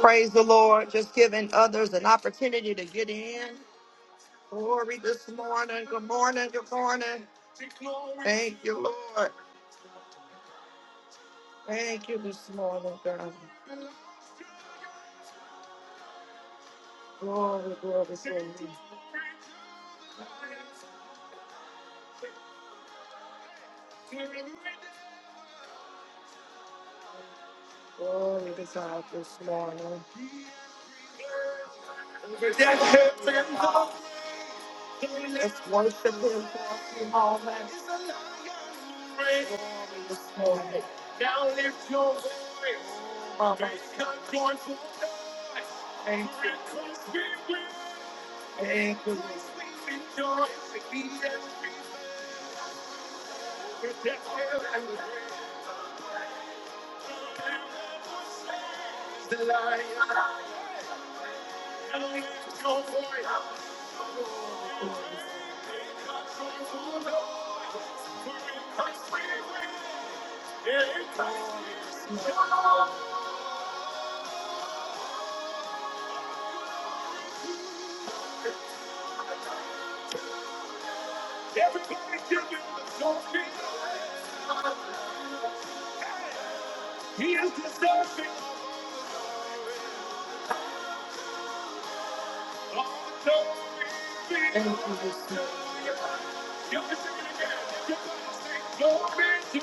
Praise the Lord. Just giving others an opportunity to get in. Glory this morning. Good morning. Good morning. Thank you, Lord. Thank you this morning, God. Glory, glory, glory. Glory to God this morning. Let's worship Him for a few moments. Now lift your voice. Praise God, joyful noise. And because we win. And because we rejoice. And he has risen with the hell and the grave. The lion. Now lift your voice. God join for us. For because we win. And because we rejoice. Everybody give him the glory. He is deserving of all the glory. Thank you, Jesus. You can sing it again. Everybody sing glory to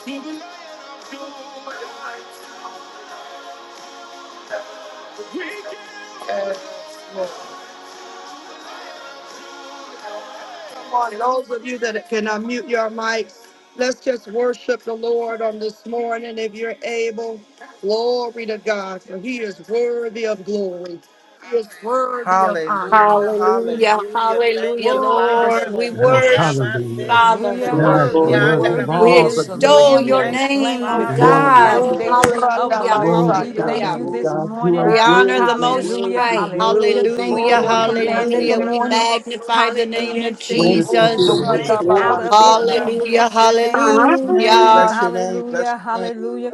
to the Lion of Judah. We give. him. Yes, Lord. Come on, those of you that can unmute your mics, let's just worship the Lord on this morning if you're able. Glory to God, for He is worthy of glory. He is worthy of honor. Hallelujah, Hallelujah. hallelujah. Thank Hallelujah, you, Glory this Father. Lord. We morning. Yes, worship, you, hallelujah. Ramasete He Father. is Hallelujah, Glory, That you're glory, hallelujah. worthy. romoshianda worthy glory, of Worthy We glory. all is the ramase. the glory, extol lamb that your was Lord. Thank you, name, slain oh Thank you, Father. before the Glory Jesus. to God. the Oh, Lord. foundation of Randa the Hallelujah. world. Glory We to Hallelujah. the Basaya. thank Hallelujah. you Lamb of this Glory God. to You morning. are We God. honor the Ramasete worthy, Most worthy, Hallelujah, romo- High. hallelujah. worthy of Thank you the Thank Hallelujah. Oh, for you, Lamb of God. glory, commanding Jesus. the Hallelujah. glory. We ramasianda morning. magnify the ramosorianda. Hallelujah, name ram- of and shaking Greatest Thank you, sins Oh, the of Jesus. the Jesus. Lord Randa wicked Thank of you, out Glory of to it. We God. Babasaya. Jesus. Hallelujah. bless your name God. this Thank morning. Hallelujah. you. Hallelujah. Bless your name. Bless Hallelujah, your name. hallelujah.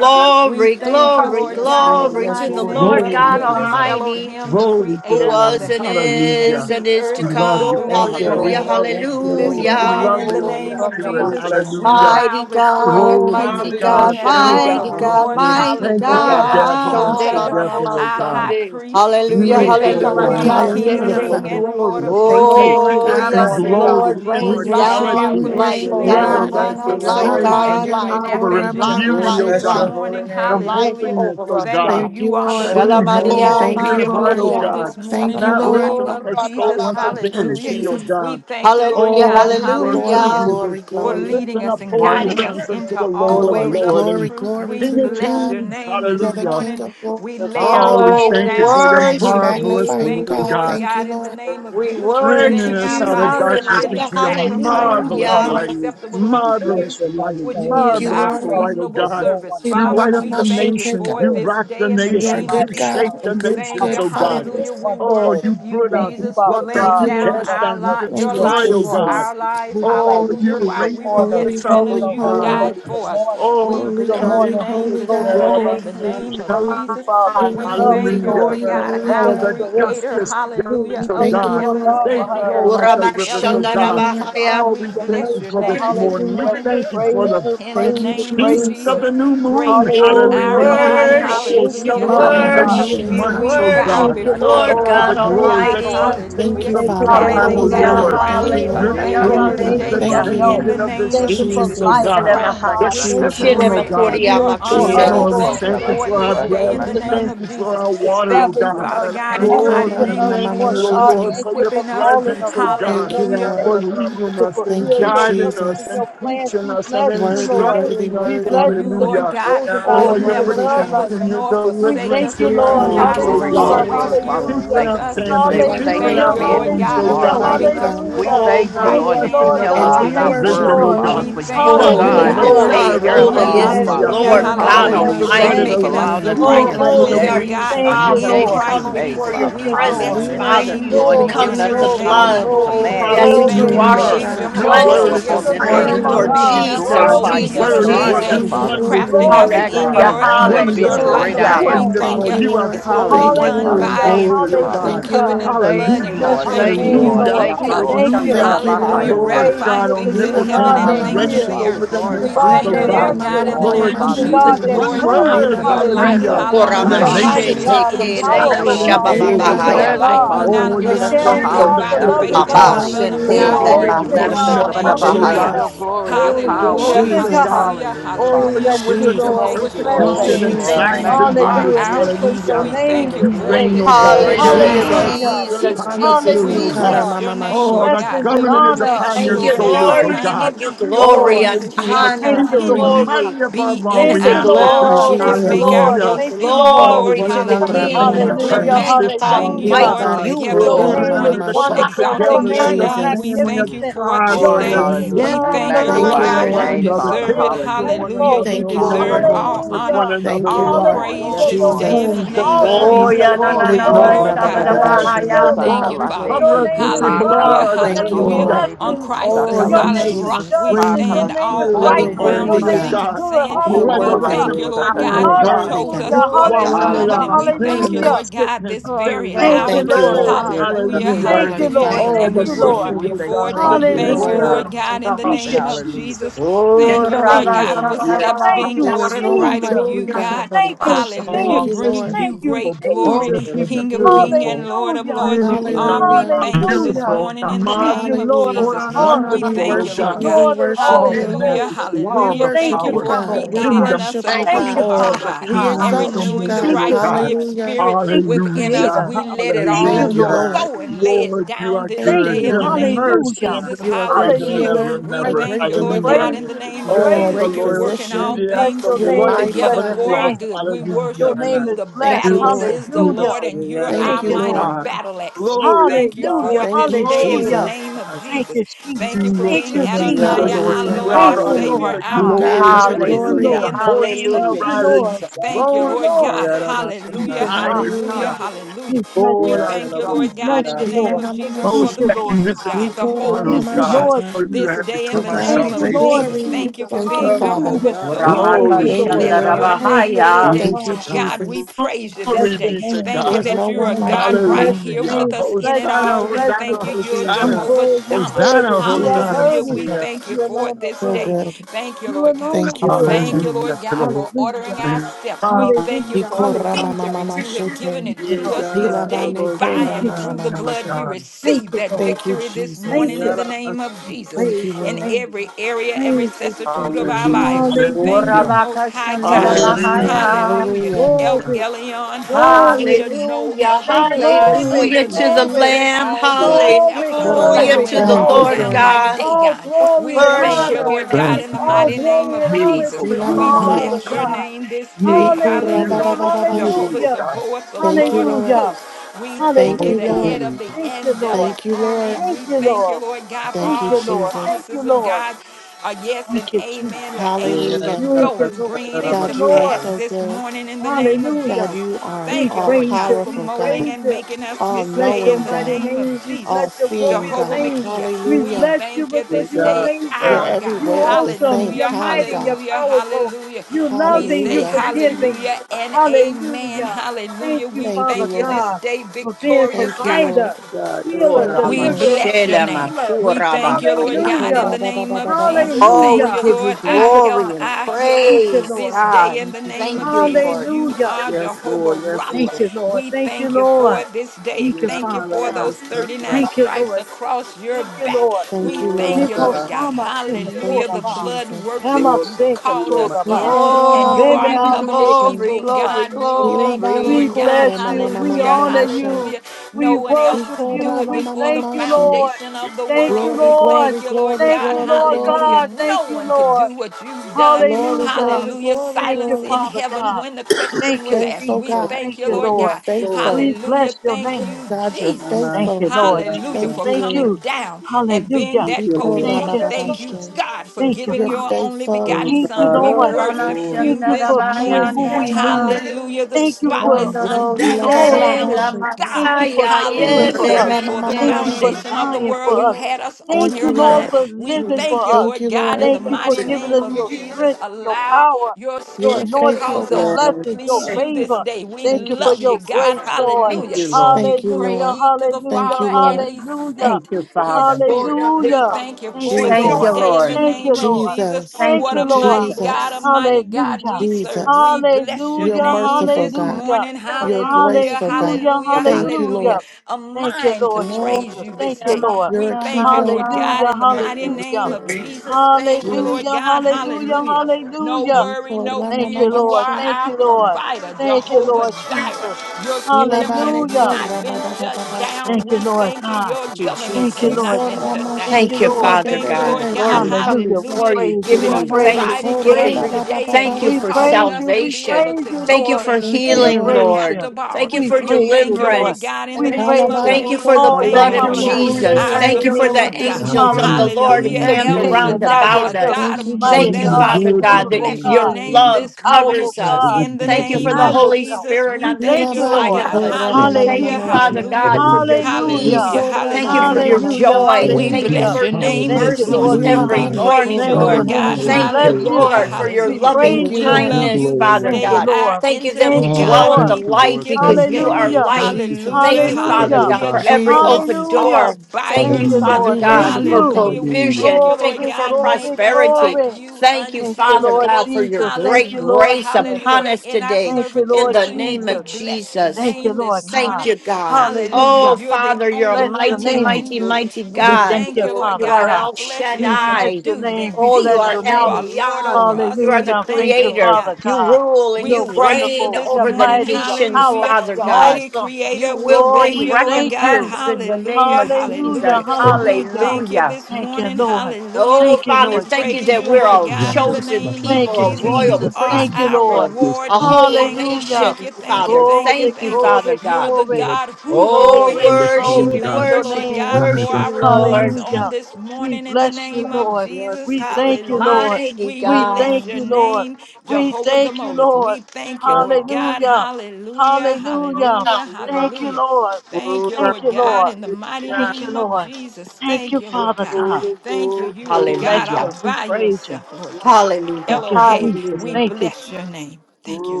We thank you, glory, romosi. Lord Yes, God, in the Lord. glory Yes, to mighty the Lord. name Yes, Lord of Thank Glory you, God to Lord. the Jesus, Father. Lamb. Almighty. Elohim, the Glory to the who creator of Lamb. the was and heavens Thank and Hallelujah. is and the you, is to We earth. Lord. We love you, come. Glory, Thank bless you, your Father. glory, We Hallelujah, Lord. name love glory. Thank you, you, this Jesus. We Lord. morning hallelujah. love in the you, Oh, Holy name Hallelujah. of Randa Spirit. Oh, Jesus. bless Basaya. your We Hallelujah. name. Mighty bow before you, God, Glory King be Oh, to mighty of we God. King God, and worship Hallelujah. you, Thank Lord you of mighty for God. this God, Lords. room. mighty Thank you Yanda for Hallelujah. Ora Our gathering us ramasete mashandela potentator, God. na na together, oh our ramoshi. high God. masande. priest. Hallelujah, We Thank Nendele you, thank Beautiful you for Rekasana na Lord. God, being rabasi hallelujah. Thank anda King you, of Hallelujah, maseke. beautiful, King Lord. Father. ramasi. and Lord of glorious Thank Lords you, this life Thank Lord you Oh, this morning in God. and the yes, morning, Ramasende name of glory, de God. Lord, We Jesus. rain rabosi. We Life, worship thank you. you We life, down, for immortality, Thank life you, worship rain choosing you, over us, Lord. Thank down God. us. you. on Thank you, using us, resurrection, us. oh Life, Lord. life life, Thank and you God. Hallelujah. for life. nap power Nekora Thank and etching you. mama Life, in beauty, Oh, us oh life, bless this mashete. your God. life. holy morning. The name. Life Hallelujah. holiness, over oh us, Thank God. you. God. Thank you, You are the Lord. Bless Clean your Ruach holy hands, Kadesh. Oh, Thank we name. We Shalamadiama you, pure give them heart, O bless Lord. you glory. God. Kuriama this morning Thank you, in the Not Lord. lifting name Oh, up Sabadabahaya. of our Randa Jesus. soul unto Baba Thank you, Hallelujah. Sheke. vanity, O Yes, Jesus. We God. thank you, Lord Hallelujah, Oh, God. we worship Glory, Hallelujah. hallelujah. you this glory, For day. glory. leading Lifting us up and holy guiding wonderful. us hands unto the into all Lord of Glory, ways of the Lords glory, and truth. glory We to King of you, bless God. your Kings. name this You're the Hallelujah. King morning. of glory. We lay our Oh, we Oh, lives we Hallelujah. thank you down for for your We worship you and marvelous we magnify you, you. thank you, word, God. Lord God Thank you, God, in the Lord. name of We Jesus, Thank bringing you, worship presenting us our you. out of bodies Jesus. a Which darkness you, living Hallelujah. into your Father sacrifice, God, Thank we marvelous you, holy honor and Hallelujah. light, Lord. you. acceptable We unto bless you marvelous your mighty light, which name. We Thank is you, lift marvelous you our Lord. up light, oh reasonable because God. no service. one You Mama deserves Father, to light up mama be lifted we the up thank you as mashete, you, nations, for Lord. you God. this rock the day in the You're You're the a nations, name of you good mighty Jesus. shake God, God. a the You're good, Thank nations, good you. oh powerful. God. Father. You're Hallelujah. We Oh, wonderful. worship you you, put Thank out, you, you Jesus, for Father pluck up, Thank laying you, God, you for down Lord. cast our blessing down, us you lot, your Thank you, again destroy, life oh this for day. God. Jesus. our lives. Moving by Oh, your Hallelujah. you're spirit While of we were raising order. yet Holy, us up, sinners, holy, oh Welcome, you Holy God. holy, died wonderful. Ghost. Good for us. morning. Oh, We holy, Good bless God. your holy, morning, name Holy holy this Glory, glory. Ghost. Yeah, We God. morning my in thank the Oh you. We soul, name of praise you, Jesus. Father. God, You're a We We love holy, you, thank you, Lord. hallelujah. Lord holy, la, la, God, We holy our Oh, thank you the God. for creator. everything justice, that you do. Hallelujah. We justice of Of thank the Thank you, you, God. Lord Lord. heavens God, They for and how the you flow earth. my like bless, the you rivers bless, Thank of you you, Elohim, God. keep Lord. you you, are. Uramashandarabahaya. Oh, We we you thank bless you your for nurture. this name this morning. We Hallelujah. morning We thank you for praise the you, in the Thank praise you, you, name of feast praise Jesus. you. of the Jesus, new moon. great is Oh, we Hallelujah, our Hallelujah. Thank you, God. Lord. hallelujah. Oh, worship Thank you, Hallelujah. you, soul, Mila la, la, yeah, la, la, la, yeah, la, Father celebrating the mama la, Hallelujah. God. new worship you, la. mashete. months, We oh Sakalata bow worship Thank God. you, you, ta before ta Lord the Lord ta Oh, ta God. the God throne ta ta of Thank ta glory, you, God. the ta da Lord. Almighty. ni si. Thank timetables Hallelujah. you, Thank of you Father. for Ko God, your ko Casting oh down Hallelujah, Hallelujah. blessings. Lord. la Thank Thank chi you, crowns. you sa We for Your ta Lord. thank hallelujah, ta you strength. Glory, ta this ta seasons, Thank da you di the day glory. di for hallelujah. Thank di you, di help. in di the changing Lord. di of di the name si. Thank of you for seasons, Jesus. oh You Si life, Jesus, have ka God. la Lord crowned chi us The Shelemahaya. God. sa with ta Thank your you ta da shifting, for Jesus, di oh glory di God. di and si. your being for honor. us, Yeah, We Ho la, Lord, we Shelemakoriamakisei. Jesus. ko thank Lord. you ka thank you la Thank for it chi for you our this for sa day bread. in la the We ta increasing name ta thank us, of you and for Jesus. our water, oh Thank you, la, establishing God. Father us, and God, in the Glory, glory, walking Lord, mighty Ikora with we name us, of mama thank Lord Jesus you, oh God. for Lord, mashete. Thank for you your for equipping us. glory, calling presence, oh upon us Thank God, you, every Hallelujah day for Lord. leading to us and Thank fulfill you, your guiding purpose us and Jesus. your and plans. teaching We us and bless you, Worthy, Lord. worthy, instructing us. We worship worthy. bless you you, because we're Lord Hallelujah. God. chosen by You're You'll Oh, you. your We're never worthy, loved leave by God. us protection, you. your nor We forsake thank deliverance, us. you, your You are You're a the Lord. Oh, healings, God lifter oh of that's glory, our glory, Hallelujah. God. souls, oh always glory. here God. Father, we Keeping Hallelujah. with thank our you for us. this day. families, You We are We thank keeping you thank for Hallelujah. great, our you, being God. Lord who homes, God, you oh You are are, Hallelujah. God. Father. mighty, upholding us God. with We Hallelujah. Oh, your thank you, right Thank Lord, you, that you hand blessing Lord us of tell us with And God. your do we Thank not you, worship righteousness. provision, worry, oh Lord. Father, God. We for you. thank you you, are Lord And Holy, God we Jehovah God. that Hallelujah. take holy, worship care Jireh, of you, us Hallelujah, holy all, is God. the Bless your hallelujah. Father. hallelujah, Lord Yila name, mama Lord. God Oh, hallelujah, you mama Bless Hallelujah. your for shi. Thank provided you a Almighty. name. for making us allowing land. the us You to Thank see Oh, a you, Yikoro new provided mama righteousness holy a are day, of mama Jesus. you, God a Thank new you, shata. Father. in day We Lord. that you have come Christ made, before Jesus. Thank your Father. We you, bless We Lord. presence, your Hallelujah. Thank Father. worship name you, you, this Lord, We you've God. Glory, come We given morning us through in the the the worship glory, name power to of you. blood. glory, Oh, Jesus. We command ask We that you Thank you glory. adore for you, wash hallelujah. your being us and God. Your Jehovah your cleanse will Glory word us is to Makia. upon the this We this alive earth, thank you in Lamb morning, for our of Father. Lord hearts, We making Hallelujah. God. just oh us, Jesus, God. Your Glory glorify molding you. to Jesus, us the We word You is this are honor working you, day, Lamb. King Jesus. of Father. wonders in glory. crafting We us, us Glory oh to in God. the magnify Hallelujah, your you one as who image, being your the sits Wonderful, on great the I likeness. hallelujah. We am, throne. Father. thank Thank wonderful. you. you, You are Lord. It's full of only Thank you, Hallelujah, done wonder Lord. Father. and by Hallelujah. Thank and glory, you, oh through Father. the God. Thank you, Hallelujah. Lord. covenant Thank blood, and you, we Hallelujah, Bless Lord. your thank Thank you. Thank you, you, name, You Lord. Oh, Lord. hallelujah, Lord. keep Thank you, We Lord. covenant. thank you. hallelujah. Thank you, Hallelujah. We Lord. Yamashandarabahaya. Hallelujah. Lord praise you Ratifying God because things in you're Ila the heaven mama omnipotent, God and you that mama things Hallelujah, in reigneth the hears. mashi. Father. over earth. the You're the We Glorify nations, God thank oh your you, Mm. that God. Ikora Lord name this mama God, in answers. glory, the mama morning, Lord, name mama of you You're the Father. just God speak Jesus, shata. glory, that Mm. We one just pouring come out moves. your into word, Ila your your ba ne life, Hallelujah. hallelujah. presence, Father. And You're the mama hallelujah, the mama mighty life nations Hallelujah. is shi. have Koramashete God, to the in be the Thank blood. you, powerful silent and Lord, God, that We the Ila still, in your oh ba thank you. ne The wonderful God. kelamashabababahaya. presence, life God, we Father, now mama Oh, you've the you're given live, us mama the we caring shi. Santo strengthening power live God, the to by the the have the people, loving oh faith in the God. God. glory, Son of You're your kurabashende Hallelujah. God. the Oh, We glory you're to only bless healing your the manifest la. God. name, upon this people, oh Lord earth, lemakoshabadabahaya. God. God. your Hallelujah. Jesus. glory, your Oh, True and power. Hallelujah, glory living to Jesus. God. God. hallelujah, Hallelujah, We Oh, Father. hallelujah. you're bless with you, us in Lord. Thank Jesus. Jehovah We you, Lord. bless Shalom, Glory persecution you Thank you, to and Lord. We thank you. God. Jesus. signs You and honor magnify are you wonders. and you our lift up peace. your Hallelujah. We as being name thank the you You this for it day. reign, great, oh this the day God. in Yes, great the You're Lord. the Hallelujah. mighty judge. I name You Jesus. Hallelujah. of sit Jesus, Jesus. upon the Jesus, throne, We oh Hallelujah. Ikara God. bless Jesus. mama your name, Oh, mashi. Lord the God. Blessings We and will government is honor bless upon you, your Thank you, Lord, and at Jesus. shoulders, all Lord. oh praise We times. God. give unto you you, Your Oh, glory and Lord. you're and praises doing shall Thank honor. you, exceedingly Lord continually God. mighty Glory. above be all in We Thank we say you, our ask to Lord mouths. say. God. We Thank glory, can you, make Jesus. our Lord. Hallelujah. glory, boast Thank you, in you, Lord. Oh, Lord. glory what to an the honor to Ikora Hallelujah. be mama King, in your We're the Hallelujah. mashi. presence King this magnifying morning, you, Hallelujah. oh Almighty. Lord, God. Hilabane You together Your kora this What rule. an mama name is honor morning, mama to come sha. wonderful. Your exalting together as your name the is name. We Jesus, am. family of thank Hallelujah. you magnificent. for it God. this Your Glory, day. name is Jesus. Hallelujah. We hallelujah. We love. thank Your you, Thank Lord name magnify you, is Loving your God. one Lord. You name, forgiving. another, Your Father. deserve it. name is caring for Hallelujah. one Hallelujah. faithful. another, You Thank oh you, God. glory, deserve Lord. glory, Hallelujah. all With honor. one Hallelujah. another, Thank you, oh All Yes, God. Lord. Lord. praise Yes, Hallelujah. glory, this to Your The Lord. day name Savior. in Jesus. is the homes, the Eh, name of sovereign. Oh, families, Jesus. and yeah, na all, We na He glory, oh na, thank glory, you, ma God. kora Lord ba Glory, ba God. sabada ba yes, ba Yes, glory, yes, yes, si she. yes, bahaya. even yes. glory. now, Thank you, you Father. glory, Your cover us name with is glory. your Glory to God. Hallelujah. love. blood. Your Thank name you, is Hallelujah. Hallelujah. Lord. On blessing. si Christ, the Oh, Thank you're Your you, solid name is making us rock, Jesus. we judgment. clean Your and stand. name is All pure other and You're Oh, my righteous. ground Your holy, worthy, is God, oh si. name God. is sinking God. good. shocking. sand. You're We Thank you, worthy. Hallelujah. thank Resurrection you, Lord Lord power, oh Jesus. You're God, you God. worthy, chose God. si. us You're Hallelujah. for Oh, yeah, this swallowing da, da, it da, moment. Hallelujah. up, And da, Hallelujah. we da. thank sin you, and Hallelujah. Lord God, sickness, this death, very hell, Thank Thank Hallelujah. and you the you, hour. Thank you, this Lord grave. Lord. God. morning. Yes, God. God. Hallelujah. You're Hallelujah. Thank you, worthy, Hallelujah. Ikalasi, Lord. Thank Father. Oh, you And Thank the we you, this sotariri. Lord. worship We victory, morning. you oh thank for God. you, it. The We Thank Father. you, thank Yes, you, victory Lord. Hallelujah. Oh, God. Lord my God, in the God, Thank of you, name shocking. of Hallelujah. Jesus. Jesus. God. Thank And Oh, Jesus, you, da, da, thank Lord da, rabba God, you. da, for Jesus. da, da, Yes, shatada da. steps Thank being you, bahaya. There is ordered yes, no God. one right Jesus. of like Oh, you, you, yeah, da, God. God. da, da, Thank da, you, da. Hallelujah. Thank Oh, you, Jesus. Bringing Lord. you Thank you, great beautiful, Yes, Oh, glory. we Jesus. give God. yes, beautiful, you God. King of glory. King and beautiful. Lord of Hallelujah. Lords, We you give Beautiful, Yeah, are. you God. la, la, We Hallelujah. honor thank you this this Hallelujah. Beautiful, morning, morning in God. the Thank marvelous, you, name of Lord of Oh, Hallelujah. the Jesus. na, na, na, na, We na, harvest, We wonderful, thank oh na, you, worship God. Lord na. you. God. We Lord of worship all all the Thank you, you. Hallelujah. majesty, souls. Lord. We all Hallelujah. the Thank Thank worship you, you you, power, Thank you, for God. Father Lord. We creating God. in kingdom us worship a you, Thank power, you, Thank clean you, God. heart, Lord. oh all Father the God, We God. and kingdom exalt you, renewing the Thank dominion, God. oh right you, God. skip Lord. Hallelujah. spirit Thank you, within us. Hallelujah, Creator. We let it Thank yes, you, Thank all you, hallelujah. Lord God. Lord. go and lay Jesus. it Lord, you down are this Thank Thank you, good. day you. in Your the Yes, Lord. name yes, of mercy Hallelujah. God. Jesus. endures You're a great forever and Hallelujah. Hallelujah. ever healer, We and We a praise ever. thank you. great you, We Lord Yes, Hallelujah. God, praise deliverer. in yes, the the you. yes, We name of You're God. the All praise the Jesus, great you. you're working loyalty, all We physician. the bless acts things of your You're name. loyal We mighty, together bless your covenant for God. our love. name. good. We Your Hallelujah. worship name you. is The Thank blessed. you, battle Lord. Beautiful, is the Hallelujah. Lord, beautiful, and you're Thank our Thank you, you, beautiful mighty Lord Lord. Yiyarabashana. God. God. battle axe. We Glorious thank you God. for Hallelujah. it Thank this you, day in the Hallelujah. Glorious Jesus. name God. of Thank Jesus. you, We Thank you Jesus. for will Thank being you, sing unto the Adonai, Jesus. Lord. our Hallelujah. You Lord, have Yiyarabashana. our Thank you, triumphed Hallelujah. Lord Savior, our To God. God be the Master Thank gloriously. this you, glory. Hallelujah. day The Lord. in the horse name and of the Thank Hallelujah, you, rider Jesus. Lord. you Jesus. Thank Thank you, you, thrown Lord Lord. God. into the Thank sea. Hallelujah, Yiyarabashana. you, Father hallelujah, Hallelujah. Hallelujah. God. hallelujah. We bless Yiyarabashana. We Lord we you. our thank you, We God, Lord God, bless in the Yiyarabashana. you, name Hila Lord. of mama Jesus for Thank mashu. most the you, Lord peace of magnificent God. God, the Nikora one, Thank O wholeness mama of you, God, God. Lord shata. for you This Jesus. have day, To in become the our God Thank be name you, of the Lord salvation. Jesus, glory. thank you Jesus. for Thank you, being Oh, God, Father. Jehovah Hallelujah. God, God, I Shalom. Thank Ramaka Glory We thank you, Thank be you, to Lord. you. bless God. your Lord. Thank name you, this Shandarabahaya. Lord day. Glory Thank you, to God. God. God, we Jesus. praise you Bless this Glory your day. be to name. Thank We you God. There's bless that no your you're a one name. like God you, We right bless God. your here Hallelujah. with name. We us in bless it you. We Hosanna, all. We bless Hosanna, you. thank you, you're We Hosanna. Jesus. Jehovah worthy, we Shammah. Hosanna, worthy. You are Hosanna. Hallelujah. worthy. Jesus. We Yeah, thank you You for it alone are this So day. worthy. good. Thank you, You Lord God. alone are Thank you, worthy. Thank Father. you, Hallelujah Lord to the God, Holy for Hallelujah. ordering our steps. We God. thank you Hallelujah. for Ikora mama Hallelujah. victory. mama You have given shete. Thank it you, yeah, to Lord us this God. God, day Hilabane by Thank kora you, and mama Roboshana. through the mama Jesus. blood. We shete. God. Thank receive you, that Lord Thank you, victory this Jesus. Thank morning Jesus. in you. the name of Yiyarabashana. Jesus Thank Praise you, your in Lord. name. every area and Praise you. recessitude Thank of you, our lives. Jesus. We thank you, Hallelujah. Hallelujah. Most High Hallelujah. You Thank say, God. you, Yes, God. Hallelujah. Jesus. "Do Hallelujah. Orabakashandarabahaya. Hallelujah. Hallelujah. El Glory, Elyon, glory. hallelujah. No We Hallelujah, other say God Thank glory, other hallelujah to than you the given glory, you, Lamb, all Yeah, God. gods have glory, to What a hallelujah bow mighty glory, to and Yiyarabashana. the God fall we you, Lord glory. down God. serve. like God. All Dagon. We glory We and thank you, worship honor. you, Lord it we God, Thank Yiyarabashana. in you, the All mighty God. name glory of and honor Jesus. Beautiful to Hila God. We you, mama call mama Father bless Beautiful. your God. shete. you. name this day. Beautiful. Ikora Hallelujah, baba Hallelujah. Beautiful. baba Jehovah Beautiful hallelujah, God. Sabaoth, the Thank you, Lord of Lord. hallelujah, hosts. We thank Thank you, you, the hallelujah. head Lord. of Holy the Thank you, Lord. angelic Thank you, army. Lord. And Thank we you, thank you, Lord. Lord God, for Thank Thank you, you, all the Lord. Thank Jesus. you, promises of Lord. God. Uh, yes Thank and you, amen. Jesus. The angels Yiyarabashana. are Hallelujah. Thank you, going, Lord. bringing it Thank you, to God, you are Lord. pass so this good. morning in the name of God, Hallelujah. Jesus. you are We Thank you, all Lord praise God, you. for We powerful, molding God, praise and you. making us We all this bless day your in knowing, the mighty God, name of name. We bless all Jesus. your seeing, glorious Jehovah God. name. Makia, We we Hallelujah. bless you thank you because Yeah, this you're God, day, amazing. You're our God, God. You're everywhere at the awesome. same You're Hallelujah, time, mighty. You're God. hallelujah, powerful. hallelujah. You're We loving. say You're Hallelujah. in forgiving. faith." hallelujah and amen. Hallelujah. Thank Hallelujah. you, We Thank you, Father thank you Lord. this God, day, for being victorious Thank you, God. Lord. provider, God, yes, healer, Thank God. you, We Lord. deliverer, bless your name. redeemer. We thank you, Lord Thank Oramashelamakorabahaya. God, in Hallelujah. the name of Jesus. Oh, Thank we you, Hallelujah. give you Lord, Thank our you, glory health, and Father. our healer. Thank you, praise, Lord This God. day, God. in the you, name of Thank you, Jesus. Jesus, Lord. you Hallelujah. are Yes, Lord. Jehovah Yes, Thank Lord. Rapha. you, Lord. We Thank you, thank you Lord. for this day. Thank you, La Thank la you la Father for la God. those Moshana. 39 Thank you, stripes Lord across Jesus. your Thank you, back. Lord. Thank We you, Glory to thank Lord. you, Niko Lord God. God. sama tende Hallelujah. Thank hora you, The ba. blood Jesus. works that Rama Lord, you seka called Lord, my us tora ba. in, God. Ikora and Oh, mama you we Rebe are give mama you a mama covenant seka she. glory, keeping tora ba glory, God. the We soul. thank you, Ilabane glory. We Lord God. kora bless mama you. mama We Hallelujah. mama honor masha. you. Hallelujah. No We one else worship could do Ikora you. it We mama before the thank mama you, she. Lord. foundation of the Thank you, world. Glory, We Lord. thank glory, you, Lord glory, Thank God. you, glory, Lord Hallelujah. glory. God. Thank No you, one could Lord. do what you've done. Glory, Hallelujah. glory, Hallelujah. glory, Thank you, Silence in glory. Father heaven God. when the Thank question was you, asked. Faithful We Jesus. Thank God, thank Thank you, you, you, Lord. Lord you're Lord. God. Lord, faithful. We Hallelujah. bless your Thank name. you, God, you're my Jesus. mind. Thank you, faithful. Lord Hallelujah Jesus. Thank for you, Thank coming Lord. you. down and being Hallelujah. Thank that you, We Ikora Thank call Lord. potentate. baba you, you, baba Thank Lord. you, Jesus. she. God, for Thank you, Na, giving You're your Father. only faithful, Glory begotten to Thank you, O Son. na, na, We God. na, Lord. na. worship Glory to Thank you you this for being morning. who we Yes, Jesus. God. need. Ramashandarabhayandaya Thank Hallelujah. you The Thank this you for morning. spotless, We meeting thank unblemished all Ilababa our Kondoroshe Lamb baba of she. needs. Thank God. you for Lamasaya you caring God. for for Hallelujah. that. us. Ikora Before mama the Thank mama you for she. Yelemete. foundation of the dying world, for you us. had us on Thank Thank you, your you, Lord, Lord. mind. for We We living thank for you, us. Thank Lord you, God, Lord. in the Thank you for mighty giving name us of your Jesus. strength, your Allow power, your You your are spirit to anointing, faithful, cause your us God. to Yes. blessings, your please God. you this favor. day. We Thank you Thank you, for love you, your God. Jesus. grace, Lord. Thank Hallelujah. you, Lord. You Thank you, Hallelujah, Lord. prayed to the Thank hallelujah, you, Father and Lord. he hallelujah, sent Thank Thank you, you, his Father. spirit. We hallelujah. thank you Thank for you, it Thank this you, Lord. Jesus, day in the Lord. Thank you, name of Lord. Jesus. Jesus, Thank Thank you, What a you, Lord. mighty Jesus. God, a Jesus, mighty God Hallelujah. we serve. Jesus. We bless your You're Hallelujah. name merciful, this God. Hallelujah. morning. You're Hallelujah, graceful, God. Hallelujah. hallelujah, Lord. Thank you, hallelujah. Hallelujah. Lord. A Thank you, mind to Lord praise Jesus. you Oh, this Thank you, day. Lord. You're a We thank you, keeper, Lord God, Hallelujah. Yamamahaya. in the mighty Hallelujah. name of thank you. Jesus. Thank you, Lord Hallelujah. Jesus. God. Hallelujah. Hallelujah. No Hallelujah. worry, no Thank fear. you, You Lord. are Yikoramamamashe, Thank our you, Lord. provider, Thank you, Jehovah Lord Jireh. Jesus. Your kingdom has Hallelujah. not been shut ilabanekorababababashe, down. Thank you, We Lord thank you. God. Your Thank you, Thank government you, has Lord Jesus. not been Jesus. shut Thank down. yikoramashe you, Thank you, We Lord. Father thank you, God. Lord Thank you, Lord, God. we tetebebebebeshe, Lord. come Hallelujah. We before Hallelujah. you, praise you. You giving We are you praise you. We providing praise every thanksgiving. you. day, and Thank you're you We for ilabanekorababababashata. causing praise us you. to We be able salvation. praise to you, Thank you Lord. give for and Thank La, you, lend la, We la, la. and healing, Lord. not praise have Lord. you. to borrow. Thank you We for We praise you, thank you, Lord. Lord deliverance. God, in the We Thank you, name praise of you. Thank you Lord. for Jesus. the All Alabanekora your Thank blood you, Thank of you, Lord promises are God, Lord. mamamamasha. yea Jesus. our and God. Thank Thank you you, for amen the in Lord, sufficient this you. God. angels of the morning. Hallelujah. Beautiful Lord Hallelujah. That land. Thank you encamped El can't you. Glorious around deny land. Shaddai, a about God. yourself. us. God Thank of You you, more mighty Thank you, than Hallelujah. God. Jesus. enough. Father You We Worthy of God, the that wonderful y- bless land that your your was God. name slain. You love this morning powerful covers us. God. Hallelujah. in You the The Thank can't you for name the deny glory. of Holy yourself. Jesus. Spirit We We on the thank thank you, you, Lord inside Lord. of God. La, us. Ilabanekora Thank Hallelujah. you, Hallelujah. Father mamamamasha. Hallelujah. God, for Hallelujah. your Hallelujah. Hallelujah. Hallelujah. peace. Ukora Thank you for Hallelujah. your Hallelujah. joy. mamamamashete. We Oh, Thank you Hallelujah. bless kingdom for your new power, name Thank might, this you, mercies Lord morning. dominion, oh God. every We God. praise morning, you, Bless Ilabanekora Honor your Lord Lord. and God. name. power We mamamasha. and Thank bless you, praise, oh you. Hallelujah. Lord, for God. your We Hallelujah. loving Thank Lord, praise you, We you. Lord. and love you kindness, glory, this oh Father Thank day, you, Lord. God. our Lord. Thank you that Thank we intimate you, Oh, dwell God. in Lord. the thank We you, thank light Lord. you this because Thank you you, day. are man. Hallelujah. light. Thank you for Jesus. Thank getting Hallelujah. us you, together, Father Hallelujah. oh God, Hallelujah. God. for every Jehovah, open Jesus. Hallelujah. all door. by Thank Thank you, you, Hallelujah. yourself. Father Lord. We Thank God, worship Hallelujah. you, for you. God. Hallelujah. We Hallelujah. thank provision. you, Thank Lord you Glory, for God. glory, Make us just prosperity. like glory. you, Thank you, Thank you, Father Lord God, unchangeable. for your Jesus. Thank great you, Hallelujah, Lord grace la, upon Jesus. hallelujah. us In our today Thank you, in Lord servitude the to you, name we of Jesus. bless your Thank Jesus. you, name this Lord Thank God. morning. you, God. Hallelujah. Hallelujah. Oh, You're the Father, you're a only Bless your one mighty, that name. can mighty, Glory, do it. mighty We We glory, God. thank thank you, you, glory, Lord You Father God. are God. Our El flesh We is bless Shaddai. your subdued, name. and We Oh, you bless are Jesus, your you El are name. Lord over Yon. us. You are the We Hallelujah. thank Thank you, you, Lord creator. Father God. You God. rule and We You're you praise you reign wonderful. this You're over the morning. mighty. You're nations, Hallelujah. powerful. Father You're God. Mighty awesome. You creator, we will Lord, thank bring we you, Lord thank God. you. recompense in the name Hallelujah. of Hallelujah. Jesus. Hallelujah. Thank We Hallelujah. thank you Hallelujah. this Thank you, morning. Lord. Hallelujah. Oh, Thank you, We Father, Lord thank you Jesus. praise that you, Thank we're you, Lord a you, God, God. in Jesus. the chosen The name throne, of Thank people, you, a God. Jesus. Around royal You Jesus. the are Thank throne. you, our Lord. priesthood, Yes, reward. a thank We holy thank you. Hallelujah. Thank nation, you. Thank you. Father. Thank you. Glory, Thank you, Thank you. Father glory, You're God. the you, glory. Lord. God who Oh, we rewards. Glory, Around the We throne, worship glory you, to thank God. you, your worship Lord you, name. God, glory. God, God, for worship God, our you, Lord. rewards on God. Hallelujah. this We morning in the bless you, name of Lord. Yes, Jesus. We thank you, thank you, Hallelujah. Lord. Mighty We We bless thank God. your you, name. Lord. We Jehovah thank you, Gamoleth. Lord. We thank you, Lord God. Hallelujah. Hallelujah, Hallelujah. hallelujah, Hallelujah. Thank you, hallelujah. Lord. Thank Lord. you, Glory, Thank Lord you, my God, Lord. in the mighty Thank God. you, name of Lord. Jesus. Thank Thank you, you, Lord Father God. God. Glory, Thank you. glory, You are We glory. bless God you. all We by praise you. yourself, Lord One, God. Thank Hallelujah. you, Elohei, Jesus. we Hallelujah. Thank you, bless Jesus. your name. Thank you,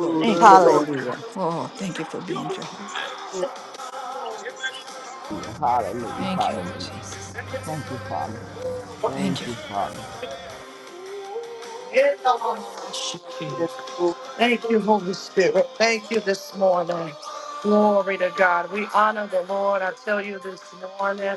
Lord Thank you, yes, Jesus. Lord. Hallelujah. Oh, thank you for being Jehovah. yes, Hallelujah. Thank you, Lord Hallelujah. Jesus. Thank you, Father. Thank Thank you. you, Father. yes. Thank you, Holy Spirit. Thank you this morning. Glory to God. We honor the Lord. I tell you this morning.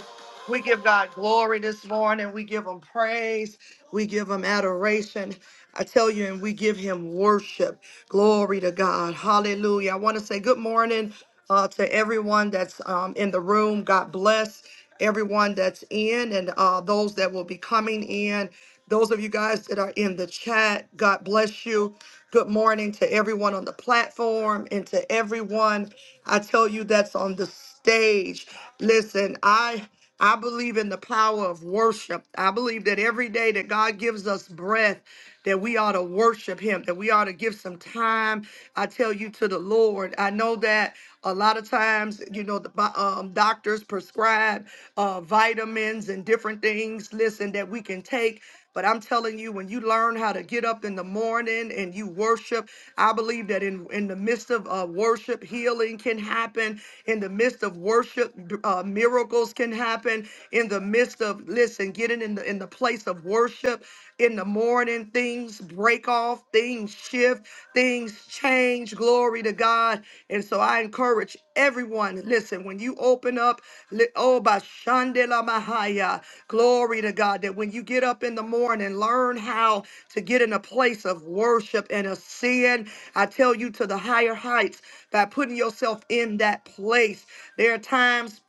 We give God glory this morning. We give him praise. We give him adoration. I tell you, and we give him worship. Glory to God. Hallelujah. I want to say good morning uh, to everyone that's um, in the room. God bless everyone that's in and uh, those that will be coming in. Those of you guys that are in the chat, God bless you. Good morning to everyone on the platform and to everyone. I tell you that's on the stage. Listen, I. I believe in the power of worship. I believe that every day that God gives us breath, that we ought to worship Him, that we ought to give some time, I tell you, to the Lord. I know that a lot of times, you know, the bo- um, doctors prescribe uh, vitamins and different things, listen, that we can take. But I'm telling you, when you learn how to get up in the morning and you worship, I believe that in, in the midst of uh, worship, healing can happen. In the midst of worship, uh, miracles can happen. In the midst of, listen, getting in the, in the place of worship in the morning, things break off, things shift, things change change. Glory to God. And so I encourage everyone listen, when you open up, li- oh, by Shandela Mahaya, glory to God, that when you get up in the morning, learn how to get in a place of worship and a sin. I tell you to the higher heights by putting yourself in that place. There are times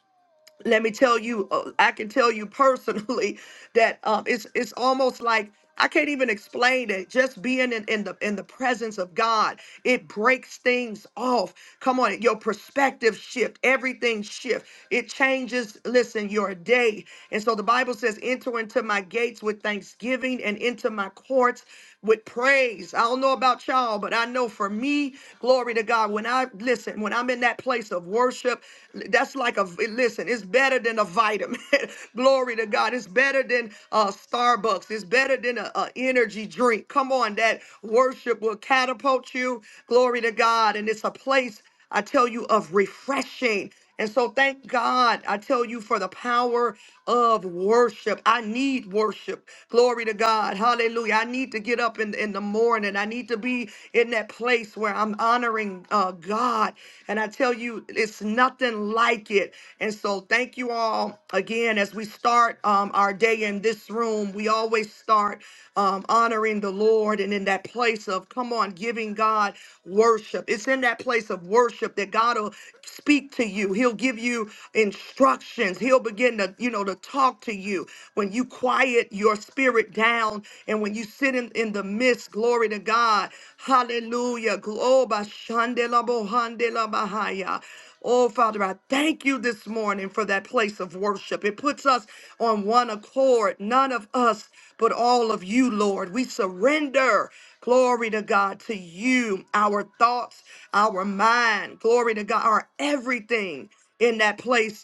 let me tell you, uh, I can tell you personally that um, it's it's almost like I can't even explain it. Just being in, in the in the presence of God, it breaks things off. Come on, your perspective shift, everything shift. It changes. Listen, your day, and so the Bible says, "Enter into my gates with thanksgiving, and into my courts." with praise. I don't know about y'all, but I know for me, glory to God, when I listen, when I'm in that place of worship, that's like a listen, it's better than a vitamin. glory to God. It's better than uh Starbucks. It's better than a, a energy drink. Come on, that worship will catapult you. Glory to God. And it's a place. I tell you of refreshing. And so thank God. I tell you for the power of worship. I need worship. Glory to God. Hallelujah. I need to get up in, in the morning. I need to be in that place where I'm honoring uh, God. And I tell you, it's nothing like it. And so thank you all again as we start. um, um, our day in this room, we always start um, honoring the Lord and in that place of, come on, giving God worship. It's in that place of worship that God will speak to you. He'll give you instructions. He'll begin to, you know, to talk to you when you quiet your spirit down and when you sit in, in the midst, glory to God. Hallelujah. Globa shandela bohandela bahaya. Oh, Father, I thank you this morning for that place of worship. It puts us on one accord, none of us, but all of you, Lord. We surrender. Glory to God, to you, our thoughts, our mind, glory to God, our everything in that place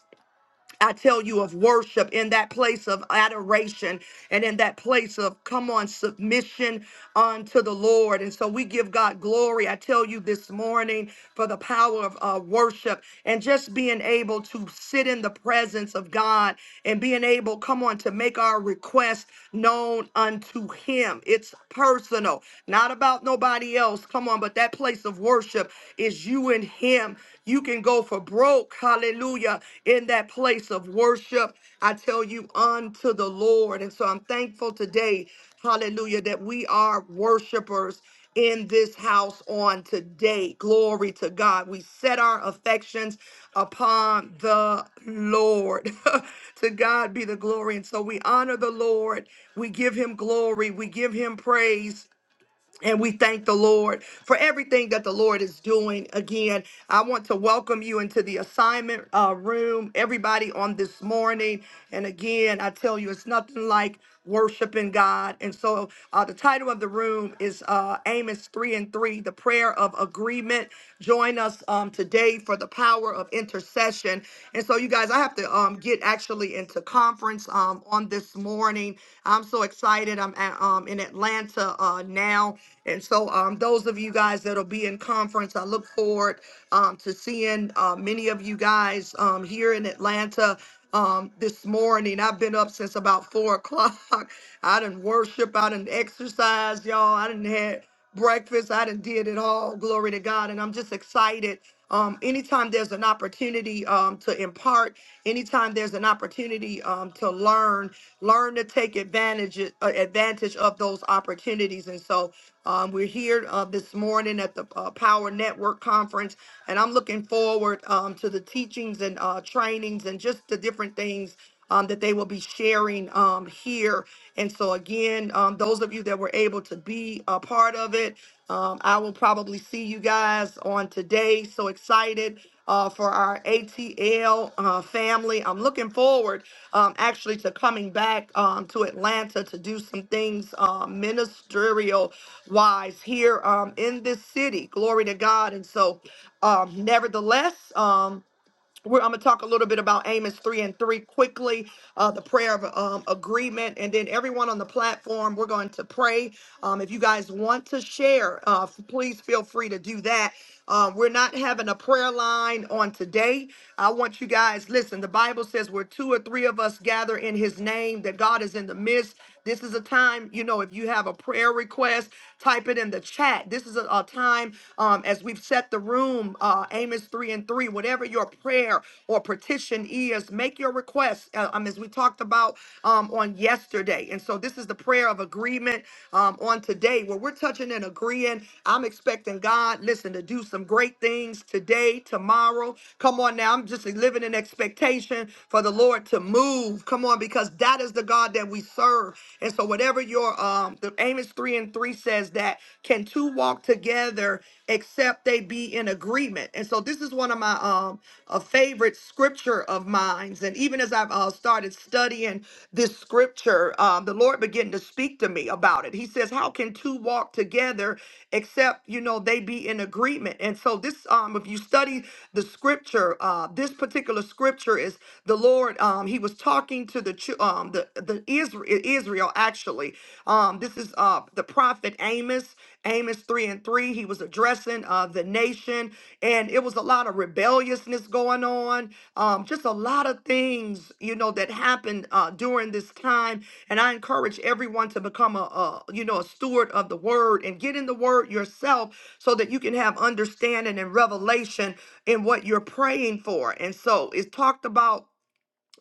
I tell you of worship in that place of adoration and in that place of come on submission unto the Lord. And so we give God glory. I tell you this morning for the power of uh, worship and just being able to sit in the presence of God and being able, come on, to make our request known unto Him. It's personal, not about nobody else. Come on, but that place of worship is you and Him you can go for broke, hallelujah, in that place of worship. I tell you, unto the Lord. And so I'm thankful today, hallelujah, that we are worshipers in this house on today. Glory to God. We set our affections upon the Lord. to God be the glory. And so we honor the Lord. We give him glory. We give him praise. And we thank the Lord for everything that the Lord is doing. Again, I want to welcome you into the assignment uh, room, everybody on this morning. And again, I tell you, it's nothing like worshiping God. And so uh, the title of the room is uh, Amos 3 and 3, the prayer of agreement. Join us um, today for the power of intercession. And so, you guys, I have to um, get actually into into conference um, on this morning. I'm so excited. I'm at, um, in Atlanta uh, now. And so, um, those of you guys that'll be in conference, I look forward um, to seeing uh, many of you guys um, here in Atlanta um, this morning. I've been up since about four o'clock. I didn't worship, I didn't exercise, y'all. I didn't have breakfast. I done did it all. Glory to God. And I'm just excited. Um, anytime there's an opportunity um, to impart, anytime there's an opportunity um, to learn, learn to take advantage uh, advantage of those opportunities. And so um, we're here uh, this morning at the uh, Power Network Conference, and I'm looking forward um, to the teachings and uh, trainings and just the different things um, that they will be sharing um, here. And so, again, um, those of you that were able to be a part of it, um, I will probably see you guys on today. So excited uh, for our ATL uh, family. I'm looking forward um, actually to coming back um, to Atlanta to do some things um, ministerial wise here um, in this city. Glory to God. And so, um, nevertheless, um, we're, I'm going to talk a little bit about Amos 3 and 3 quickly, uh, the prayer of um, agreement. And then everyone on the platform, we're going to pray. Um, if you guys want to share, uh, f- please feel free to do that. Um, we're not having a prayer line on today. I want you guys, listen, the Bible says where two or three of us gather in his name, that God is in the midst. This is a time, you know, if you have a prayer request, type it in the chat. This is a, a time, um, as we've set the room, uh, Amos 3 and 3, whatever your prayer or petition is, make your request, uh, um, as we talked about um, on yesterday. And so this is the prayer of agreement um, on today where we're touching and agreeing. I'm expecting God, listen, to do some great things today, tomorrow. Come on now. I'm just living in expectation for the Lord. Lord to move. Come on, because that is the God that we serve. And so whatever your um the Amos 3 and 3 says that can two walk together except they be in agreement. And so this is one of my um a favorite scripture of mine. And even as I've uh, started studying this scripture, um, the Lord began to speak to me about it. He says, How can two walk together except you know they be in agreement? And so this um if you study the scripture, uh, this particular scripture is the Lord. Um, he was talking to the chil- um, the the Israel, Israel actually. Um, this is uh, the prophet Amos, Amos three and three. He was addressing uh, the nation, and it was a lot of rebelliousness going on. Um, just a lot of things, you know, that happened uh, during this time. And I encourage everyone to become a, a you know a steward of the word and get in the word yourself so that you can have understanding and revelation in what you're praying for. And so it talked about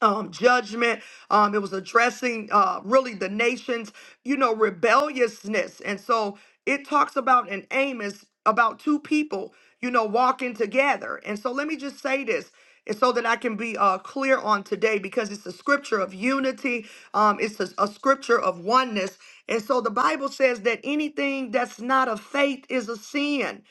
um, judgment. Um, it was addressing uh, really the nation's, you know, rebelliousness. And so it talks about in Amos about two people, you know, walking together. And so let me just say this. And so that I can be uh, clear on today, because it's a scripture of unity, um, it's a, a scripture of oneness, and so the Bible says that anything that's not of faith is a sin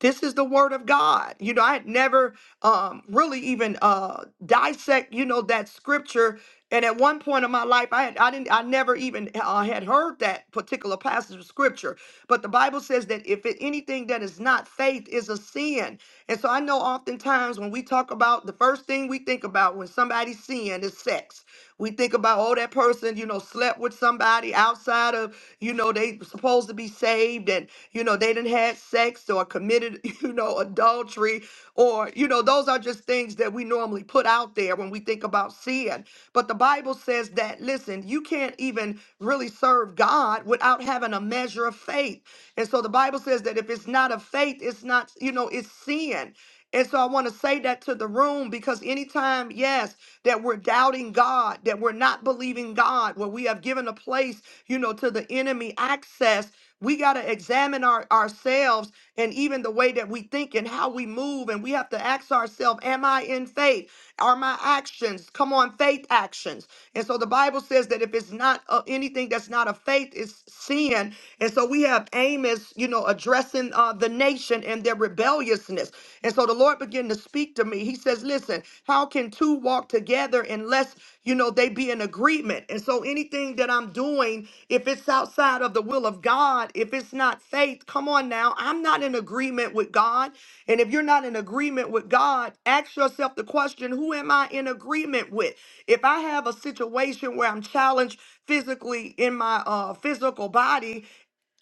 this is the word of god you know i had never um really even uh dissect you know that scripture and at one point in my life i had i didn't i never even uh, had heard that particular passage of scripture but the bible says that if it, anything that is not faith is a sin and so I know oftentimes when we talk about the first thing we think about when somebody's seeing is sex. We think about, oh, that person, you know, slept with somebody outside of, you know, they supposed to be saved and, you know, they didn't had sex or committed, you know, adultery adultery, or, you know, those are just things that we normally put out there when we think about sin. But the Bible says that, listen, you can't even really serve God without having a measure of faith. And so the Bible says that if it's not of faith, it's not, you know, it's sin. And so I want to say that to the room because anytime, yes, that we're doubting God, that we're not believing God, where we have given a place, you know, to the enemy access, we got to examine our, ourselves and even the way that we think and how we move. And we have to ask ourselves, Am I in faith? Are my actions, come on, faith actions? And so the Bible says that if it's not uh, anything that's not of faith, it's sin. And so we have Amos, you know, addressing uh, the nation and their rebelliousness. And so the Lord began to speak to me. He says, Listen, how can two walk together unless, you know, they be in agreement? And so anything that I'm doing, doing, if it's outside of the will of God, if it's not faith, come on now. I'm not in agreement with God. And if you're not in agreement with God, ask yourself the question who am I in agreement with? If I have a situation where I'm challenged physically in my uh, physical body,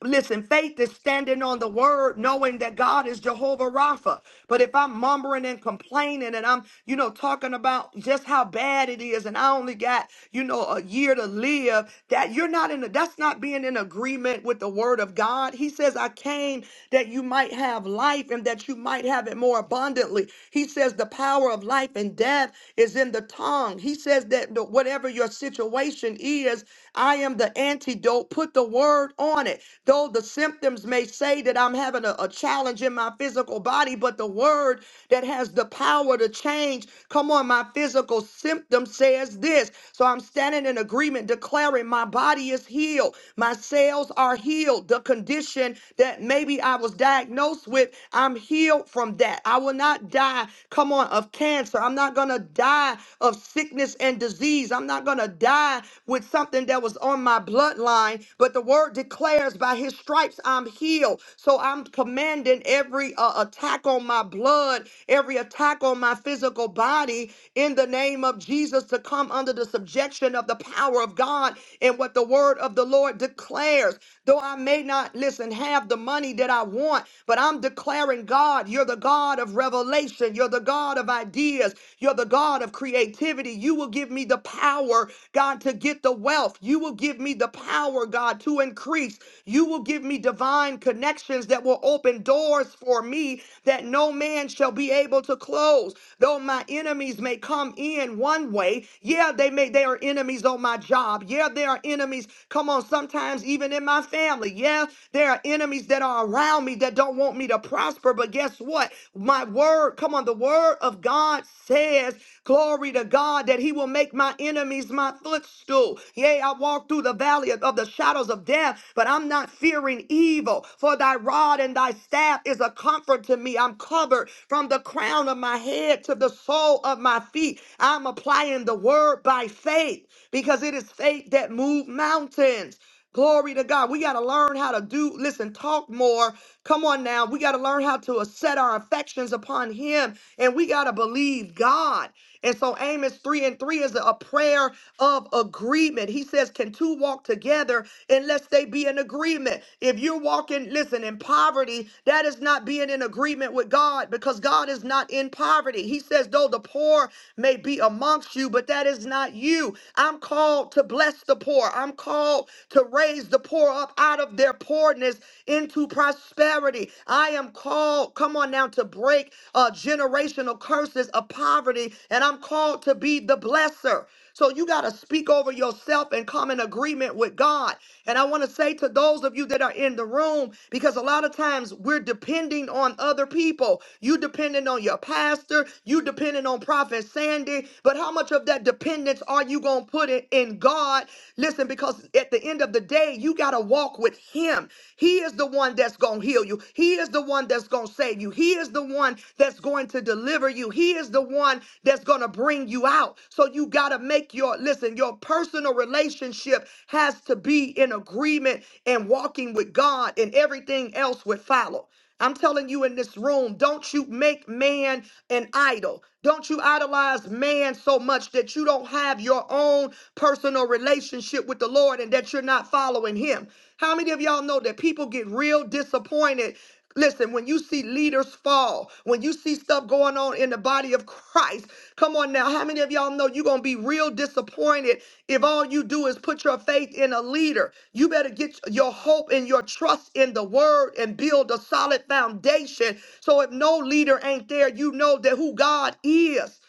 Listen, faith is standing on the word, knowing that God is Jehovah Rapha. But if I'm mumbling and complaining and I'm, you know, talking about just how bad it is and I only got, you know, a year to live, that you're not in, a, that's not being in agreement with the word of God. He says, I came that you might have life and that you might have it more abundantly. He says, the power of life and death is in the tongue. He says that the- whatever your situation is, I am the antidote. Put the word on it. Though the symptoms may say that I'm having a, a challenge in my physical body, but the word that has the power to change, come on, my physical symptom says this. So I'm standing in agreement, declaring my body is healed, my cells are healed. The condition that maybe I was diagnosed with, I'm healed from that. I will not die, come on, of cancer. I'm not going to die of of sickness and disease. I'm not going to die with something that was on my bloodline, but the word declares by his stripes I'm healed. So I'm commanding every uh, attack on my blood, every attack on my physical body in the name of Jesus to come under the subjection of the power of God and what the word of the Lord declares. Though I may not, listen, have the money that I want, but I'm declaring, God, you're the God of revelation revelation. You're the God of ideas. You're the God of creativity. You will give me the power, God, to get the wealth. You will give me the power, God, to increase. You will give me divine connections that will open doors for me that no man shall be able to close. Though my enemies may come in one way, yeah, they may they are enemies on my job. Yeah, they are enemies. Come on, sometimes even in my family. Yeah, there are enemies that are around me that don't want me to prosper. But guess what? My word, come on, the word of God says, glory to God, that he will make my enemies my footstool. Yea, I walk through the valley of, of the shadows of death, but I'm not fearing evil, for thy rod and thy staff is a comfort to me. I'm covered from the crown of my head to the sole of my feet. I'm applying the word by faith because it is faith that moves mountains. Glory to God. We got to learn how to do, listen, talk more. Come on now. We got to learn how to set our affections upon Him and we got to believe God. And so Amos 3 and 3 is a a prayer of agreement. He says, Can two walk together unless they be in agreement? If you're walking, listen, in poverty, that is not being in agreement with God because God is not in poverty. He says, Though the poor may be amongst you, but that is not you. I'm called to bless the poor. I'm called to raise the poor up out of their poorness into prosperity. I am called, come on now, to break uh, generational curses of poverty, and I'm called to be the blesser. So you got to speak over yourself and come in agreement with God. And I want to say to those of you that are in the room, because a lot of times we're depending on other people. You depending on your pastor, you depending on Prophet Sandy, but how much of that dependence are you going to gonna put it in God. Listen, because at the end of the day, you gotta walk with Him. He is the one that's gonna heal you. He is the one that's gonna save you. He is the one that's going to deliver you. He is the one that's gonna bring you out. So you gotta make your listen. Your personal relationship has to be in agreement and walking with God, and everything else would follow. I'm telling you in this room, don't you make man an idol. Don't you idolize man so much that you don't have your own personal relationship with the Lord and that you're not following him. How many of y'all know that people get real disappointed Listen, when you see leaders fall, when you see stuff going on in the body of Christ. Come on now. How many of y'all know you're going to be real disappointed if all you do is put your faith in a leader? You better get your hope and your trust in the word and build a solid foundation. So if no leader ain't there, you know that who God is.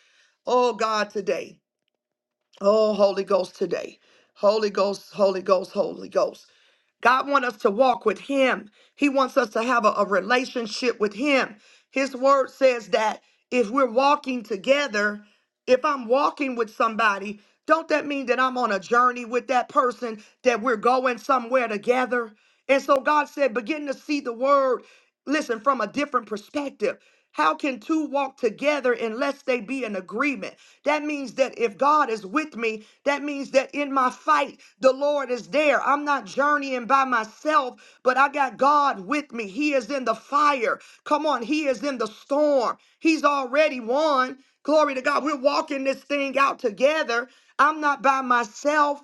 Oh, God, today. Oh, Holy Ghost, today. Holy Ghost, Holy Ghost, Holy Ghost. God wants us to walk with Him. He wants us to have a, a relationship with Him. His word says that if we're walking together, if I'm walking with somebody, don't that mean that I'm on a journey with that person, that we're going somewhere together? And so God said, begin to see the word, listen, from a different perspective. How can two walk together unless they be in agreement? That means that if God is with me, that means that in my fight, the Lord is there. I'm not journeying by myself, but I got God with me. He is in the fire. Come on, He is in the storm. He's already won. Glory to God. We're walking this thing out together. I'm not by myself.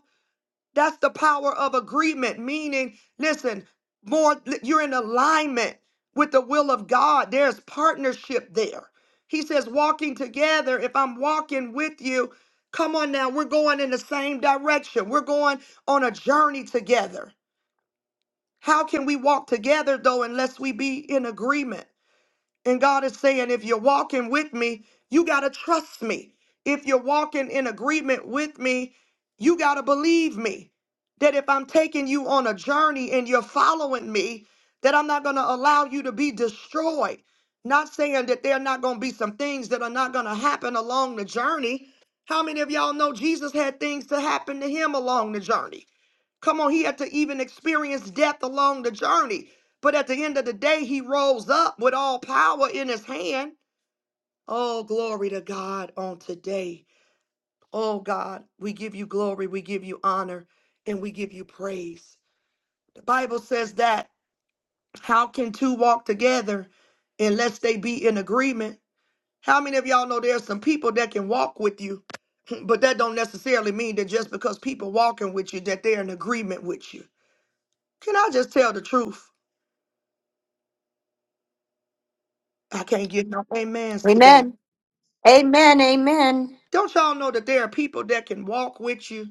That's the power of agreement, meaning, listen, more you're in alignment with the will of God. There's partnership there. He says, walking together, if I'm walking with you, come on now, we're going in the same direction. We're going on a journey together. How can we walk together though unless we be in agreement? And God is saying, if you're walking with me, you got to trust me. If you're walking in agreement with me, you got to believe me. That if I'm taking you on a journey and you're following me, that I'm not going to allow you to be destroyed. Not saying that there are not going to be some things that are not going to happen along the journey. How many of y'all know Jesus had things to happen to him along the journey? Come on, he had to even experience death along the journey. But at the end of the day, he rose up with all power in his hand. Oh, glory to God on today. Oh, God, we give you glory, we give you honor, and we give you praise. The Bible says that how can two walk together unless they be in agreement? How many of y'all know there's some people that can walk with you, but that don't necessarily mean that just because people walking with you that they're in agreement with you? Can I just tell the truth? I can't get no amens today. Amen. Amen. Amen. Don't y'all know that there are people that can walk with you,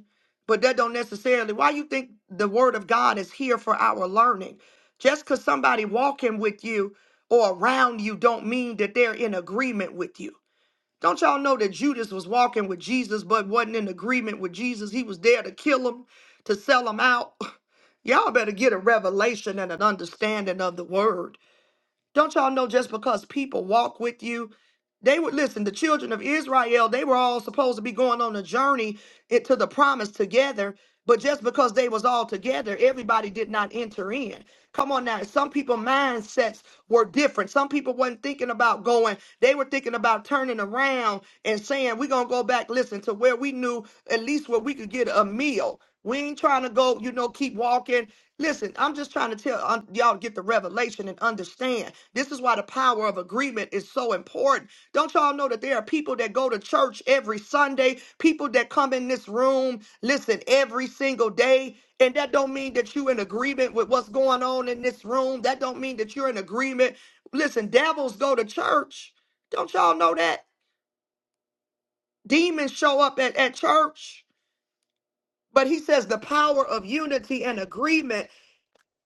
but that don't necessarily why you think the word of God is here for our learning. Just because somebody walking with you or around you don't mean that they're in agreement with you. Don't y'all know that Judas was walking with Jesus but wasn't in agreement with Jesus? He was there to kill him, to sell him out. Y'all better get a revelation and an understanding of the word. Don't y'all know just because people walk with you They would listen, the children of Israel, they were all supposed to be going on a journey into the promise together, but just because they was all together, everybody did not enter in. Come on now, some people mindsets were different. Some people wasn't thinking about going. They were thinking about turning around and saying, "We're going to go back listen to where we knew at least where we could get a meal." We ain't trying to go, you know, keep walking. Listen, I'm just trying to tell um, y'all to get the revelation and understand. This is why the power of agreement is so important don't y'all know that there are people that go to church every Sunday, people that come in this room, listen every single day, and that don't mean that you are in agreement with what's going on in this room. That don't mean that you're in agreement. Listen, devils go to church. Don't y'all know that? Demons show up at, at church. But he says the power of unity and agreement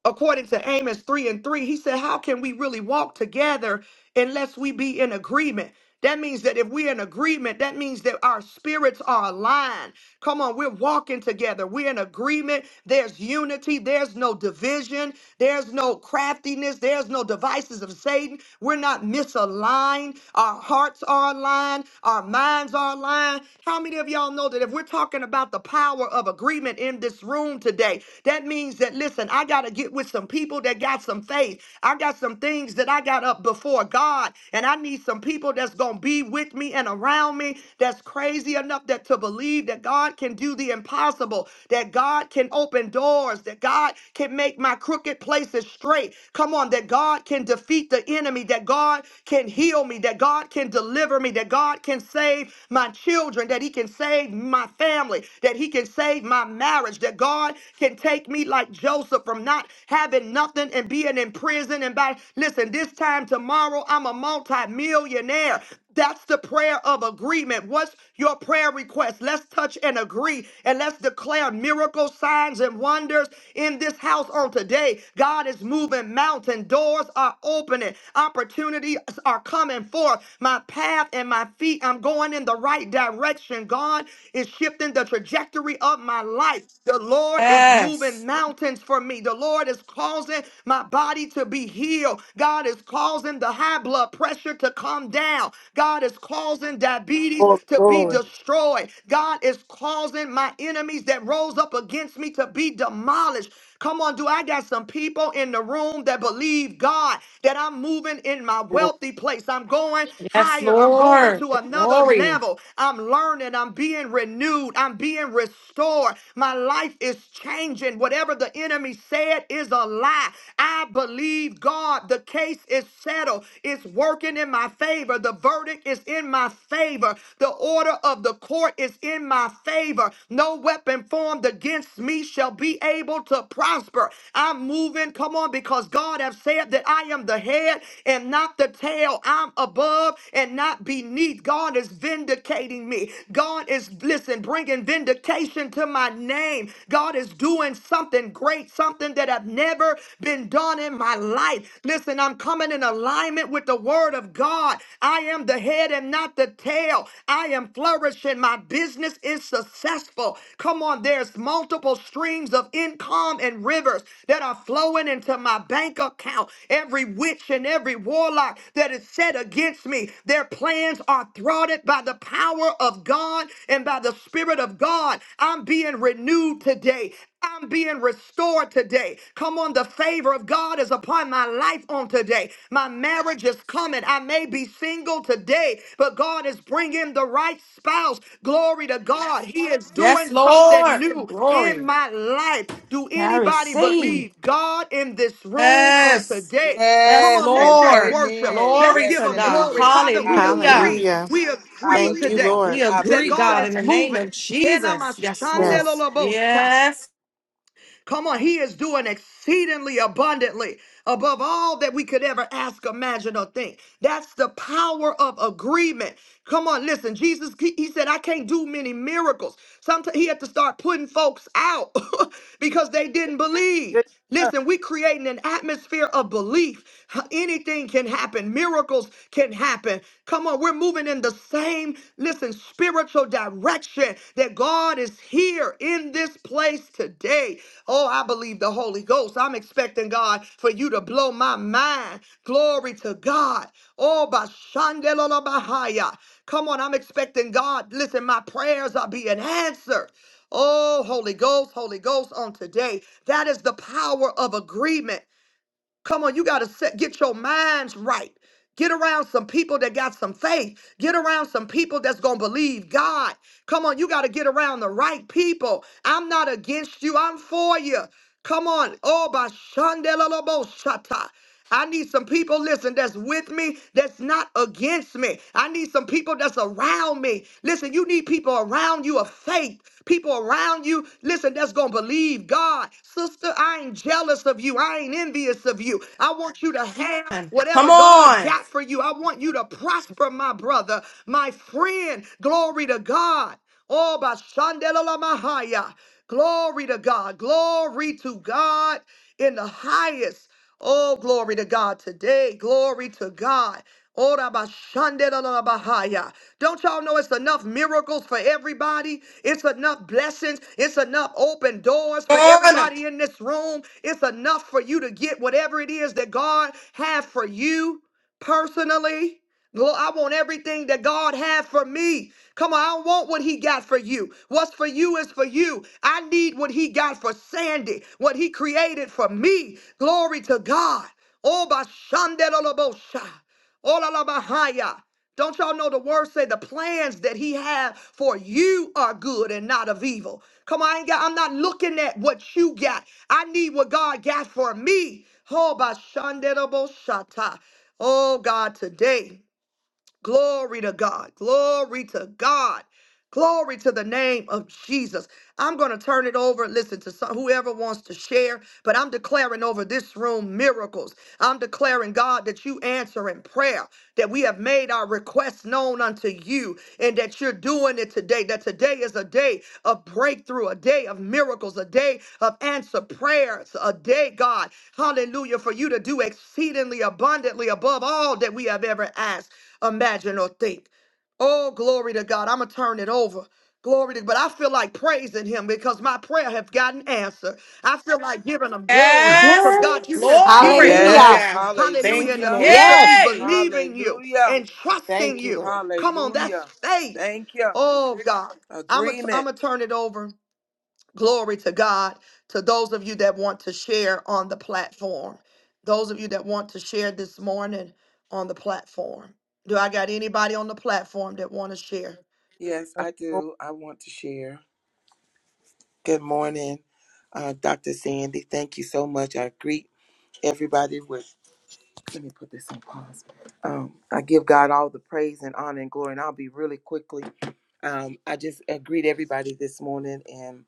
according to Amos 3 and 3, he said, How can we really walk together unless we be in agreement? That means that if we're in agreement, that means that our spirits are aligned. Come on, we're walking together. We're in agreement. There's unity. There's no division. There's no craftiness. There's no devices of Satan. We're not misaligned. Our hearts are aligned. Our minds are aligned. How many of y'all know that if we're talking about the power of agreement in this room today, that means that said, Listen, I got to get with some people that got some faith. I got some things that I got up before God, and I need some people that's going to be with me and around me that's crazy enough that to believe that God can do the impossible, that God can open doors, that God can make my crooked places straight. Come on, that God can defeat the enemy, that God can heal me, that God can deliver me, that God can save my children, that He can save my family, that He can save my marriage, that God can can take me like Joseph from not having nothing and being in prison. And by listen, this time tomorrow, I'm a multi-millionaire. That's the prayer of agreement. What's your prayer request? Let's touch and agree and let's declare miracle signs and wonders in this house on today. God is moving mountain doors are opening, opportunities are coming forth. My path and my feet, I'm going in the right direction. God is shifting the trajectory of my life. The Lord is moving Yes. mountains for me. The Lord is causing my body to be healed. God is causing the high blood pressure to come down. God is causing diabetes Glory, to be glory, destroyed. God is causing my enemies that rose up against me to be demolished. Come on, do I got some people in the room that believe God that I'm moving in my glory. wealthy place? I'm going Yes, higher. I'm going Lord. to another Glory. level. I'm learning. I'm being renewed. I'm being restored. My life is changing. Whatever the enemy said is a lie. I believe God. The case is settled. It's working in my favor. The verdict is in my favor. The order of the court court is in my favor. No weapon formed against me shall be able to prosper. I'm moving, come on, because God has said that I am the head and not the tail. I'm above and not beneath. God is vindicating me. God is, listen, bringing vindication to my name. God is doing something great, something that have never been done in my life. Listen, I'm coming in alignment alignment with the word of God. I am the head and not the tail. I am flourishing. My business is successful. Come on, there's multiple streams of income and rivers that are flowing into my bank account. Every witch and every warlock that is set against me, their plans are thwarted by the power of God and by the Spirit of God. I'm being renewed today. I'm being restored today. Come on, the favor of God is upon my life on today. My marriage is coming. I may be single today, but God is bringing the right spouse. Glory to God. He is doing Yes, something Lord. new in Glory. my life. Do I anybody receive. believe God in this room on Yes. today? Come Yes, on, Yes let's and just Lord. worship. amen. Let's Glory give Yes to him and God. glory. amen. Father, I we believe Hallelujah. him. agree. Hallelujah. We I agree Thank you, believe today him. Lord. We I that agree, believe God God, in is the God. name of moving. Hena Jesus. Yes, Lord. mashandelo Yes. lobosha. Yes. Come on, He is doing exceedingly abundantly above all that we could ever ask, imagine, or think. That's the power of agreement. Come on, listen. Jesus, He, he said, I can't do many miracles. Sometimes He had to start putting folks out because they didn't Yeah, believe. yeah. Listen, we are creating an atmosphere of belief. Anything can happen. Miracles can happen. Come on, we're moving in the same, listen, spiritual direction that God is here in this place today. Oh, I believe the Holy Ghost. I'm expecting God for you to blow my mind. Glory to God. Oh, Bashandelola Bahaya. Come on, I'm expecting God. Listen, my prayers are being answered. Oh, Holy Ghost, Holy Ghost on today. That is the power of agreement. Come on, you got to set, get your minds right. Get around some people that got some faith. Get around some people that's going to believe God. Come on, you got to get around the right people. I'm not against you, I'm for you. Come on. Oh, by Shandelaloboshata. I need some people, listen, that's with me, that's not against me. I need some people that's around me. Listen, you need people around around you of faith, people around you, listen, that's going to believe God. Sister, I ain't jealous of you. I ain't envious of you. I want you to have Come whatever God on. got for you. I want you to prosper, my brother, my friend. Glory to God. Oh, by Shandela La Mahaya. Glory to God. Glory to God in the highest. Oh, glory to God today. Glory to God. Ora ba shande da la ba haya. Don't y'all know it's enough miracles for everybody? It's enough blessings. It's enough open doors for Come on. everybody in this room. It's enough for you to get whatever it is that God has for you personally. Lord, I want everything that God had for me. Come on, I don't want what He got for you. What's for you is for you. I need what He got for Sandy, what He created for me. Glory to God. Oh, by Shandela Olalabahaya. Don't y'all know the word say the plans that he had for you are good and not of evil. Come on, I ain't got, I'm not looking at what you got. I need what God got for me. Oh, by Shandera Boshata. Oh God, today. Glory to God. Glory to God. Glory to the name of Jesus. I'm going to turn it over. Listen to some, whoever wants to share, but I'm declaring over this room miracles. I'm declaring, God, that you answer in prayer, that we have made our requests known unto you, and that you're doing it today. That today is a day of breakthrough, a day of miracles, a day of answer prayers, a day, God, hallelujah, for you to do exceedingly abundantly above all that we have ever asked imagine or think. Oh, glory to God. I'm going to turn it over. Glory to but I feel like praising him because my prayer have gotten answered. I feel like giving him glory because Yes. God, you Yes. just did Glory. Hallelujah. something. Yes. Hallelujah. Hallelujah. Thank In you, the Hallelujah. Lord. midst of me Yes. Yay. believing you Hallelujah. and trusting Thank you, you. Lord. Come on, that's Hallelujah. faith. Thank you. Oh God. I'm gonna am Agreement. going to turn it over. Glory to God. To those of you that want to share on the platform, those of you that want to share this morning on the platform. Do I got anybody on the platform that want to share? Yes, That's I the Lord. do. I want to share. Good morning, uh, Dr. Sandy. Thank you so much. I greet everybody with Let me put this on pause. Um, I give God all the praise and honor and glory, and I'll be really quickly. Um, I just uh, greet everybody this morning, and.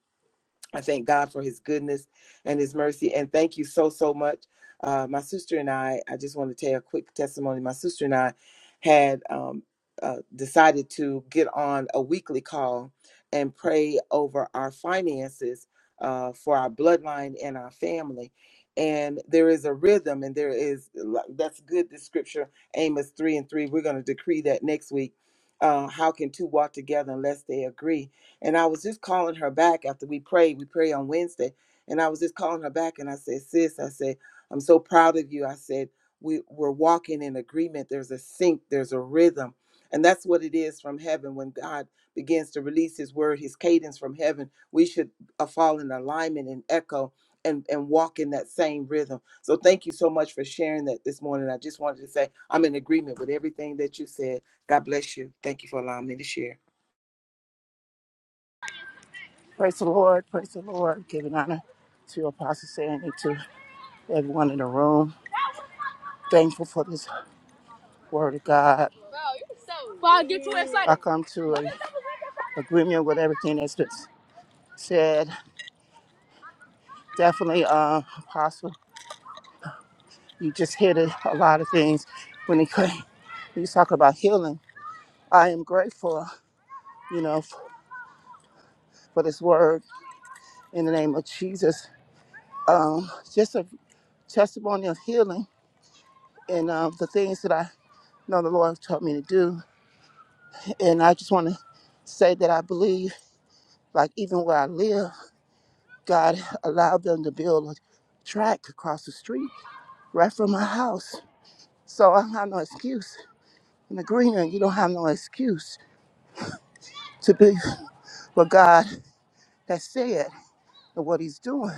I thank God for his goodness and his mercy. And thank you so, so much. Uh, my sister and I, I just want to tell a quick testimony. My sister and I had um, uh, decided to get on a weekly call and pray over our finances uh, for our bloodline and our family. And there is a rhythm, and there is that's good. The scripture, Amos 3 and 3, we're going to decree that next week. Uh, how can two walk together unless they agree? And I was just calling her back after we prayed. We prayed on Wednesday. And I was just calling her back and I said, Sis, I said, I'm so proud of you. I said, we, We're walking in agreement. There's a sync, there's a rhythm. And that's what it is from heaven. When God begins to release his word, his cadence from heaven, we should uh, fall in alignment and echo and, and walk in that same rhythm. So thank you so much for sharing that this morning. I just wanted to say I'm in agreement with everything that you said. God bless you. Thank you for allowing me to share. Praise the Lord, praise the Lord. Giving honor to Apostle Sandy, to everyone in the room. Thankful for this word of God. Paul, get too excited. I come to an agreement with everything that's been said. Definitely, uh, Apostle, you just hit it, a lot of things when it came. You talk about healing. I am grateful, you know, f- for this word in the name of Jesus. Um, just a testimony of healing and um, the things that I know the Lord taught me to do. And I just want to say that I believe, like even where I live, God allowed them to build a track across the street right from my house. So I don't have no excuse. In the greenery, you don't have no excuse to be what God has said and what He's doing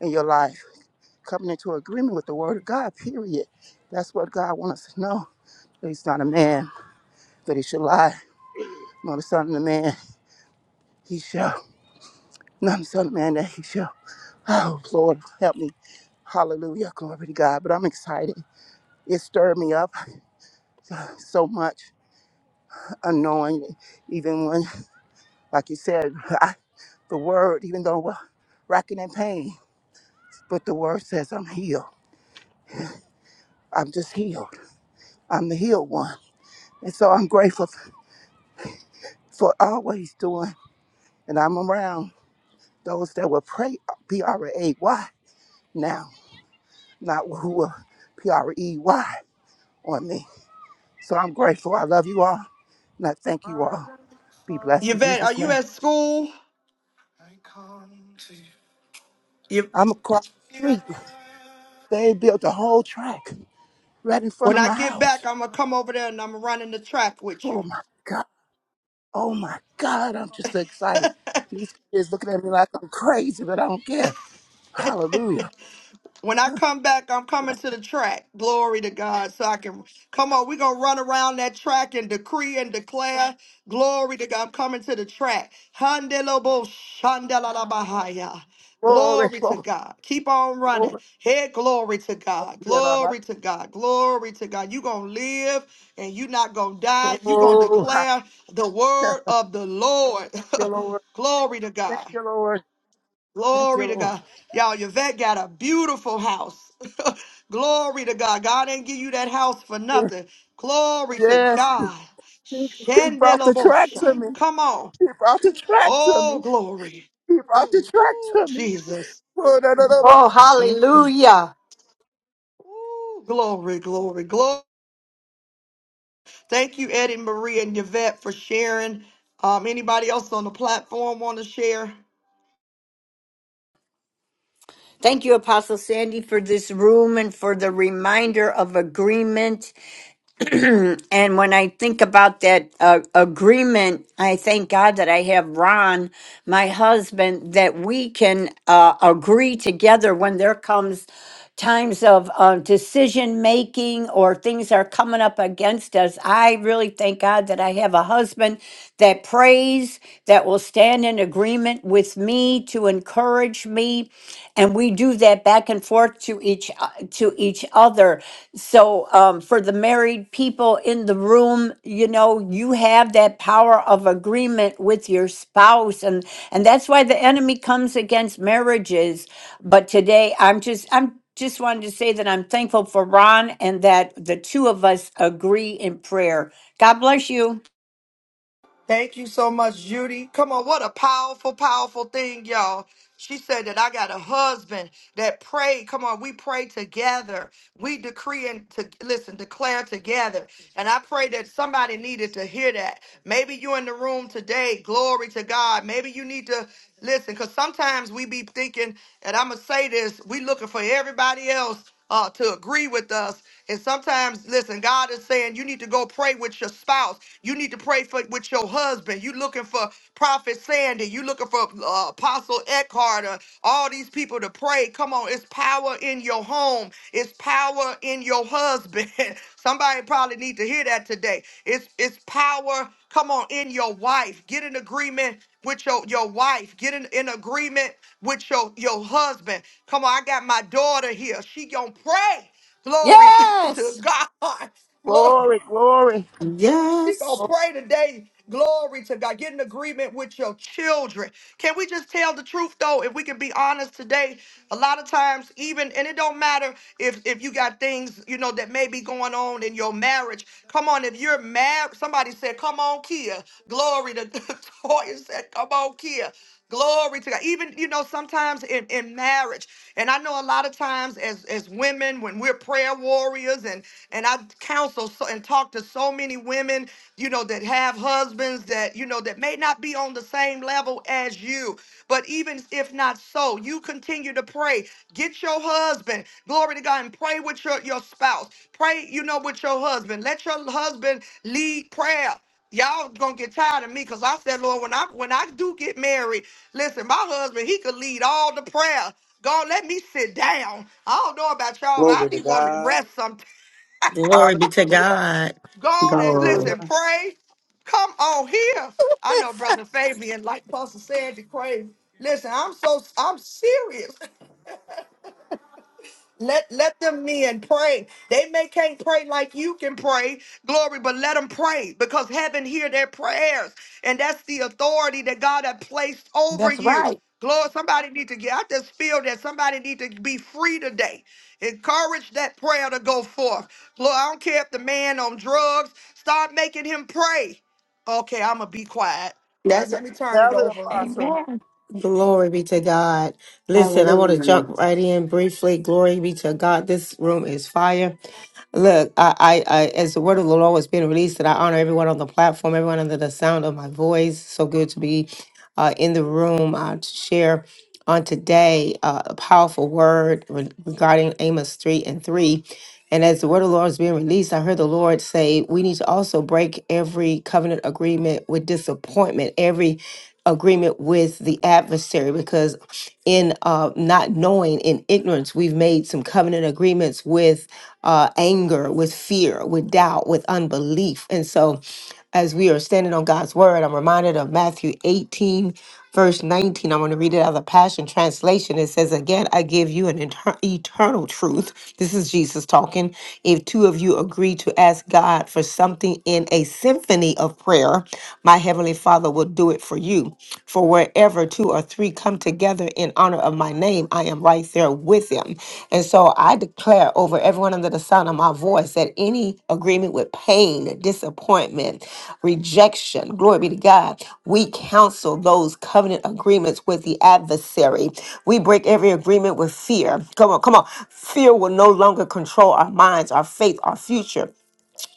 in your life. Coming into agreement with the Word of God, period. That's what God wants us to know. That He's not a man, that He should lie, nor the Son of the Man, He shall. And I'm the son of man that he shall. Oh, Lord, help me. Hallelujah. Glory to God. But I'm excited. It stirred me up so much, unknowing, even when, like you said, I, the word, even though we're racking in pain, but the word says I'm healed. I'm just healed. I'm the healed one. And so I'm grateful for always doing, and I'm around those that will pray P R A Y now, not who will P R E Y on me. So I'm grateful. I love you all. And I thank you all. Be blessed in Yvette, are Jesus' you name. at school? You, I'm across the street. They built a whole track right in front when of I my get house. back, I'm gonna come over there and I'm gonna run in the track with Oh you. my God. Oh my God. I'm just so excited. These kids looking at me like I'm crazy, but I don't care. Hallelujah. When I come back, I'm coming to the track. Glory to God. So I can come on. We're gonna run around that track and decree and declare. Glory to God. I'm coming to the track. Handelobo shandalalabahaya. Glory, Glory to glory, God. Keep on running. glory. Hey, glory to Thank God. you, Glory to God. Glory to God. you gonna live and you not gonna die. you gonna Oh, thank declare the word of the Lord. you, Lord. glory to Thank God. you, Lord. Thank you, Glory to Lord. God. Y'all, Yvette got a beautiful house. Glory to God. God ain't give you that house for Yes, nothing. Glory to yes. God. He, he brought the track Shandelabosha. to me. Come on. He brought the track to Oh, me. glory. He brought the track Ooh, to me. Jesus. Glory, Oh, Mm-mm. hallelujah. Ooh, glory, glory, glory. Thank you, Eddie Marie and Yvette, for sharing. Um, anybody else on the platform want to share? Thank you, Apostle Sandy, for this room and for the reminder of agreement. and when I think about that uh, agreement, I thank God that I have Ron, my husband, that we can uh, agree together when there comes times of uh, decision making or things are coming up against us. I really thank God that I have a husband that prays, agreement with me to an E, and we do that back and forth to each other. So um, for the married people in and marriages, but today I'm just I'm just wanted to say that I'm thankful for Ron and that the two of us agree in prayer. God bless you. Thank you so much, Judy. Come on, what a powerful, powerful thing, y'all. She said that I got a husband that prayed. Come on, we pray together. We decree and to listen, declare together. And I pray that somebody needed to hear that. Maybe you in the room today. Glory to God. Maybe you need to listen, because sometimes we be thinking, and I'ma say this, we looking for everybody else uh, to agree with us. And sometimes, listen, God is saying you need to go pray with your spouse. You need to pray for with your husband. You looking for Prophet Sandy. You looking for uh, Apostle Eckhart or all these people to pray. Come on, it's power in your home. It's power in your husband. Somebody probably need to hear that today. It's it's power. Come on, in your wife. Get an agreement with your, your wife. Get in, in agreement with your, your husband. Come on, I got my daughter here. She gonna pray. Glory to Yes. to God. Glory. glory. She gonna Yes. pray today. Glory to God. Get in agreement with your children. Can we just tell the truth though? If we can be honest today, a lot of times, even and it don't matter if if you got things you know that may be going on in your marriage. Come on, if you're married, somebody said, "Come on, Kia." Glory to Toya said, "Come on, Kia." Glory to God. Even, you know, sometimes in, in marriage. And I know a lot of times as, as women, when we're prayer warriors and, and I counsel so, and talk to so many women, you know, that have husbands that, you know, that may not be on the same level as you. But even if not so, you continue to pray. Get your husband, glory to God, and pray with your, your spouse. Pray, you know, with your husband. Let your husband lead prayer. Y'all gonna get tired of me because I said, Lord, when I when I do get married, listen, my husband, he could lead all the prayer. God, let me sit down. I don't know about y'all, but I Glory to be wanting to God. rest some. Glory be to Hallelujah. God. Go on and Glory. listen, Hallelujah. pray. Come on here. I know brother Fabian, like Pastor said, the crazy. Listen, I'm so I'm serious. Let let them men pray. They may can't pray like you can pray, glory, but let them pray because heaven hear their prayers, and that's the authority that God has placed over That's you. right. Glory, somebody need to get. I just feel that somebody need to be free today. Encourage that prayer to go forth. glory. I don't care if the man on drugs. Start making him pray. Okay, I'm gonna be quiet. Uh, That's let me turn it Tell it, over. Apostle. Amen. Glory be to God. Listen, I want to jump hallelujah. right in briefly. Glory be to God. This room is fire. Look, I, I, I as the word of the Lord was being released, that I honor everyone on the platform, everyone under the sound of my voice. So good to be uh, in the room uh, to share on today uh, a powerful word re- regarding Amos 3 and 3 And as the word of the Lord is being released, I heard the Lord say, we need to also break every covenant agreement with disappointment, every agreement with the adversary, because in uh, not knowing, in ignorance, we've made some covenant agreements with uh, anger, with fear, with doubt, with unbelief. And so, as we are standing on God's word. I'm reminded of Matthew 18, verse 19. I'm going to read it out of the Passion Translation. It says, Again, I give you an inter- eternal truth. This is Jesus talking. If two of you agree to ask God for something in a symphony of prayer, my Heavenly Father will do it for you. For wherever two or three come together in honor honor of my name, I am right there with them. And so I declare over everyone under the sound of my voice that any agreement with pain, disappointment, rejection, glory be to God, we counsel those covenant agreements with the adversary. We break every agreement with fear. Come on, come on. Fear will no longer control our minds, our faith, our future.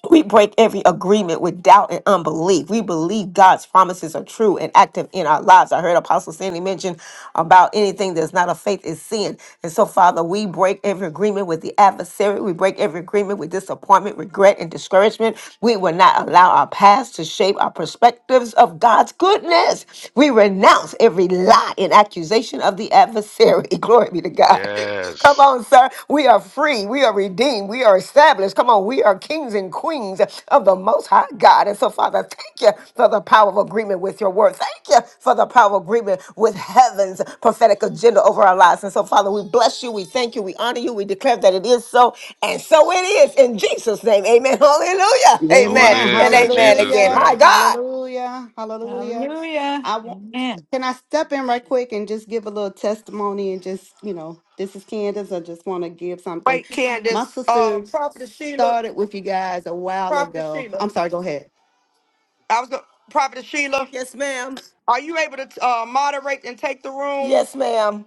We break every agreement with doubt and unbelief. We believe God's promises are true and active in our lives. I heard Apostle Sandy mention about anything that's not of faith is sin. And so, Father, we break every agreement with the adversary. We break every agreement with disappointment, regret, and discouragement. We will not allow our past to shape our perspectives of God's goodness. We renounce every lie and accusation of the adversary. Glory be to God. Come Yes, on, sir. We are free. We are redeemed. We are established. Come on. We are kings and queens of the Most High God. And so, Father, thank you for the power of agreement with your word. Thank you for the power of agreement with heaven's prophetic agenda over our lives. And so, Father, we bless you. We thank you. We honor you. We declare that it is so. And so it is in Jesus' name. Amen. Hallelujah. so it Amen. Amen. is And in amen Jesus' again. Hallelujah. My name. God. Hallelujah. Hallelujah. Hallelujah. I want Amen. can I step in right quick and just give a little testimony and just, you know, this is Candace. I just want to give something. Wait, My Candace. sister Um, Prophet Sheila. started with you guys a while Prophet ago. Sheila. I'm sorry, go ahead. I was going Prophet Sheila, Yes, ma'am. are you able to uh, moderate and take the room? Yes, ma'am.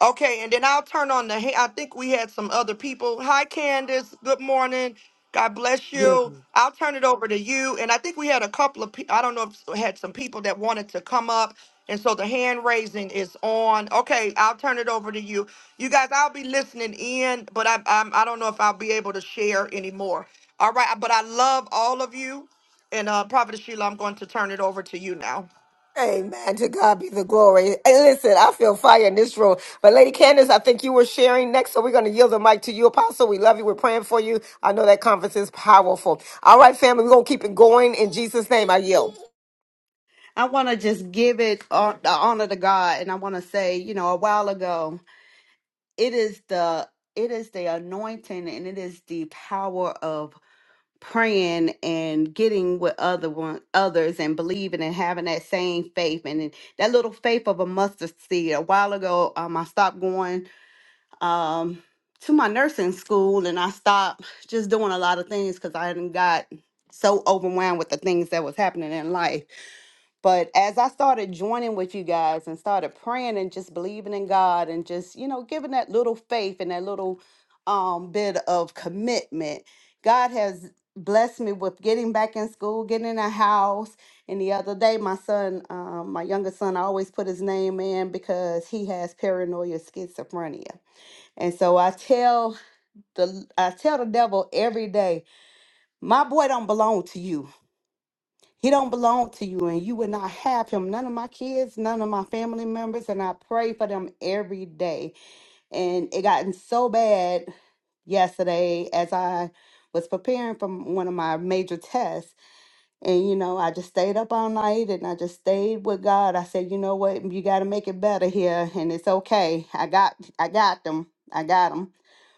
Okay, and then I'll turn on the. ha- I think we had some other people. Hi, Candace. Good morning. God bless Give you. I'll turn it over to you. And I think we had a couple of. Pe- I don't know if we had some people that wanted to come up, and so the hand raising is on. Okay, I'll turn it over to you. You guys, I'll be listening in, but I I'm, I don't know if I'll be able to share anymore. All right, but I love all of you, and uh, Prophet Sheila, I'm going to turn it over to you now. Amen. To God be the glory. And listen, I feel fire in this room. But Lady Candace, I think you were sharing next, so we're going to yield the mic to you, Apostle. We love you. We're praying for you. I know that conference is powerful. All right, family, we're going to keep it going. In Jesus' name, I yield. I want to just give it uh, the honor to God and I want to say, you know, a while ago, it is the it is the anointing and it is the power of praying and getting with other one others and believing and having that same faith and then that little faith of a mustard seed. A while ago, um, I stopped going um to my nursing school and I stopped just doing a lot of things because I hadn't got so overwhelmed with the things that was happening in life but as I started joining with you guys and started praying and just believing in God and just, you know, giving that little faith and that little um, bit of commitment, God has blessed me with getting back in school, getting in a house. And the other day, my son, um, my youngest son, I always put his name in because he has paranoia schizophrenia. And so I tell the I tell the devil every day, my boy don't belong to you he don't belong to you, and you will not have him. None of my kids, none of my family members, and I pray for them every day. And it gotten so bad yesterday as I was preparing for one of my major tests. And, you know, I just stayed up all night and I just stayed with God. I said, you know what? You got to make it better here. And it's okay. I got, I got them. I got them.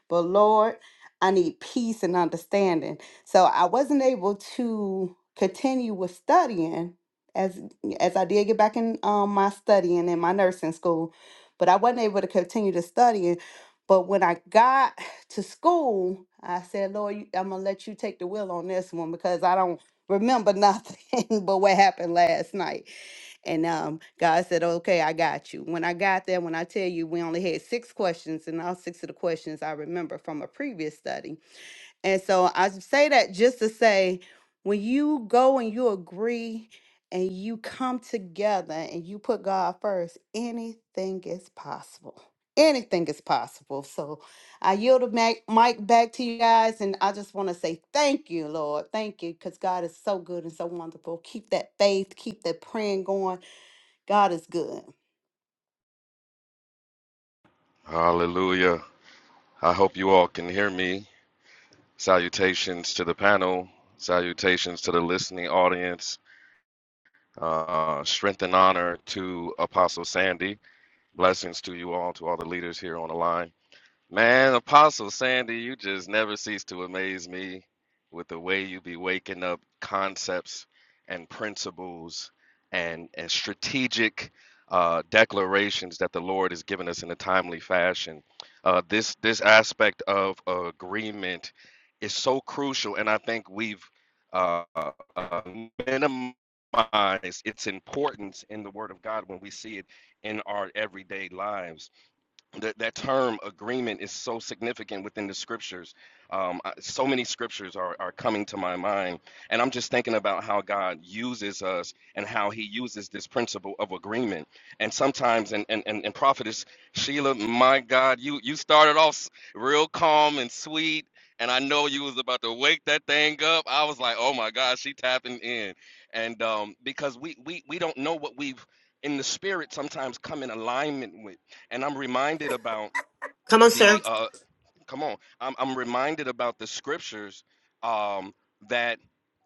But Lord, I need peace and understanding. So I wasn't able to continue with studying as as I did get back in um, my studying in my nursing school, but I wasn't able to continue to studying. But when I got to school, I said, Lord, you- I'm gonna let you take the wheel on this one because I don't remember nothing but what happened last night. And um, God said, Okay, I got you. When I got there, when I tell you we only had six questions, and all six of the questions I remember from a previous study and so I say that just to say when you go and you agree and you come together and you put God first, anything is possible. Anything is possible. So I yield the mic mic back to you guys. And I just want to say thank you, Lord. Thank you because God is so good and so wonderful. Keep that faith, keep that praying going. God is good. Hallelujah. I hope you all can hear me. Salutations to the panel, salutations to the listening audience. Uh, strength and honor to Apostle Sandy. Blessings to you all, to all the leaders here on the line. Man, Apostle Sandy, you just never cease to amaze me with the way you be waking up concepts and principles and, and strategic uh, declarations that the Lord has given us in a timely fashion. Uh, this this aspect of agreement is so crucial, and I think we've uh, uh, minimized its importance in the Word of God when we see it in our everyday lives that that term agreement is so significant within the scriptures. Um, I- so many scriptures are, are coming to my mind, and I'm just thinking about how God uses us and how He uses this principle of agreement. And sometimes, and and and, and prophetess Sheila, my God, you you started off s- real calm and sweet. And I know you was about to wake that thing up. I was like, "Oh my God, she tapping in," and um, because we we we don't know what we've in the spirit sometimes come in alignment with and I'm reminded about Come on, sir. the uh come on I'm I'm reminded about the scriptures um that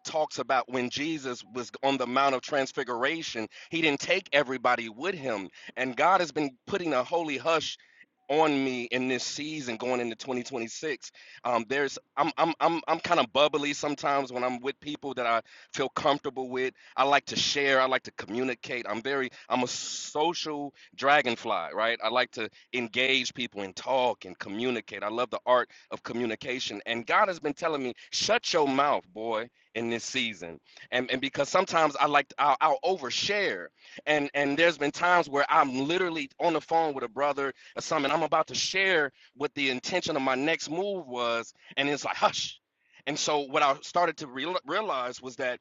talks about when Jesus was on the mount of transfiguration he didn't take everybody with him and God has been putting a holy hush on me in this season going into 2026 um there's i'm i'm i'm, I'm kind of bubbly sometimes when i'm with people that i feel comfortable with i like to share i like to communicate i'm very i'm a social dragonfly right i like to engage people and talk and communicate. I love the art of communication. And God has been telling me, shut your mouth, boy, in this season. And and because sometimes I like to, I'll, I'll overshare. And and there's been times where I'm literally on the phone with a brother or something. I'm about to share what the intention of my next move was, and it's like hush. And so what I started to real realize was that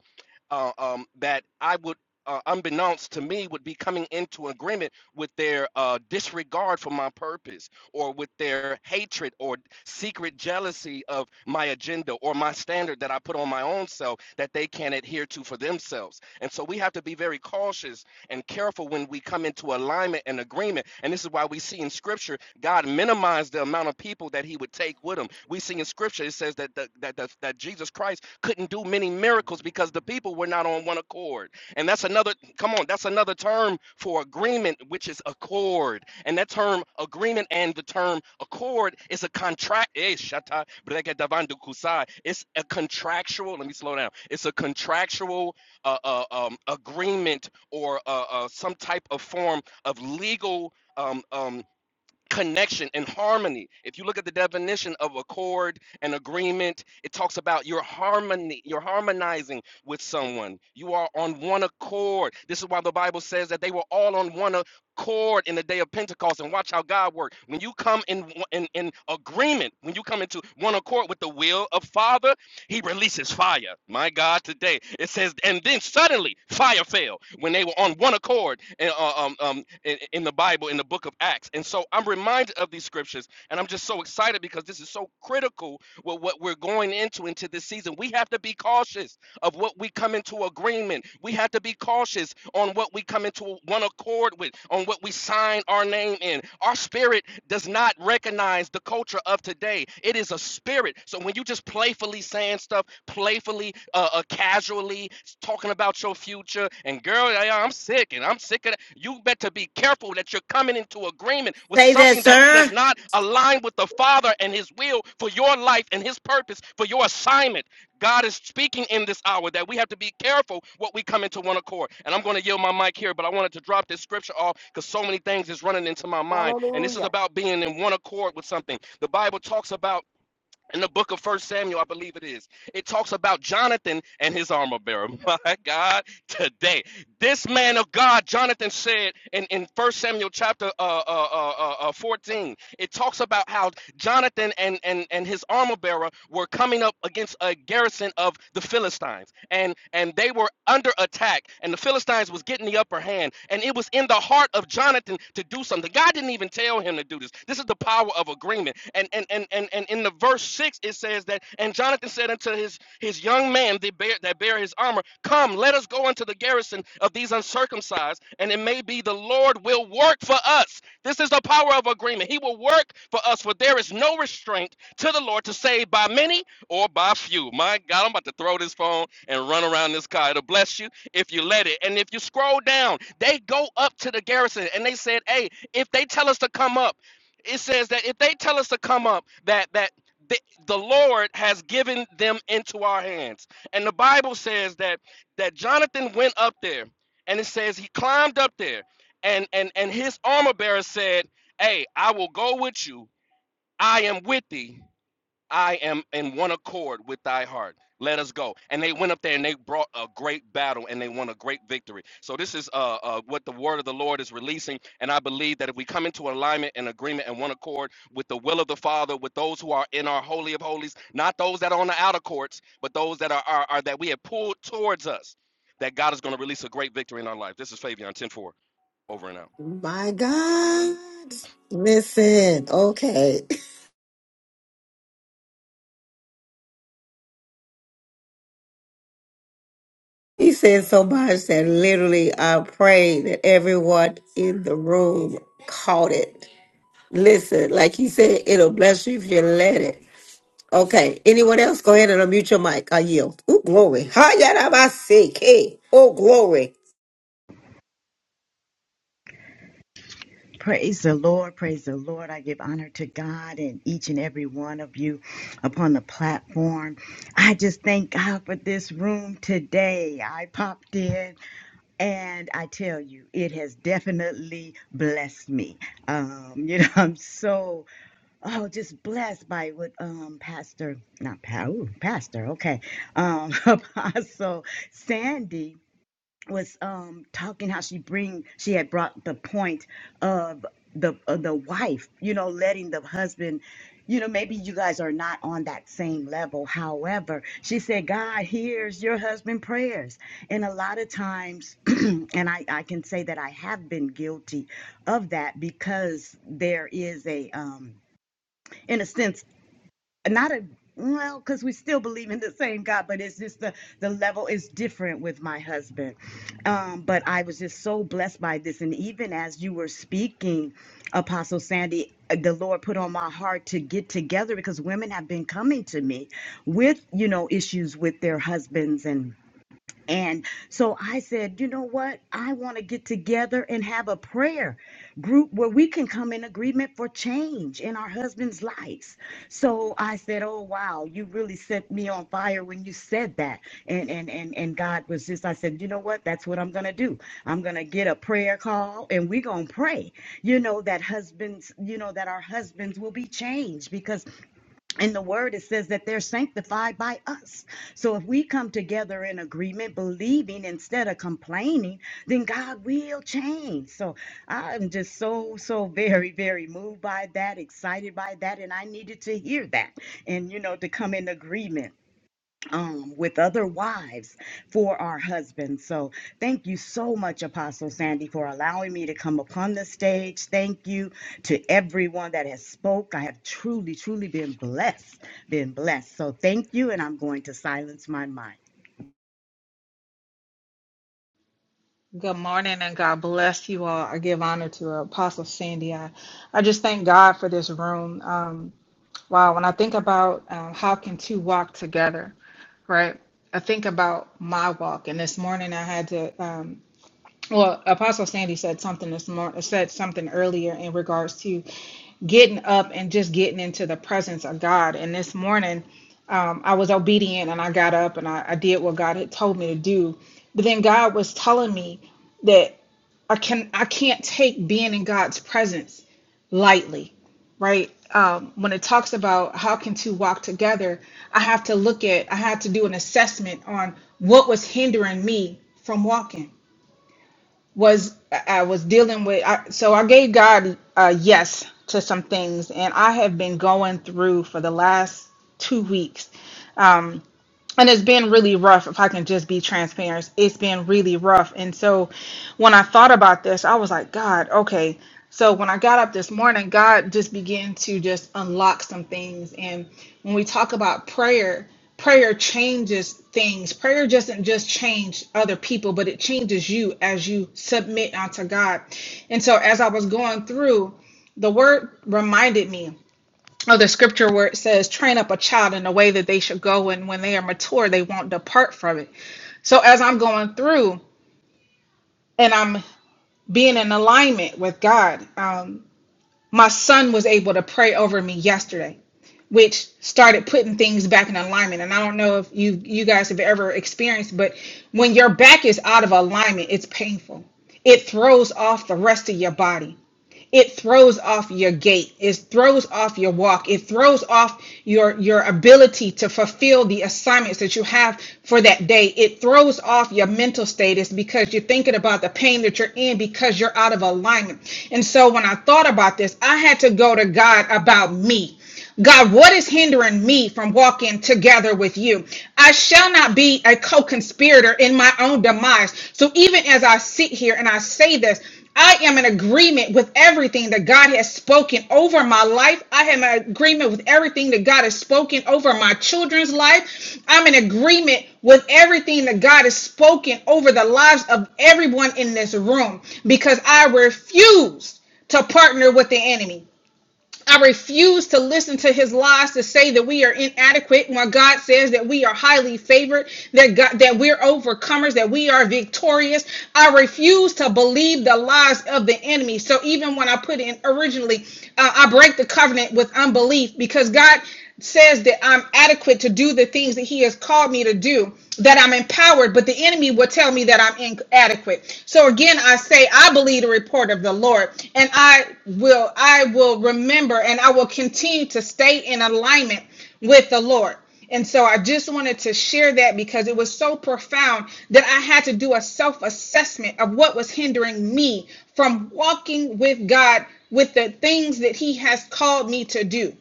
uh, um, that I would, uh, unbeknownst to me, would be coming into agreement with their uh, disregard for my purpose or with their hatred or secret jealousy of my agenda or my standard that I put on my own self that they can't adhere to for themselves. And so we have to be very cautious and careful when we come into alignment and agreement. And this is why we see in scripture God minimized the amount of people that he would take with him. We see in scripture it says that the, that the, that Jesus Christ couldn't do many miracles because the people were not on one accord. And that's another, come on, that's another term for agreement, which is accord. And that term agreement and the term accord is a contract. eh, shata, brega davandu kusai. It's a contractual, let me slow down. It's a contractual uh, uh, um, agreement or uh, uh, some type of form of legal. Um, um, connection and harmony. If you look at the definition of accord and agreement, it talks about your harmony, you're harmonizing with someone. You are on one accord. This is why the Bible says that they were all on one accord in the day of Pentecost and watch how God worked. When you come in in, in agreement, when you come into one accord with the will of Father, he releases fire. My God, today it says, and then suddenly fire fell when they were on one accord in, uh, um, um, in, in the Bible, in the book of Acts. And so I'm reminded of these scriptures, and I'm just so excited because this is so critical with what we're going into into this season. We have to be cautious of what we come into agreement. We have to be cautious on what we come into one accord with, on what we sign our name in. Our spirit does not recognize the culture of today. It is a spirit. So when you just playfully saying stuff, playfully, uh, uh, casually talking about your future, and girl, I, I'm sick, and I'm sick of that. You better be careful that you're coming into agreement with Say that, something that does sir. not align with the Father and His will for your life and His purpose for your assignment. God is speaking in this hour that we have to be careful what we come into one accord. And I'm going to yield my mic here, but I wanted to drop this scripture off because so many things is running into my mind. And this is Hallelujah. about being in one accord with something. The Bible talks about in the book of first samuel i believe it is it talks about jonathan and his armor bearer my god today this man of god jonathan said in, in first samuel chapter uh, uh, uh, uh, uh, 14 it talks about how jonathan and, and, and his armor bearer were coming up against a garrison of the philistines and and they were under attack and the philistines was getting the upper hand and it was was in the heart of Jonathan to do something. God didn't even tell him to do this. This is the power of agreement. And and and and, and in the verse six it says that and Jonathan said unto his his young man that bear that bear his armor, Come, let us go unto the garrison of these uncircumcised, and it may be the Lord will work for us. This is the power of agreement. He will work for us, for there is no restraint to the Lord to save by many or by few. My God, I'm about to throw this phone and run around this car. It'll bless you if you let it. And if you scroll down, they go up to the garrison and they said, "Hey, if they tell us to come up, it says that if they tell us to come up, that that the, the Lord has given them into our hands." And the Bible says that that Jonathan went up there, and it says he climbed up there, and and and his armor bearer said, "Hey, I will go with you. I am with thee." I am in one accord with thy heart. Let us go. And they went up there and they brought a great battle and they won a great victory. So this is uh, uh, what the word of the Lord is releasing. And I believe that if we come into alignment and agreement and one accord with the will of the Father, with those who are in our holy of holies, not those that are on the outer courts, but those that are, are, are that we have pulled towards us, that God is going to release a great victory in our life. This is Fabian Ten Four over and out. My God. Listen, okay. He said so much that literally I pray that everyone in the room caught it. Listen, like he said, it'll bless you if you let it. Okay. Anyone else? Go ahead and unmute your mic. I yield. Oh, glory. Ha, yada, ba, si, Hey. Oh, glory. Praise the Lord, praise the Lord. I give honor to God and each and every one of you upon the platform. I just thank God for this room today. I popped in and I tell you, it has definitely blessed me. Um, you know, I'm so oh just blessed by what um Pastor, not pa- ooh, Pastor, okay. Um Apostle Sandy was um talking how she bring she had brought the point of the of the wife you know letting the husband you know maybe you guys are not on that same level however she said god hears your husband prayers and a lot of times and i i can say that i have been guilty of that because there is a um in a sense not a well because we still believe in the same god but it's just the the level is different with my husband um but i was just so blessed by this and even as you were speaking apostle sandy uh, the lord put on my heart to get together because women have been coming to me with you know issues with their husbands and and so I said, you know what? I want to get together and have a prayer group where we can come in agreement for change in our husbands' lives. So I said, oh wow, you really set me on fire when you said that. And and and and God was just I said, you know what? That's what I'm going to do. I'm going to get a prayer call and we're going to pray. You know that husbands, you know that our husbands will be changed because in the word it says that they're sanctified by us so if we come together in agreement believing instead of complaining then god will change so i'm just so so very very moved by that excited by that and i needed to hear that and you know to come in agreement um, with other wives for our husbands. So thank you so much, Apostle Sandy, for allowing me to come upon the stage. Thank you to everyone that has spoke. I have truly, truly been blessed, been blessed. So thank you, and I'm going to silence my mic. Good morning and God bless you all. I give honor to Apostle Sandy. I, I just thank God for this room. Um, wow, when I think about um, how can two walk together, right? I think about my walk, and this morning I had to. um, well, Apostle Sandy said something this morning, said something earlier in regards to getting up and just getting into the presence of God. And this morning, um, I was obedient and I got up and I, I did what God had told me to do. But then God was telling me that I can I can't take being in God's presence lightly, right? Um, when it talks about how can two walk together, I have to look at I had to do an assessment on what was hindering me from walking was I was dealing with. I, so I gave God a yes to some things, and I have been going through for the last two weeks Um, and it's been really rough if i can just be transparent it's been really rough and so when i thought about this i was like god okay so when i got up this morning god just began to just unlock some things and when we talk about prayer prayer changes things prayer doesn't just change other people but it changes you as you submit unto god and so as i was going through the word reminded me of the scripture where it says, train up a child in the way that they should go, and when they are mature, they won't depart from it. So as I'm going through and I'm being in alignment with God, um, my son was able to pray over me yesterday, which started putting things back in alignment. And I don't know if you you guys have ever experienced, but when your back is out of alignment, it's painful. It throws off the rest of your body it throws off your gait it throws off your walk it throws off your your ability to fulfill the assignments that you have for that day it throws off your mental status because you're thinking about the pain that you're in because you're out of alignment and so when i thought about this i had to go to god about me God, what is hindering me from walking together with you? I shall not be a co conspirator in my own demise. So even as I sit here and I say this, I am in agreement with everything that God has spoken over my life. I am in agreement with everything that God has spoken over my children's life. I'm in agreement with everything that God has spoken over the lives of everyone in this room because I refuse to partner with the enemy. I refuse to listen to his lies to say that we are inadequate when God says that we are highly favored, that God, that we're overcomers, that we are victorious. I refuse to believe the lies of the enemy. So even when I put in originally, uh, I break the covenant with unbelief because God says that I'm adequate to do the things that he has called me to do that I'm empowered, but the enemy will tell me that I'm inadequate. So again, I say I believe the report of the Lord, and I will I will remember and I will continue to stay in alignment with the Lord. And so I just wanted to share that because it was so profound that I had to do a self assessment of what was hindering me from walking with God with the things that He has called me to do.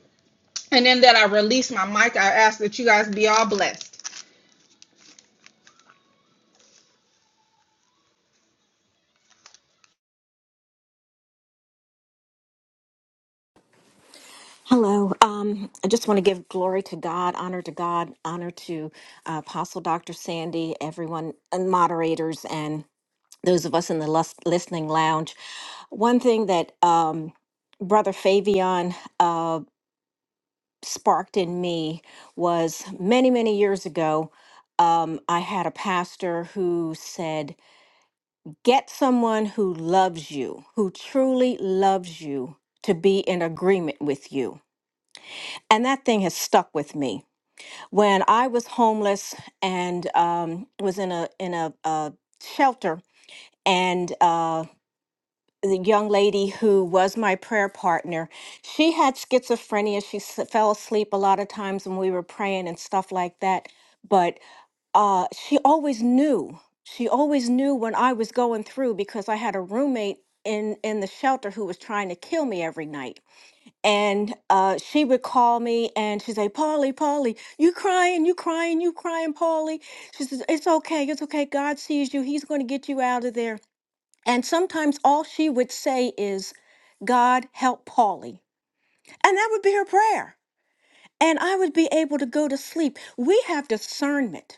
And then that I release my mic, I ask that you guys be all blessed. Hello. Um, I just want to give glory to God, honor to God, honor to uh, Apostle Dr. Sandy, everyone, and moderators, and those of us in the lus- listening lounge. One thing that um, Brother Fabian uh, sparked in me was many, many years ago, um, I had a pastor who said, Get someone who loves you, who truly loves you, to be in agreement with you. And that thing has stuck with me when I was homeless and um, was in a in a, uh shelter, and uh, the young lady who was my prayer partner, she had schizophrenia. She s- fell asleep a lot of times when we were praying and stuff like that. But uh, she always knew. She always knew when I was going through because I had a roommate in in the shelter who was trying to kill me every night and uh, she would call me and she'd say, Polly, Polly, you crying, you crying, you crying, Polly. She says, It's okay, it's okay. God sees you. He's going to get you out of there. And sometimes all she would say is, God help Polly. And that would be her prayer and I would be able to go to sleep. We have discernment.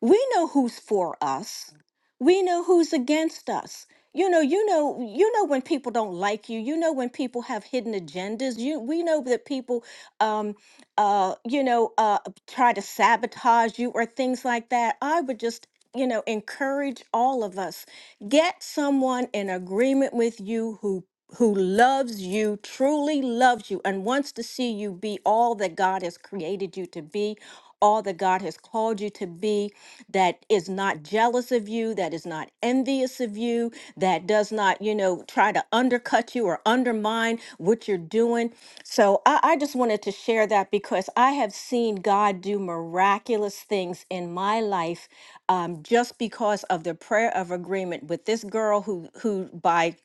We know who's for us. We know who's against us. You know, you know, you know when people don't like you. You know when people have hidden agendas. You, we know that people, um, uh, you know, uh, try to sabotage you or things like that. I would just, you know, encourage all of us Get someone in agreement with you who who loves you, truly loves you and wants to see you be all that God has created you to be, all that God has called you to be, that is not jealous of you, that is not envious of you, that does not, you know, try to undercut you or undermine what you're doing. So I, I just wanted to share that because I have seen God do miraculous things in my life um, just because of the prayer of agreement with this girl who, who by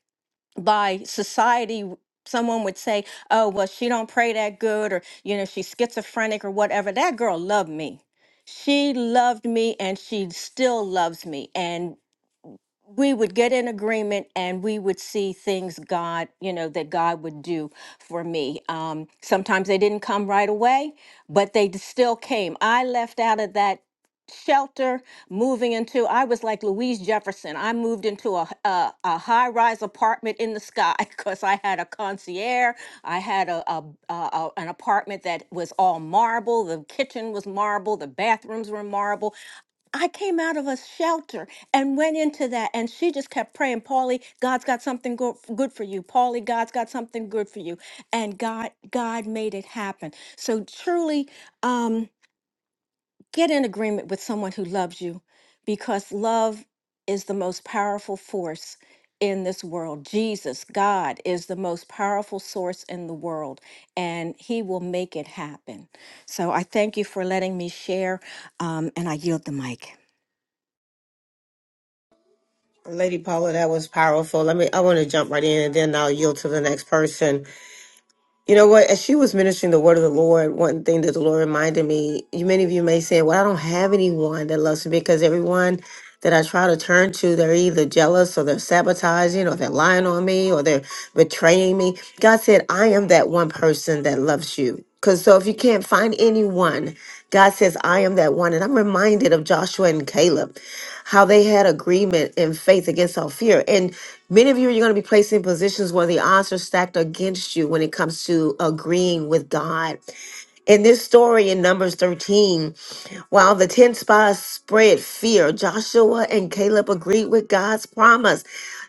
by society someone would say oh well she don't pray that good or you know she's schizophrenic or whatever that girl loved me she loved me and she still loves me and we would get in agreement and we would see things God, you know, that God would do for me. Um, sometimes they didn't come right away, but they d- still came. I left out of that shelter moving into i was like louise jefferson i moved into a a h- a, a high-rise apartment in the sky because i had a concierge i had a, a, a a- an apartment that was all marble the kitchen was marble the bathrooms were marble I came out of a shelter and went into that, and she just kept praying, Paulie, God's got something go- good for you. Paulie, God's got something good for you, and God, God made it happen. So truly, um, get in agreement with someone who loves you, because love is the most powerful force in this world. Jesus, God, is the most powerful source in the world, and He will make it happen. So I thank you for letting me share, um, and I yield the mic. Lady Paula, that was powerful. Let me I want to jump right in and then I'll yield to the next person. You know what? As she was ministering the word of the Lord, one thing that the Lord reminded me, you many of you may say, Well, I don't have anyone that loves me because everyone that I try to turn to, they're either jealous or they're sabotaging or they're lying on me or they're betraying me. God said, I am that one person that loves you. Because so if you can't find anyone, God says, I am that one. And I'm reminded of Joshua and Caleb how they had agreement and faith against all fear. And many of you are going to be placed in positions where the odds are stacked against you when it comes to agreeing with God. In this story in Numbers 13, while the 10 spies spread fear, Joshua and Caleb agreed with God's promise.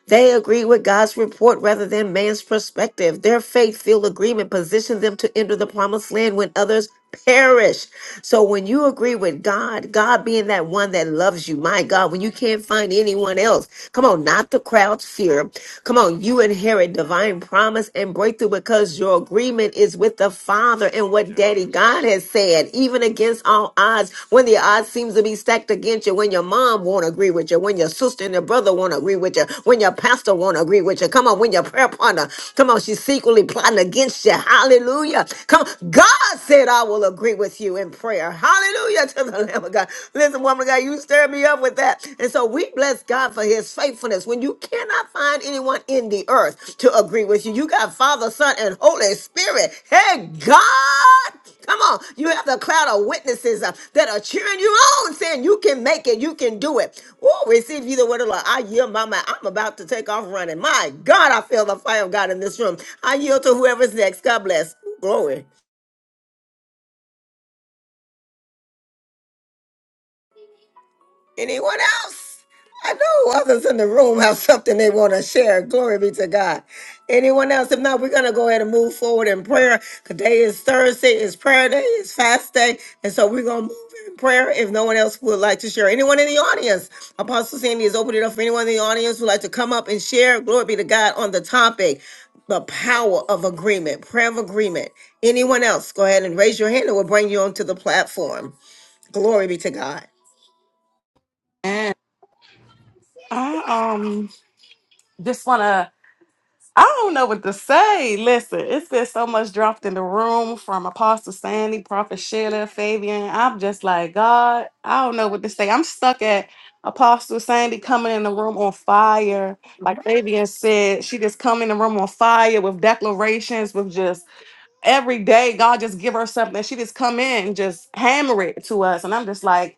They agreed with God's report rather than man's perspective. Their faith filled agreement positioned them to enter the promised land when others perish. So when you agree with God, God being that one that loves you, my God, when you can't find anyone else, come on, not the crowd's fear, Come on, you inherit divine promise and breakthrough because your agreement is with the Father and what Daddy Yes. God has said, even against all odds, when the odds seems to be stacked against you, when your mom won't agree with you, when your sister and your brother won't agree with you, when your pastor won't agree with you. Come on, when your prayer partner, come on, she's secretly plotting against you. Hallelujah. Come on, God said, I will agree with you in prayer. Hallelujah to the Lamb of God. Listen, woman woman of God. You stir me up with that. And so we bless God for his faithfulness. When you cannot find anyone in the earth to agree with you, you got Father, Son, and Holy Spirit. Hey, God. Come on. You have the cloud of witnesses uh, that are cheering you on, saying you can make it, you can do it. Oh, receive you the word of the Lord. I yield my mind. I'm about to take off running. My God, I feel the fire of God in this room. I yield to whoever's next. God bless. Glory. Anyone else? I know others in the room have something they want to share. Glory be to God. Anyone else? If not, we're going to go ahead and move forward in prayer. Today is Thursday, it's prayer day, it's fast day. And so we're going to move in prayer if no one else would like to share. Anyone in the audience? Apostle Sandy has opened it up for anyone in the audience who would like to come up and share. Glory be to God on the topic, the power of agreement, prayer of agreement. Anyone else? Go ahead and raise your hand and we'll bring you onto the platform. Glory be to God. And I um just wanna I don't know what to say. Listen, it's been so much dropped in the room from Apostle Sandy, Prophet Sheila, Fabian. I'm just like, God, I don't know what to say. I'm stuck at Apostle Sandy coming in the room on fire. Like Fabian said, she just come in the room on fire with declarations, with just every day, God just give her something. She just come in and just hammer it to us. And I'm just like,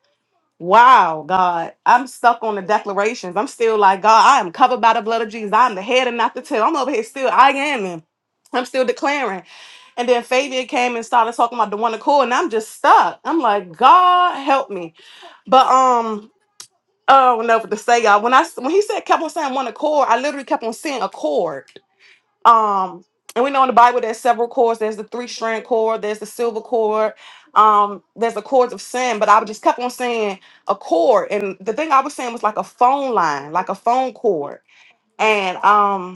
Wow, God, I'm stuck on the declarations. I'm still like, God, I am covered by the blood of Jesus. I'm the head and not the tail. I'm over here still, I am him. I'm still declaring. And then Fabian came and started talking about the one accord, and I'm just stuck. I'm like, God help me. But um, oh no, what to say, y'all. When I when he said kept on saying one accord, I literally kept on seeing accord. Um, and we know in the Bible there's several cords. There's the three strand cord. There's the silver cord. Um, there's the cords of sin. But I would just kept on saying a cord, and the thing I was saying was like a phone line, like a phone cord. And um,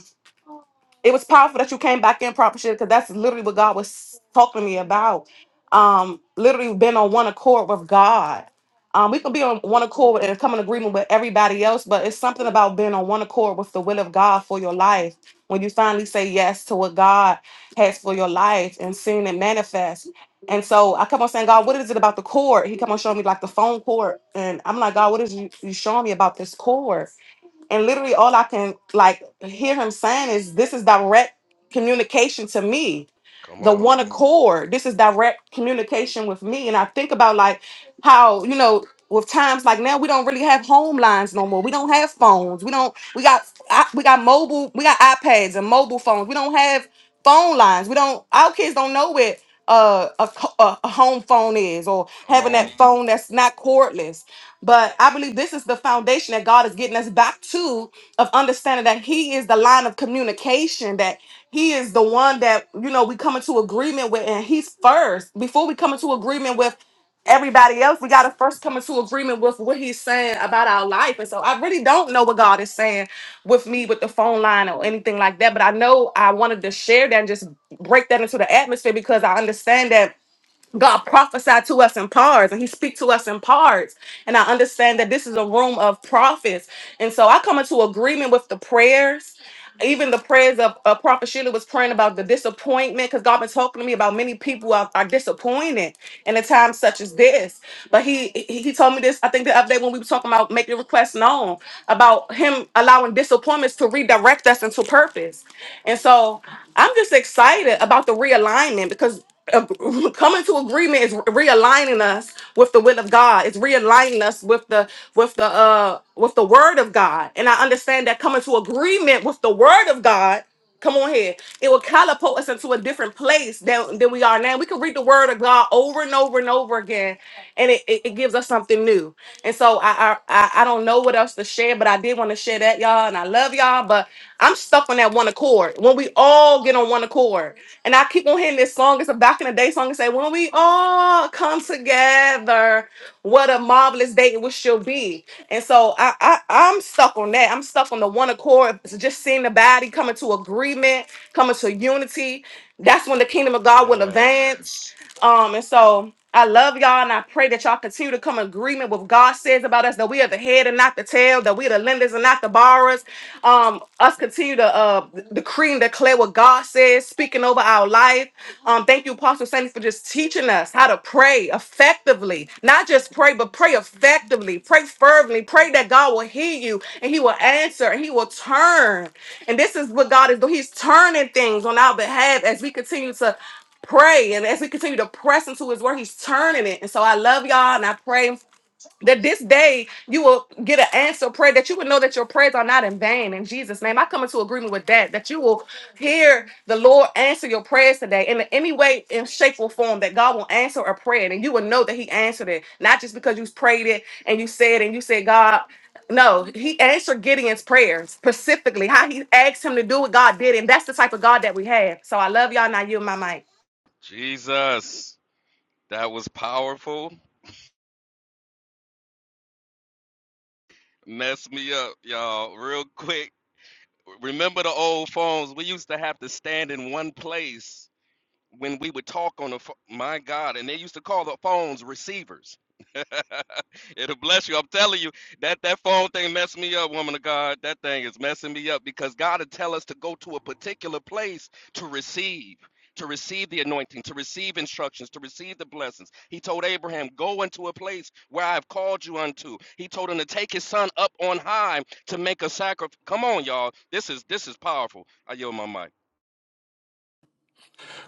it was powerful that you came back in proper shit because that's literally what God was talking to me about. Um, literally been on one accord with God. Um, we can be on one accord and come in agreement with everybody else, but it's something about being on one accord with the will of God for your life. When you finally say yes to what God has for your life and seeing it manifest. And so I kept on saying, God, what is it about the cord? He kept on showing me like the phone cord. And I'm like, God, what is you, you showing me about this cord? And literally all I can like hear him saying is this is direct communication to me. Come The on. one accord. This is direct communication with me. And I think about like how, you know, with times like now we don't really have home lines no more. We don't have phones. We don't we got I- we got mobile, we got iPads and mobile phones. We don't have phone lines. We don't our kids don't know it uh, a, co- a a home phone is or Come having that on. Mhm. phone that's not cordless but I believe this is the foundation that God is getting us back to of understanding that He is the line of communication, that He is the one that, you know, we come into agreement with, and He's first. Before we come into agreement with everybody else, we got to first come into agreement with what He's saying about our life. And so I really don't know what God is saying with me with the phone line or anything like that, but I know I wanted to share that and just break that into the atmosphere because I understand that God prophesied to us in parts and he speaks to us in parts. And I understand that this is a room of prophets. And so I come into agreement with the prayers. Even the prayers of uh, Prophet Sheila was praying about the disappointment because God been talking to me about many people are, are disappointed in a time such as this. But he, he he told me this I think the other day when we were talking about making requests known about him allowing disappointments to redirect us into purpose. And so I'm just excited about the realignment because ag- coming to agreement is realigning us with the will of God. It's realigning us with the with the uh with the word of God. And I understand that coming to agreement with the word of God, come on here, it will catapult us into a different place than, than we are now. We can read the word of God over and over and over again, and it, it, it gives us something new. And so I, I I I don't know what else to share, but I did want to share that, y'all, and I love y'all, but I'm stuck on that one accord. When we all get on one accord. And I keep on hearing this song. It's a back in the day song. It say, "When we all come together, what a marvelous day it will shall be." And so I, I, I'm stuck on that. I'm stuck on the one accord. It's just seeing the body coming to agreement, coming to unity. That's when the kingdom of God will Yes. advance. Um, and so I love y'all, and I pray that y'all continue to come in agreement with what God says about us that we are the head and not the tail, that we are the lenders and not the borrowers, um, us continue to uh decree and declare what God says, speaking over our life. Um, thank you, Apostle Sandy, for just teaching us how to pray effectively. Not just pray, but pray effectively, pray fervently, pray that God will hear you and He will answer and He will turn. And this is what God is doing. He's turning things on our behalf as we continue to pray and as we continue to press into his word he's turning it and so i love y'all and i pray that this day you will get an answer prayer that you will know that your prayers are not in vain in jesus name i come into agreement with that that you will hear the lord answer your prayers today in any way in shape or form that god will answer a prayer and you will know that he answered it not just because you prayed it and you said and you said god no, he answered Gideon's prayers specifically. How he asked him to do what God did, and that's the type of God that we have. So I love y'all. Now you and my mic. Jesus. That was powerful. Messed me up, y'all, real quick. Remember the old phones? We used to have to stand in one place when we would talk on the phone. My God, and they used to call the phones receivers. It'll bless you. I'm telling you, that that phone thing messed me up, woman of God. That thing is messing me up because God will tell us to go to a particular place to receive, to receive the anointing, to receive instructions, to receive the blessings. He told Abraham, "Go into a place where I have called you unto." He told him to take his son up on high to make a sacrifice. Come on, y'all. This is this is powerful. I yield my mic.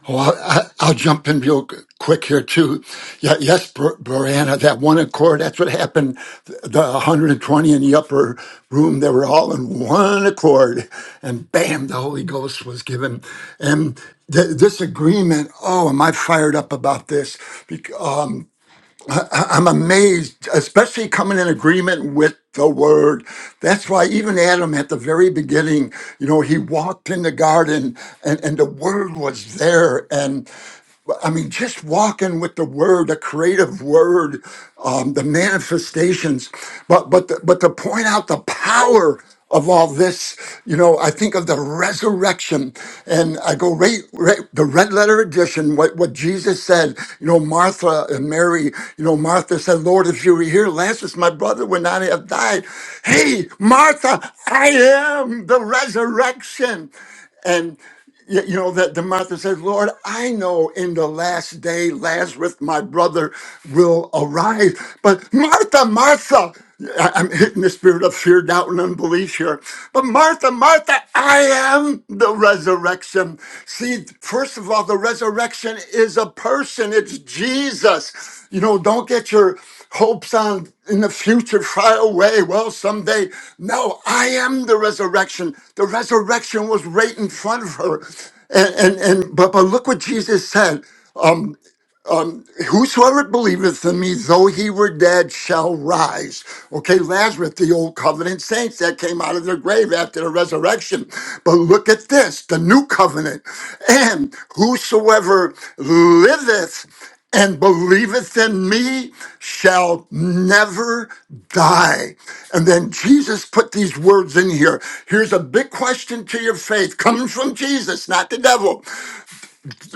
Oh, I, I'll jump in real quick here too. Yeah, yes, Br- Brianna, that one accord, that's what happened. The 120 in the upper room, they were all in one accord and bam, the Holy Ghost was given. And th- this agreement, oh, am I fired up about this? I- I'm amazed, especially coming in agreement with the word. That's why even Adam at the very beginning, you know, he walked in the garden and, and the word was there. I mean, just walking with the word, a creative word, um, the manifestations, but but the, but to point out the power of all this, you know, I think of the resurrection, and I go right, right the red letter edition. What what Jesus said, you know, Martha and Mary, you know, Martha said, "Lord, if you were here, Lazarus, my brother, would not have died." Hey, Martha, I am the resurrection, and Y- You know, that the Martha says, Lord, I know in the last day Lazarus, my brother, will arise. But Martha, Martha, I- I'm hitting the spirit of fear, doubt, and unbelief here. But Martha, Martha, I am the resurrection. See, first of all, the resurrection is a person, it's Jesus. You know, don't get your hopes on in the future far away. Well, someday. No, I am the resurrection. The resurrection was right in front of her. And and, and but but look what Jesus said. um, um, whosoever believeth in me, though he were dead, shall rise. Okay, Lazarus, the old covenant saints that came out of their grave after the resurrection. But look at this, the new covenant. And whosoever liveth and believeth in me shall never die. And then Jesus put these words in here. Here's a big question to your faith, coming from Jesus, not the devil.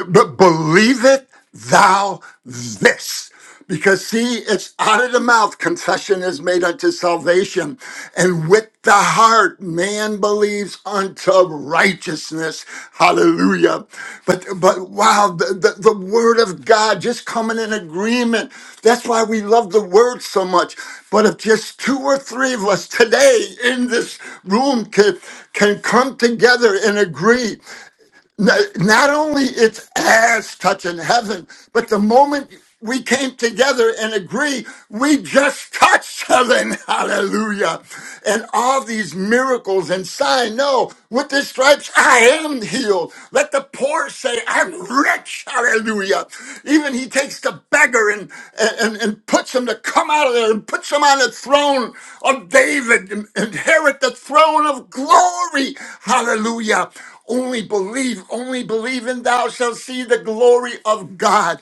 But believe it thou this. Because see, it's out of the mouth confession is made unto salvation, and with the heart man believes unto righteousness. Hallelujah. But but wow, the, the, the word of God just coming in agreement. That's why we love the word so much. But if just two or three of us today in this room can can come together and agree, N- Not only its ass touching heaven, but the moment we came together and agree, we just touched heaven. Hallelujah. And all these miracles and sign. No, with the stripes, I am healed. Let the poor say, I'm rich. Hallelujah. Even he takes the beggar and, and, and puts him to come out of there and puts him on the throne of David and inherit the throne of glory. Hallelujah. Only believe, only believe, and thou shalt see the glory of God.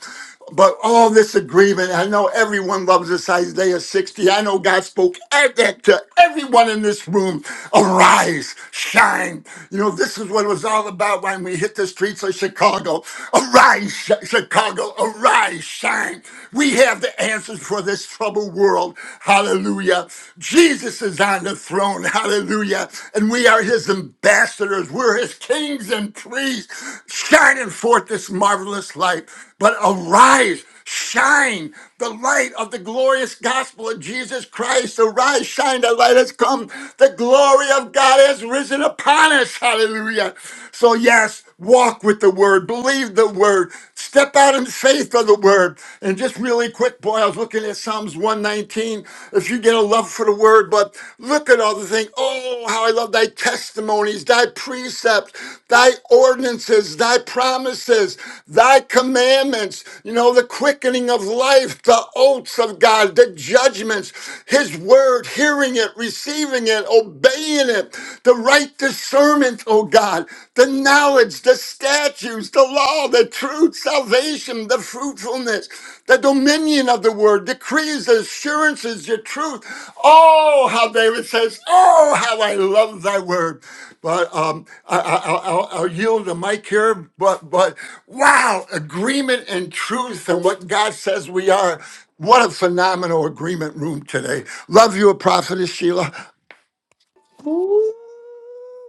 But all this agreement, I know everyone loves this Isaiah 60. I know God spoke at that to everyone in this room. Arise, shine. You know, this is what it was all about when we hit the streets of Chicago. Arise, Sh- Chicago, arise, shine. We have the answers for this troubled world. Hallelujah. Hallelujah. Jesus is on the throne. Hallelujah. And we are his ambassadors. We're his kings and priests, shining forth this marvelous light. But arise, shine the light of the glorious gospel of Jesus Christ. Arise, shine, the light has come. The glory of God has risen upon us. Hallelujah. So, yes walk with the word, believe the word, step out in faith of the word. And just really quick, boy, I was looking at Psalms 119. If you get a love for the word, but look at all the things. Oh, how I love thy testimonies, thy precepts, thy ordinances, thy promises, thy commandments, you know, the quickening of life, the oaths of God, the judgments, his word, hearing it, receiving it hearing it, obeying it, the right discernment, oh God, the knowledge, the statutes, the law, the truth, salvation, the fruitfulness, the dominion of the word, decrees, assurances, your truth. Oh, how David says, oh, how I love thy word. But um, I, I, I'll, I'll I'll yield the mic here. But but wow, agreement and truth and what God says we are. What a phenomenal agreement room today. Love you, Prophetess Sheila. Ooh.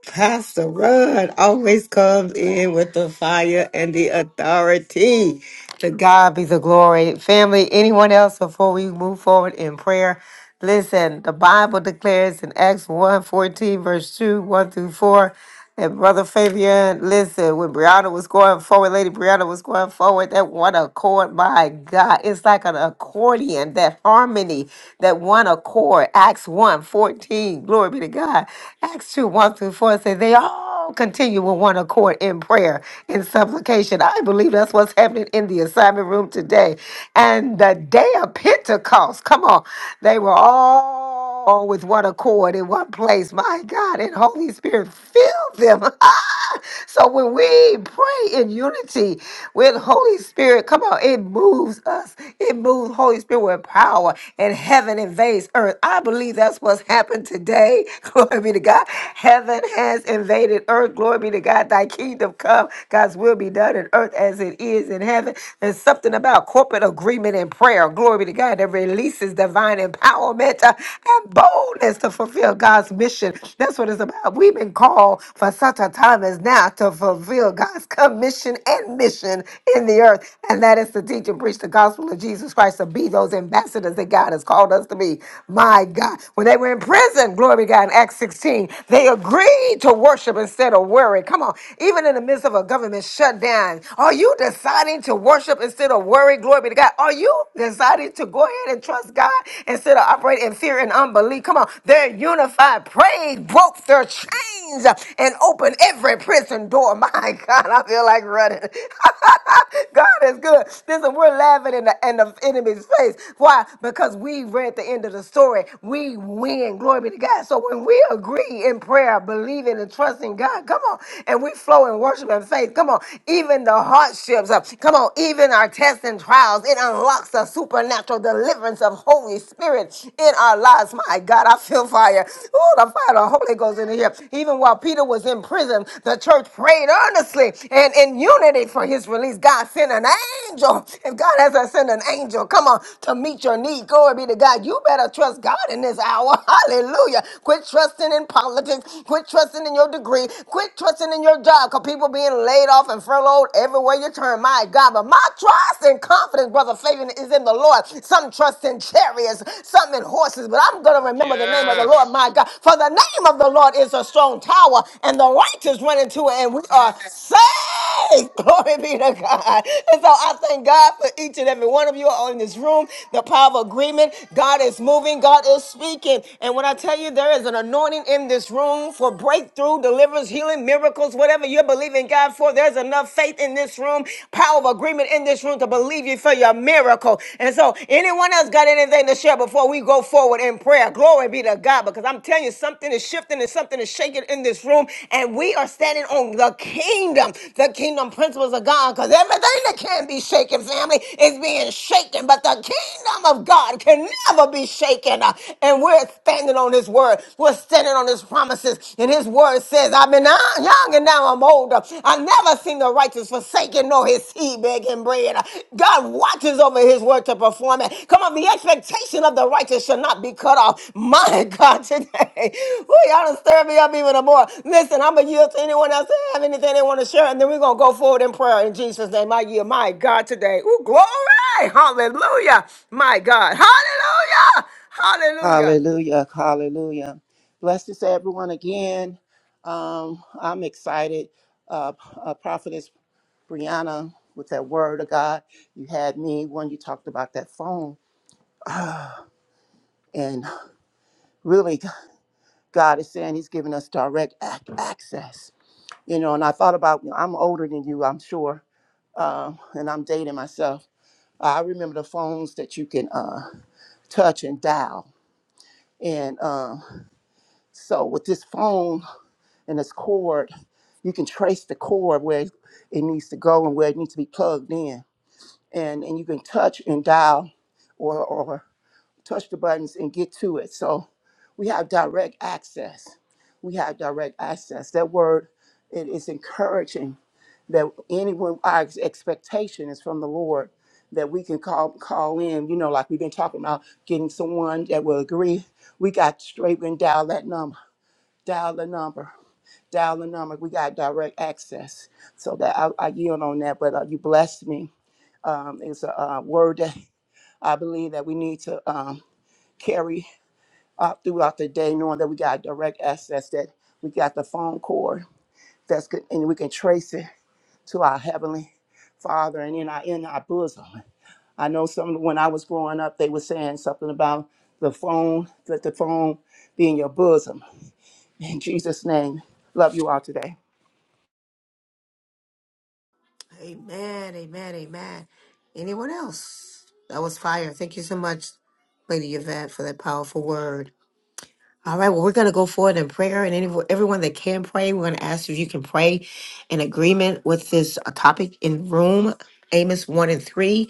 Pastor Rudd always comes in with the fire and the authority. To God be the glory. Family, anyone else before we move forward in prayer? Listen, the Bible declares in Acts 1 verse 2, 1 through 4. And Brother Fabian, listen, when Brianna was going forward, Lady Brianna was going forward, that one accord, my God, it's like an accordion, that harmony, that one accord. Acts one 14, glory be to God. Acts 2 1 through 4 says, They all continue with one accord in prayer in supplication. I believe that's what's happening in the assignment room today. And the day of Pentecost, come on, they were all all with one accord in one place. My God, and Holy Spirit, fill them. so when we pray in unity with Holy Spirit, come on, it moves us. It moves Holy Spirit with power, and heaven invades earth. I believe that's what's happened today. Glory be to God. Heaven has invaded earth. Glory be to God. Thy kingdom come. God's will be done in earth as it is in heaven. There's something about corporate agreement and prayer. Glory be to God. That releases releases divine empowerment uh, and boldness to fulfill God's mission. That's what it's about. We've been called for such a time as now to fulfill God's commission and mission in the earth, and that is to teach and preach the gospel of Jesus Christ, to be those ambassadors that God has called us to be. My God. When they were in prison, glory to God, in Acts 16, they agreed to worship instead of worry. Come on. Even in the midst of a government shutdown, are you deciding to worship instead of worry? Glory be to God. God. Are you deciding to go ahead and trust God instead of operating in fear and unbelief? Come on. They're unified. Praise broke their chains and opened every prison door. My God, I feel like running. God is good. Listen, we're laughing in the, in the enemy's face. Why? Because we read the end of the story. We win. Glory be to God. So when we agree in prayer, believing and trusting God, come on, and we flow in worship and faith, come on, even the hardships. uh, Come on, even our tests and trials, it unlocks a supernatural deliverance of Holy Spirit in our lives. My God, I feel fire. Oh, the fire of the Holy Ghost in here. Even while Peter was in prison, the church prayed earnestly and in unity for his release. God sent an angel. If God has to send an angel, come on, to meet your need. Glory be to God. You better trust God in this hour. Hallelujah. Quit trusting in politics. Quit trusting in your degree. Quit trusting in your job because people being being laid off and furloughed everywhere you turn. My God, but my trust and confidence, brother Fabian, is in the Lord. Some trust in chariots, some in horses, but I'm going to remember the name of the Lord, Yes. my God. For the name of the Lord is a strong tower, and the righteous run into it, and we are saved. Yes! Glory be to God. And so I thank God for each and every one of you all in this room. The power of agreement. God is moving. God is speaking. And when I tell you there is an anointing in this room for breakthrough, deliverance, healing, miracles, whatever you're believing God for, there's enough faith in this room, power of agreement in this room to believe you for your miracle. And so anyone else got anything to share before we go forward? in prayer. Glory be to God. Because I'm telling you, something is shifting and something is shaking in this room. And we are standing on the kingdom, the kingdom principles of God. Because everything that can be shaken, family, is being shaken. But the kingdom of God can never be shaken. Uh, And we're standing on his word. We're standing on his promises. And his word says, I've been uh, young and now I'm older. I never seen the righteous righteous, forsaking nor his seed begging bread. God watches over his word to perform it. Come on, the expectation of the righteous shall not be cut off. My God, today. Woo, y'all done stirred me up even more. Listen, I'm going to yield to anyone else that have anything they want to share, and then we're going to go forward in prayer in Jesus' name. I yield. My God, today. Ooh, glory. Hallelujah. My God. Hallelujah. Hallelujah. Hallelujah. Hallelujah. Blessed is everyone again. Um, I'm excited. Uh, uh, Prophetess Brianna, with that word of God, you had me when you talked about that phone. And really, God is saying He's giving us direct ac- access. You know, and I thought about, you know, I'm older than you, I'm sure. Um, and I'm dating myself. I remember the phones that you can uh, touch and dial. And um, so with this phone and this cord, you can trace the cord where it needs to go and where it needs to be plugged in. And, and you can touch and dial or, or touch the buttons and get to it. So we have direct access. We have direct access. That word it is encouraging that anyone our ex- expectation is from the Lord that we can call call in, you know, like we've been talking about getting someone that will agree. We got straight and dial that number, dial the number, dial the number. We got direct access. So that I, I yield on that, but uh, you blessed me. Um, it's a uh, word that I believe that we need to um, carry out throughout the day, knowing that we got direct access, that we got the phone cord that's good, and we can trace it to our Heavenly Father and in our in our bosom. I know some when I was growing up, they were saying something about the phone, let the phone be in your bosom. In Jesus' name, love you all today. Amen, amen, amen. Anyone else? That was fire. Thank you so much, Lady Yvette, for that powerful word. All right, well, we're going to go forward in prayer, and any, everyone that can pray, we're going to ask if you can pray in agreement with this uh, topic in room, Amos 1 and 3.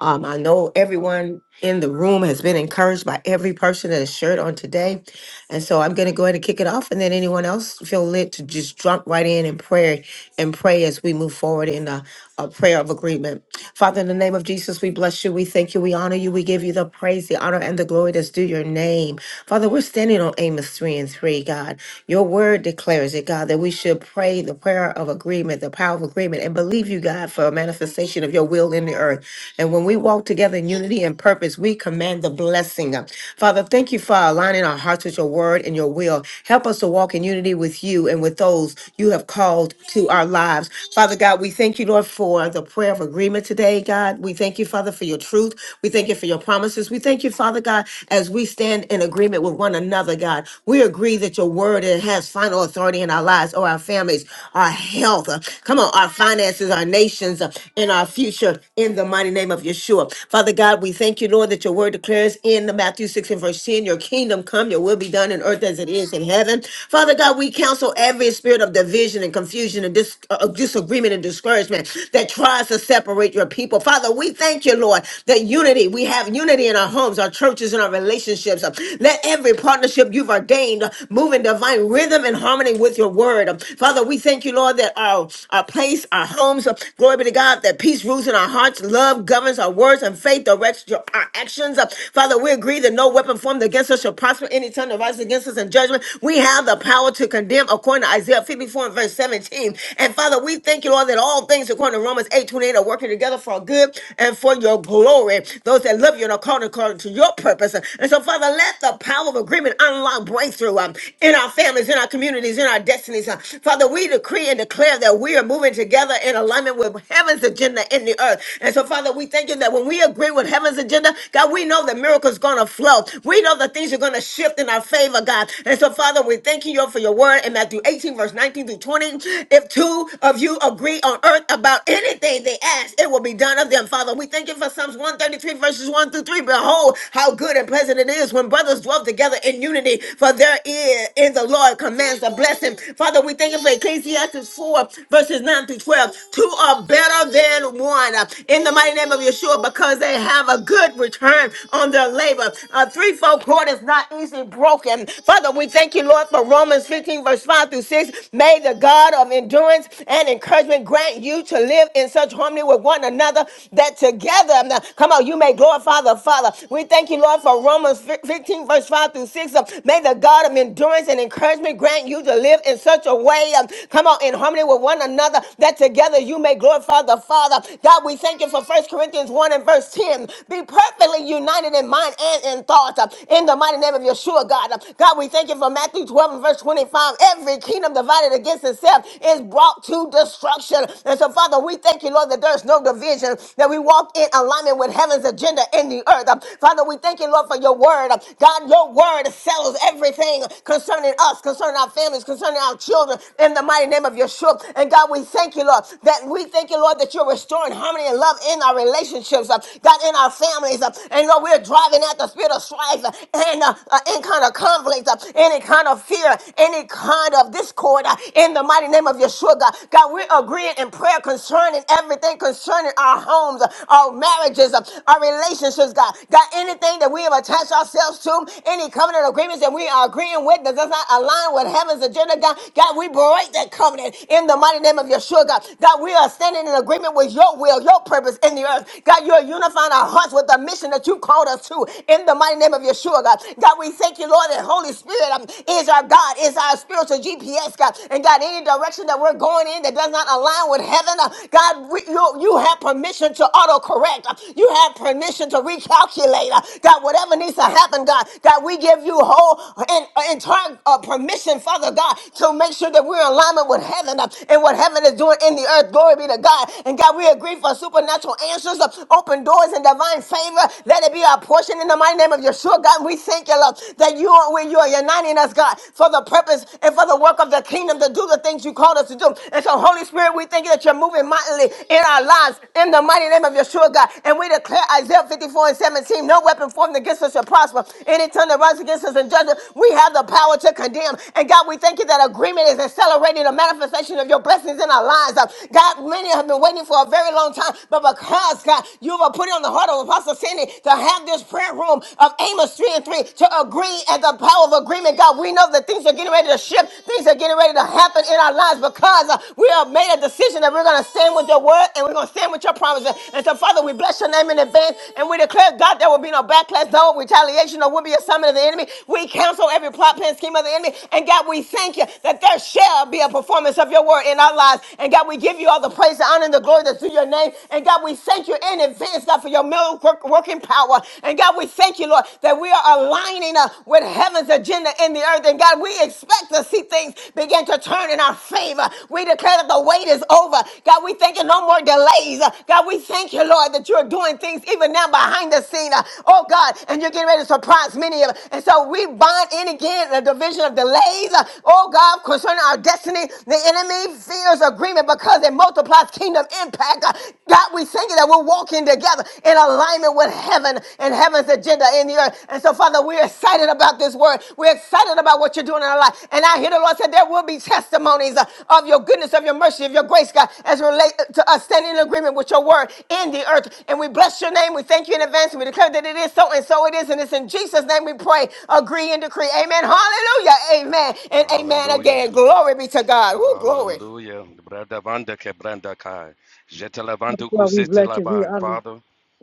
Um, I know everyone in the room has been encouraged by every person that has shared on today. And so I'm going to go ahead and kick it off. And then anyone else feel lit to just jump right in and pray and pray as we move forward in a, a prayer of agreement. Father, in the name of Jesus, we bless you. We thank you. We honor you. We give you the praise, the honor, and the glory that's due your name. Father, we're standing on Amos 3 and 3, God. Your word declares it, God, that we should pray the prayer of agreement, the power of agreement, and believe you, God, for a manifestation of your will in the earth. And when we walk together in unity and purpose, we command the blessing. Father, thank you for aligning our hearts with your word and your will. Help us to walk in unity with you and with those you have called to our lives. Father God, we thank you, Lord, for the prayer of agreement today, God. We thank you, Father, for your truth. We thank you for your promises. We thank you, Father God, as we stand in agreement with one another, God. We agree that your word it has final authority in our lives or our families, our health. uh, Come on, our finances, our nations, uh, and our future in the in the mighty name of Yeshua. Father God, we thank you, Lord, that your word declares in the Matthew 6 and verse 10, your kingdom come, your will be done in earth as it is in heaven. Father God, we counsel every spirit of division and confusion and dis- uh, of disagreement and discouragement that tries to separate your people. Father, we thank you, Lord, that unity, we have unity in our homes, our churches, and our relationships. Let every partnership you've ordained uh, move in divine rhythm and harmony with your word. Father, we thank you, Lord, that our, our place, our homes, uh, glory be to God, that peace rules in our hearts. Love governs our words, and faith directs your, our actions. Uh, Father, we agree that no weapon formed against us shall prosper any time that rises against us in judgment. We have the power to condemn according to Isaiah 54 and verse 17. And Father, we thank you, Lord, that all things according to Romans 8 28, are working together for our good and for your glory. Those that love you and are called according to your purpose. And so, Father, let the power of agreement unlock breakthrough um, in our families, in our communities, in our destinies. uh. Father, we decree and declare that we are moving together in alignment with heaven's agenda in the in the earth. And so, Father, we thank you that when we agree with heaven's agenda, God, we know that miracles going to flow. We know that things are going to shift in our favor, God. And so, Father, we thank you for your word in Matthew 18, verse 19 through 20. If two of you agree on earth about anything they ask, it will be done of them, Father. We thank you for Psalms 133, verses 1 through 3. Behold, how good and pleasant it is when brothers dwell together in unity, for there is in the Lord commands a blessing. Father, we thank you for Ecclesiastes 4, verses 9 through 12. Two are better than little one uh, in the mighty name of Yeshua because they have a good return on their labor. A threefold cord is not easily broken. Father, we thank you, Lord, for Romans 15, verse 5 through 6. May the God of endurance and encouragement grant you to live in such harmony with one another that together, now, come on, you may glorify the Father. We thank you, Lord, for Romans fi- 15, verse 5 through 6. Uh, May the God of endurance and encouragement grant you to live in such a way, um, come on, in harmony with one another, that together you may glorify the the Father. God, we thank you for 1 Corinthians 1 and verse 10. Be perfectly united in mind and in thought uh, in the mighty name of Yeshua, God. Uh, God, we thank you for Matthew 12 and verse 25. Every kingdom divided against itself is brought to destruction. And so, Father, we thank you, Lord, that there's no division, that we walk in alignment with heaven's agenda in the earth. Uh, Father, we thank you, Lord, for your word. Uh, God, your word settles everything concerning us, concerning our families, concerning our children in the mighty name of Yeshua. And God, we thank you, Lord, that we thank you you, Lord, that you're restoring harmony and love in our relationships, uh, God, in our families. uh, and Lord, we're driving out the spirit of strife uh, and uh, uh, any kind of conflict, uh, any kind of fear, any kind of discord uh, in the mighty name of Yeshua, God. God, we're agreeing in prayer concerning everything concerning our homes, uh, our marriages, uh, our relationships, God. God, anything that we have attached ourselves to, any covenant agreements that we are agreeing with that does not align with heaven's agenda, God. God, we break that covenant in the mighty name of Yeshua, God. God, we are God, standing in agreement with your will, your purpose in the earth. God, you're unifying our hearts with the mission that you called us to in the mighty name of Yeshua, God. God, we thank you, Lord, that Holy Spirit um, is our God, is our spiritual GPS, God. And God, any direction that we're going in that does not align with heaven, uh, God, we, you, you have permission to autocorrect. Uh, You have permission to recalculate. Uh, God, whatever needs to happen, God, God, we give you whole and uh, entire uh, permission, Father God, to make sure that we're in alignment with heaven uh, and what heaven is doing in the earth earth. Glory be to God. And God, we agree for supernatural answers, uh, open doors, and divine favor. Let it be our portion in the mighty name of Yeshua. God, we thank you, Lord, that you are when you are uniting us, God, for the purpose and for the work of the kingdom to do the things you called us to do. And so, Holy Spirit, we thank you that you're moving mightily in our lives in the mighty name of Yeshua, God. And we declare Isaiah 54 and 17, no weapon formed against us shall prosper. Any tongue that rises against us in judgment, we have the power to condemn. And God, we thank you that agreement is accelerating the manifestation of your blessings in our lives hands up. God, many have been waiting for a very long time, but because, God, you have put it on the heart of Apostle Sandy to have this prayer room of Amos 3 and 3 to agree at the power of agreement. God, we know that things are getting ready to shift, things are getting ready to happen in our lives because uh, we have made a decision that we're going to stand with your word and we're going to stand with your promises. And so, Father, we bless your name in advance and we declare, God, there will be no backlash, no retaliation, or will be a summit of the enemy. We cancel every plot, plan, scheme of the enemy. And God, we thank you that there shall be a performance of your word in our lives and God, we give you all the praise, the honor, and the glory that's due your name. And God, we thank you in advance, God, for your miracle work, working power. And God, we thank you, Lord, that we are aligning uh, with heaven's agenda in the earth. And God, we expect to see things begin to turn in our favor. We declare that the wait is over. God, we thank you, no more delays. Uh, God, we thank you, Lord, that you are doing things even now behind the scene. Uh, Oh, God, and you're getting ready to surprise many of us. And so we bind in again the division of delays. Uh, Oh, God, concerning our destiny, the enemy fears Millionaires Agreement because it multiplies kingdom impact. Uh, God, we thank you that we're walking together in alignment with heaven and heaven's agenda in the earth. And so, Father, we're excited about this word. We're excited about what you're doing in our life. And I hear the Lord said there will be testimonies uh, of your goodness, of your mercy, of your grace, God, as relate to us standing in agreement with your word in the earth. And we bless your name. We thank you in advance. And We declare that it is so, and so it is. And it's in Jesus' name we pray, agree, and decree. Amen. Hallelujah. Amen. And amen Hallelujah. again. Glory be to God. Woo, glory. Hallelujah. Brada vanda ke branda kai. Jete la vandu God, we kusite bless you. We honor Father,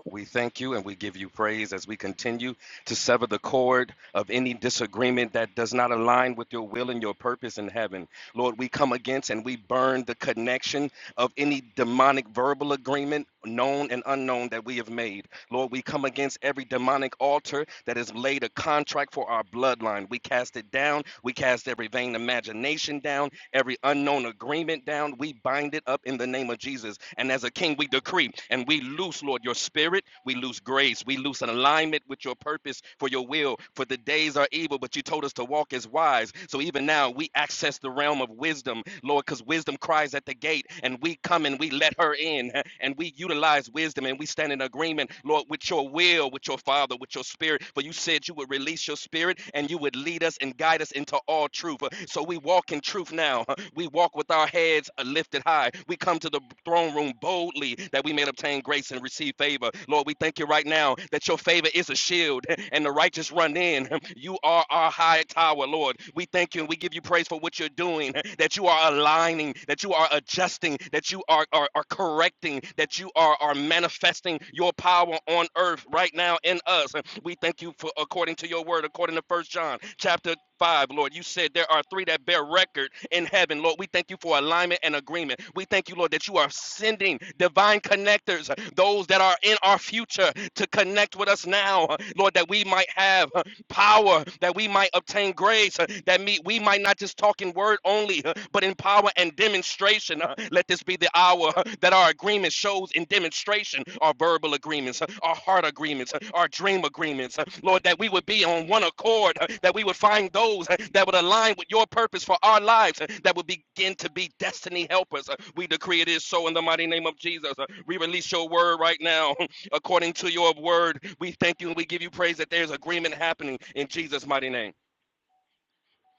we thank you and we give you praise as we continue to sever the cord of any disagreement that does not align with your will and your purpose in heaven. Lord, we come against and we burn the connection of any demonic verbal agreement, known and unknown, that we have made. Lord, we come against every demonic altar that has laid a contract for our bloodline. We cast it down. We cast every vain imagination down every unknown agreement down. We bind it up in the name of Jesus. And as a king, we decree and we loose, Lord, your spirit. We loose grace. We loose an alignment with your purpose for your will. For the days are evil, but you told us to walk as wise. So even now, we access the realm of wisdom, Lord, because wisdom cries at the gate, and we come and we let her in, and we utilize wisdom and we stand in agreement, Lord, with your will, with your father Father, with your spirit. For you said you would release your spirit and you would lead us and guide us into all truth. So we walk in truth now. We walk with our heads uh, lifted high. We come to the throne room boldly that we may obtain grace and receive favor. Lord, we thank you right now that your favor is a shield and the righteous run in. You are our high tower, Lord. We thank you and we give you praise for what you're doing, that you are aligning, that you are adjusting, that you are, are, are correcting, that you are, are manifesting your power on earth right now in us. We thank you for according to your word, according to First John chapter 5, Lord. You said there are three that bear record in heaven, Lord. We thank you for alignment and agreement. We thank you, Lord, that you are sending divine connectors, those that are in our future, to connect with us now, Lord, that we might have power that we might obtain grace, uh, that me, we might not just talk in word only, uh, but in power and demonstration. uh, Let this be the hour uh, that our agreement shows in demonstration our verbal agreements, uh, our heart agreements, uh, our dream agreements. uh, Lord, that we would be on one accord, uh, that we would find those uh, that would align with your purpose for our lives, uh, that would begin to be destiny helpers. Uh, We decree it is so in the mighty name of Jesus. Uh, We release your word right now according to your word. We thank you and we give you praise that there's agreement happening in Jesus' mighty name.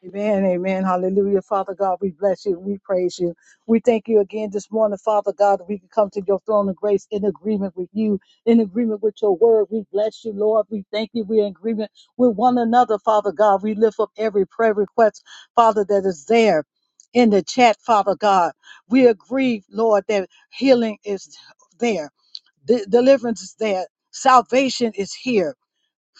Amen, amen. Hallelujah. Father God, we bless you. We praise you. We thank you again this morning, Father God, that we can come to your throne of grace in agreement with you, in agreement with your word. We bless you, Lord. We thank you. We're in agreement with one another, Father God. We lift up every prayer request, Father, that is there in the chat, Father God. We agree, Lord, that healing is there, de- deliverance is there, salvation is here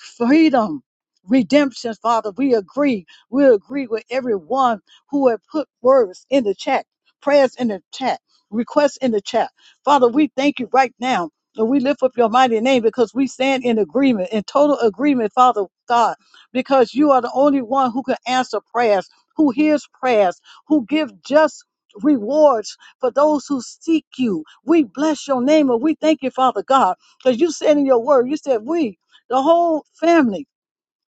freedom, redemption, Father. We agree. We agree with everyone who had put words in the chat, prayers in the chat, requests in the chat. Father, we thank you right now. And we lift up your mighty name because we stand in agreement, in total agreement, Father God, because you are the only one who can answer prayers, who hears prayers, who give just rewards for those who seek you. We bless your name and we thank you, Father God, because you said in your word, you said, we the whole family.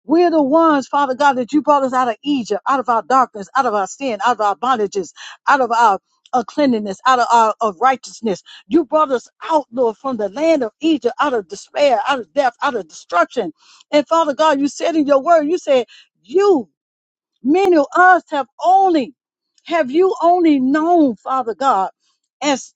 We're the ones, Father God, that you brought us out of Egypt, out of our darkness, out of our sin, out of our bondages, out of our uncleanness, out of our of righteousness. You brought us out, Lord, from the land of Egypt, out of despair, out of death, out of destruction. And Father God, you said in your word, you said, you Many of us have only, have you only known, Father God, as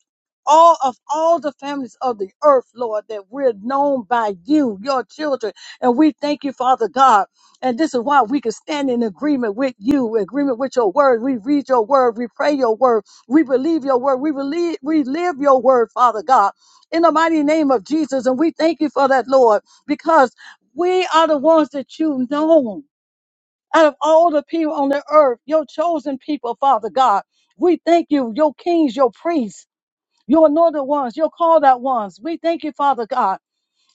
all of all the families of the earth, Lord, that we're known by you, your children. And we thank you, Father God. And this is why we can stand in agreement with you, agreement with your word. We read your word, we pray your word, we believe your word, we believe, we live your word, Father God, in the mighty name of Jesus. And we thank you for that, Lord, because we are the ones that you know out of all the people on the earth, your chosen people, Father God. We thank you, your kings, your priests, your anointed ones, your called out ones. We thank you, Father God.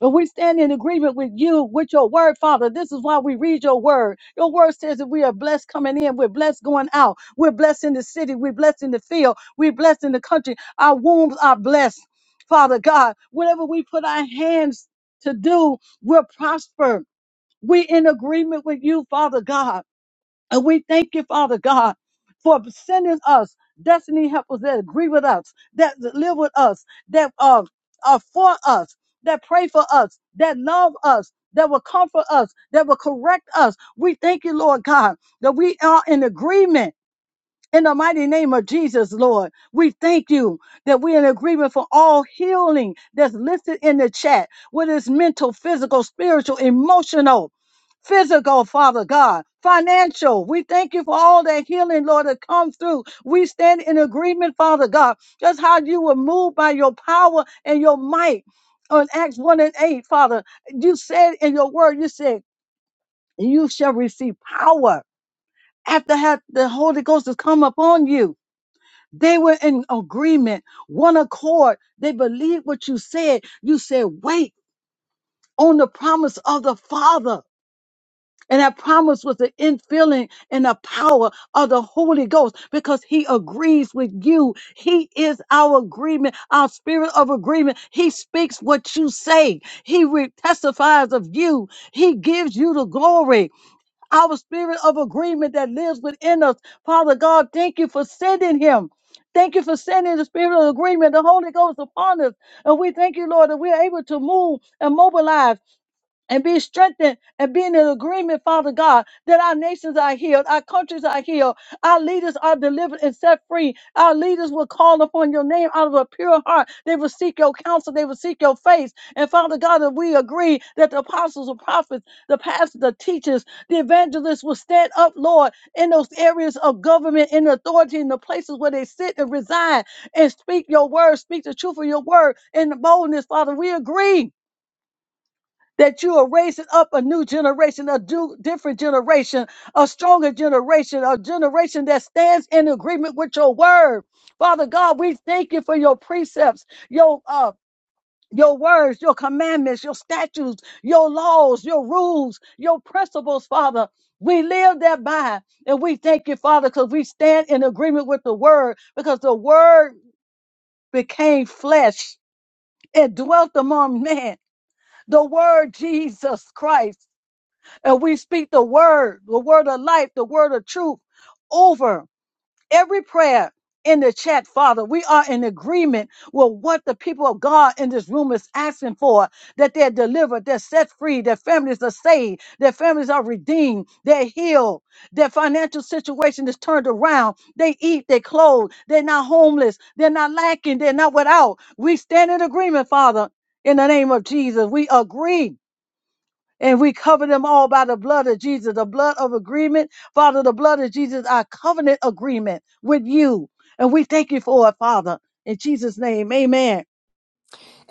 And we stand in agreement with you, with your word, Father. This is why we read your word. Your word says that we are blessed coming in. We're blessed going out. We're blessed in the city. We're blessed in the field. We're blessed in the country. Our wombs are blessed, Father God. Whatever we put our hands to do, we're prospered. We're in agreement with you, Father God. And we thank you, Father God, for sending us destiny helpers that agree with us, that live with us, that uh, are for us, that pray for us, that love us, that will comfort us, that will correct us. We thank you, Lord God, that we are in agreement in the mighty name of Jesus, Lord, we thank you that we're in agreement for all healing that's listed in the chat, whether it's mental, physical, spiritual, emotional, physical, Father God, financial. We thank you for all that healing, Lord, that comes through. We stand in agreement, Father God, just how you were moved by your power and your might. On Acts 1 and 8, Father, you said in your word, you said, you shall receive power after have the Holy Ghost has come upon you. They were in agreement, one accord. They believed what you said. You said, wait on the promise of the Father. And that promise was the infilling and the power of the Holy Ghost because he agrees with you. He is our agreement, our spirit of agreement. He speaks what you say. He re- testifies of you. He gives you the glory our spirit of agreement that lives within us. Father God, thank you for sending him. Thank you for sending the spirit of agreement, the Holy Ghost upon us. And we thank you, Lord, that we are able to move and mobilize and be strengthened and be in an agreement, Father God, that our nations are healed, our countries are healed, our leaders are delivered and set free. Our leaders will call upon your name out of a pure heart. They will seek your counsel, they will seek your face. And Father God, that we agree that the apostles, the prophets, the pastors, the teachers, the evangelists will stand up, Lord, in those areas of government in authority, in the places where they sit and reside, and speak your word, speak the truth of your word in boldness, Father. We agree that you are raising up a new generation, a do, different generation, a stronger generation, a generation that stands in agreement with your word. Father God, we thank you for your precepts, your uh your words, your commandments, your statutes, your laws, your rules, your principles, Father. We live thereby. And we thank you, Father, because we stand in agreement with the word, because the word became flesh and dwelt among men. The word Jesus Christ and we speak the word, the word of life, the word of truth over every prayer in the chat, Father. We are in agreement with what the people of God in this room is asking for that they're delivered, they're set free, their families are saved, their families are redeemed, they're healed, their financial situation is turned around, they eat, they clothe, they're not homeless, they're not lacking, they're not without. We stand in agreement, Father, in the name of Jesus. We agree and we cover them all by the blood of Jesus, the blood of agreement. Father, the blood of Jesus, our covenant agreement with you. And we thank you for it, Father. In Jesus' name, amen.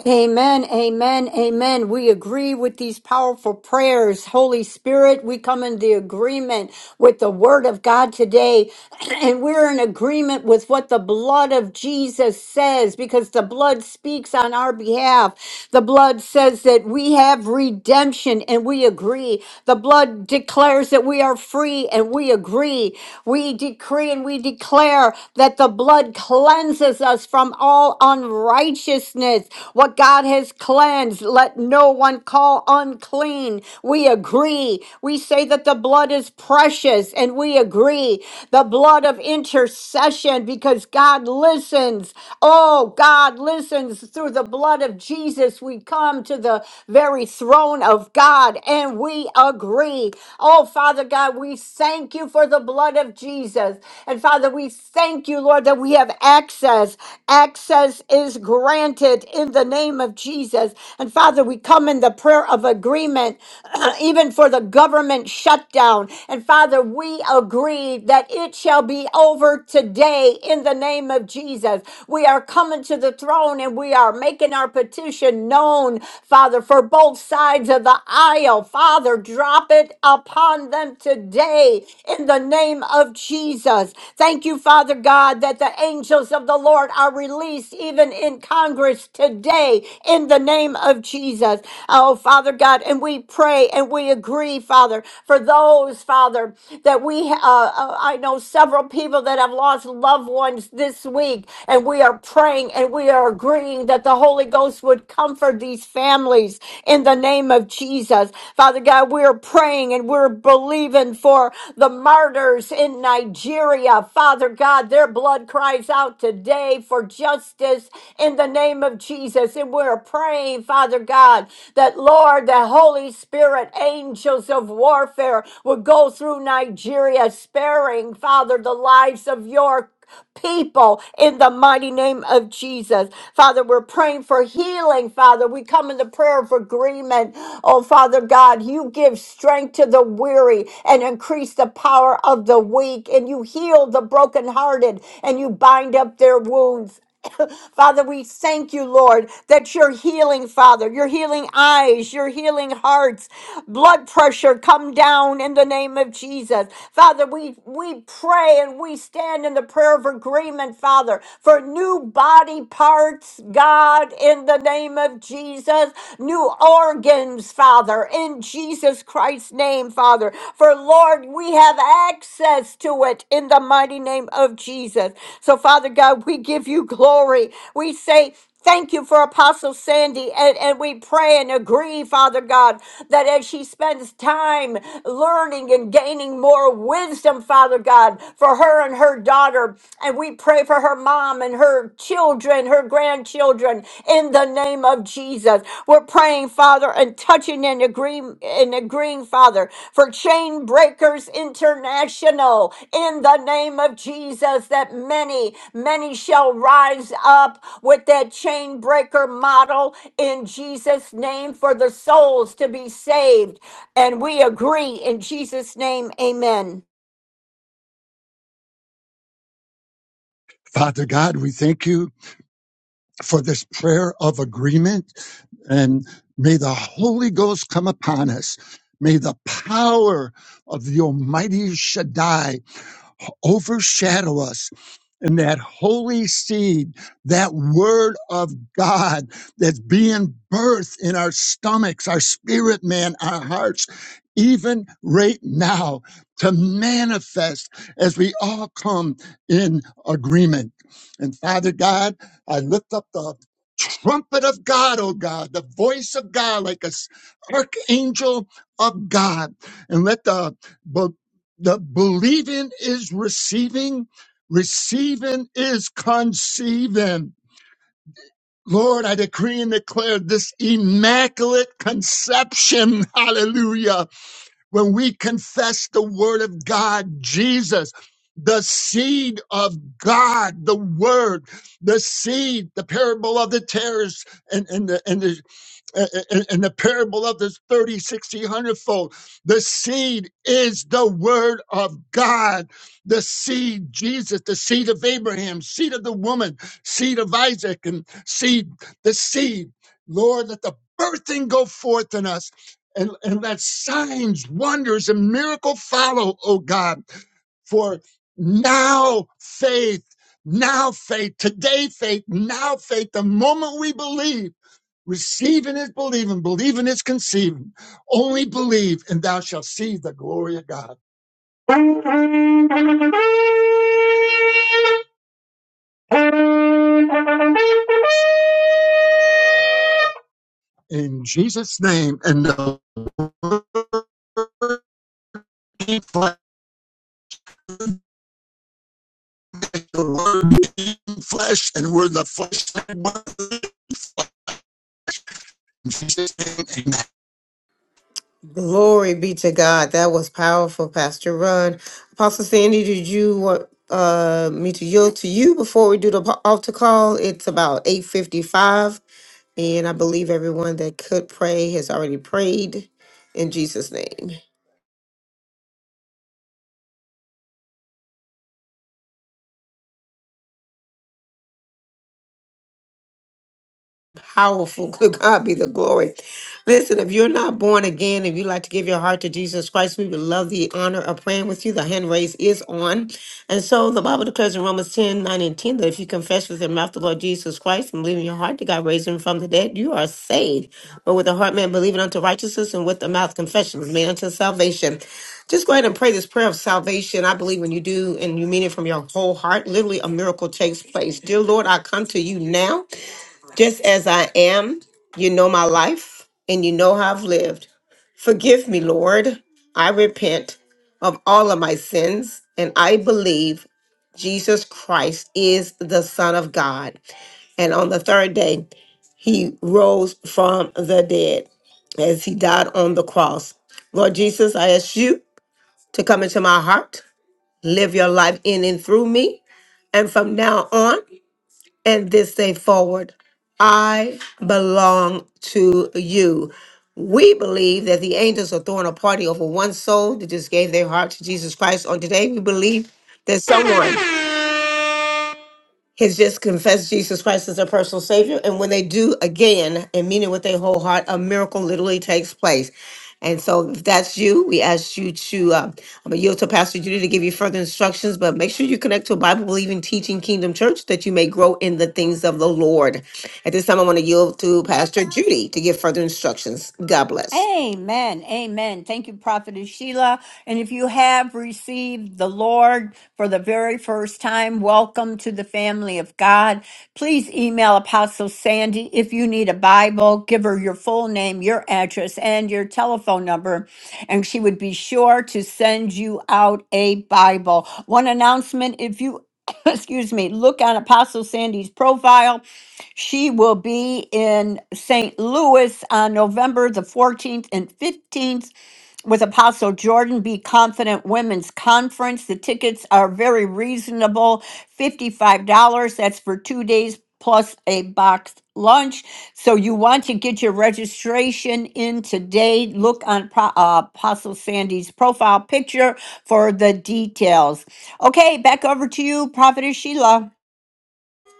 Amen, amen, amen. We agree with these powerful prayers. Holy Spirit, we come in the agreement with the word of God today. And we're in agreement with what the blood of Jesus says because the blood speaks on our behalf. The blood says that we have redemption and we agree. The blood declares that we are free and we agree. We decree and we declare that the blood cleanses cleanses us from all unrighteousness. What God has cleansed, let no one call unclean. We agree. We say that the blood is precious, and we agree. The blood of intercession, because God listens. Oh, God listens through the blood of Jesus. We come to the very throne of God, and we agree. Oh, Father God, we thank you for the blood of Jesus. Jesus. And Father, we thank you, Lord, that we have access. Access is granted in the name of Jesus. And Father, we come in the prayer of agreement, even for the government shutdown. And Father, we agree that it shall be over today in the name of Jesus. We are coming to the throne and we are making our petition known, Father, for both sides of the aisle. Father, drop it upon them today in the name of Jesus. Thank you, Father God, that the angels of the Lord are released even in Congress today in the name of Jesus. Oh, Father God, and we pray and we agree, Father, for those, Father, that we, uh, uh, I know several people that have lost loved ones this week, and we are praying and we are agreeing that the Holy Ghost would comfort these families in the name of Jesus. Father God, we're praying and we're believing for the martyrs in Nigeria. Father God, their blood cries out today for justice in the name of Jesus. And we're praying, Father God, that Lord, the Holy Spirit, angels of warfare will go through Nigeria, sparing, Father, the lives of your people in the mighty name of Jesus. Father, we're praying for healing, Father. We come in the prayer of agreement. Oh, Father God, you give strength to the weary and increase the power of the weak, and you heal the brokenhearted and you bind up their wounds. Father, we thank you, Lord, that you're healing, Father. You're healing eyes, you're healing hearts. Blood pressure come down in the name of Jesus. Father, we, we pray and we stand in the prayer of agreement, Father, for new body parts, God, in the name of Jesus, new organs, Father, in Jesus Christ. Christ's name, Father. For Lord, we have access to it in the mighty name of Jesus. So, Father God, we give you glory. We say, Thank you for Apostle Sandy. And, and we pray and agree, Father God, that as she spends time learning and gaining more wisdom, Father God, for her and her daughter, and we pray for her mom and her husband, her children, her grandchildren in the name of Jesus. We're praying, Father, and touching and agreeing and agreeing, Father, for Chain Breakers International in the name of Jesus, that many, many shall rise up with that chain breaker model in Jesus' name for the souls to be saved. And we agree in Jesus' name, amen. Father God, we thank you for this prayer of agreement. And may the Holy Ghost come upon us. May the power of the Almighty Shaddai overshadow us and that holy seed, that word of God that's being birthed in our stomachs, our spirit man, our hearts, even right now to manifest as we all come in agreement. And Father God, I lift up the trumpet of God, oh God, the voice of God like a s- archangel of God, and let the the believing is receiving, receiving is conceiving. Lord, I decree and declare this immaculate conception. Hallelujah. When we confess the word of God, Jesus, the seed of God, the word, the seed, the parable of the tares and, and the, and the a- a- in the parable of this 30, 60, one hundred fold. The seed is the word of God. The seed, Jesus, the seed of Abraham, seed of the woman, seed of Isaac, and seed, the seed. Lord, let the birthing go forth in us. And, and let signs, wonders, and miracle follow, oh God. For now faith, now faith, today faith, now faith, the moment we believe Receiving is believing, believing is conceiving. Only believe, and thou shalt see the glory of God. In Jesus' name, and the word became flesh, the word became flesh, and we're the flesh. In Jesus' name, Glory be to God. That was powerful, Pastor Ron. Apostle Sandy, did you want uh, me to yield to you before we do the po- altar call? It's about 8.55, and I believe everyone that could pray has already prayed in Jesus' name. powerful. Good God be the glory. Listen, if you're not born again, if you'd like to give your heart to Jesus Christ, we would love the honor of praying with you. The hand raise is on. And so the Bible declares in Romans 10 9 and 10 that if you confess with your mouth the Lord Jesus Christ and believe in your heart that God raised him from the dead, you are saved. But with the heart man believing unto righteousness and with the mouth confession is made unto salvation. Just go ahead and pray this prayer of salvation. I believe when you do and you mean it from your whole heart, literally a miracle takes place. Dear Lord, I come to you now. Just as I am, you know my life and you know how I've lived. Forgive me, Lord. I repent of all of my sins and I believe Jesus Christ is the Son of God. And on the third day, he rose from the dead as he died on the cross. Lord Jesus, I ask you to come into my heart, live your life in and through me. And from now on, and this day forward, I belong to you. We believe that the angels are throwing a party over one soul that just gave their heart to Jesus Christ on today. We believe that someone has just confessed Jesus Christ as their personal Savior. And when they do again and mean it with their whole heart, a miracle literally takes place. And so, if that's you, we ask you to, uh, I'm going to yield to Pastor Judy to give you further instructions, but make sure you connect to a Bible believing teaching kingdom church that you may grow in the things of the Lord. At this time, I want to yield to Pastor Judy to give further instructions. God bless. Amen. Amen. Thank you, Prophetess Sheila. And if you have received the Lord for the very first time, welcome to the family of God. Please email Apostle Sandy if you need a Bible. Give her your full name, your address, and your telephone number, and she would be sure to send you out a Bible. One announcement if you Excuse me, look on Apostle Sandy's profile. She will be in St. Louis on November the 14th and 15th with Apostle Jordan Be Confident Women's Conference. The tickets are very reasonable $55. That's for two days plus a boxed lunch. So you want to get your registration in today. Look on Pro- uh, Apostle Sandy's profile picture for the details. Okay, back over to you, Prophetess Sheila.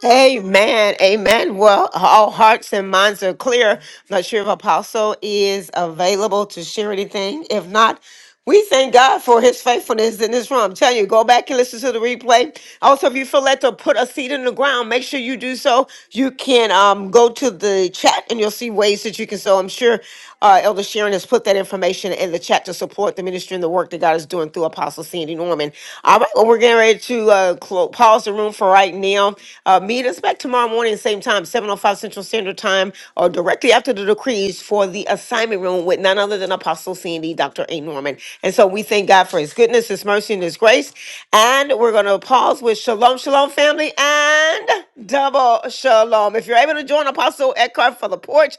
Amen. Amen. Well, all hearts and minds are clear. I'm not sure if Apostle is available to share anything. If not, we thank God for his faithfulness in this room. I'm telling you, go back and listen to the replay. Also, if you feel led to put a seed in the ground, make sure you do so. You can um, go to the chat and you'll see ways that you can sow. I'm sure uh, Elder Sharon has put that information in the chat to support the ministry and the work that God is doing through Apostle Sandy Norman. All right, well, we're getting ready to to uh, clo- pause the room for right now. Uh, meet us back tomorrow morning, same time, 7.05 Central Standard Time, or directly after the decrees for the assignment room with none other than Apostle Sandy, doctor A. Norman. And so we thank God for his goodness, his mercy, and his grace. And we're going to pause with Shalom, Shalom, family, and double Shalom. If you're able to join Apostle Eckhart for the porch,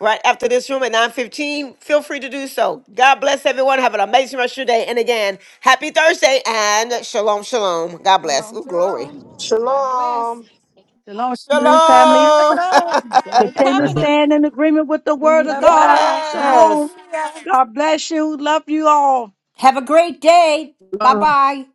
right after this room at 9.15, feel free to do so. God bless everyone. Have an amazing rest of your day. And again, Happy Thursday and shalom, shalom. God bless. Shalom, Ooh, glory. shalom. God bless. Shalom, We're covered in family. the Shalom. blood. Got a Continue to amen. covenant. stand in agreement with the We word of must God. not. Shalom. Yes. Hallelujah. God bless you. Love you all. Have a great day. Bye bye.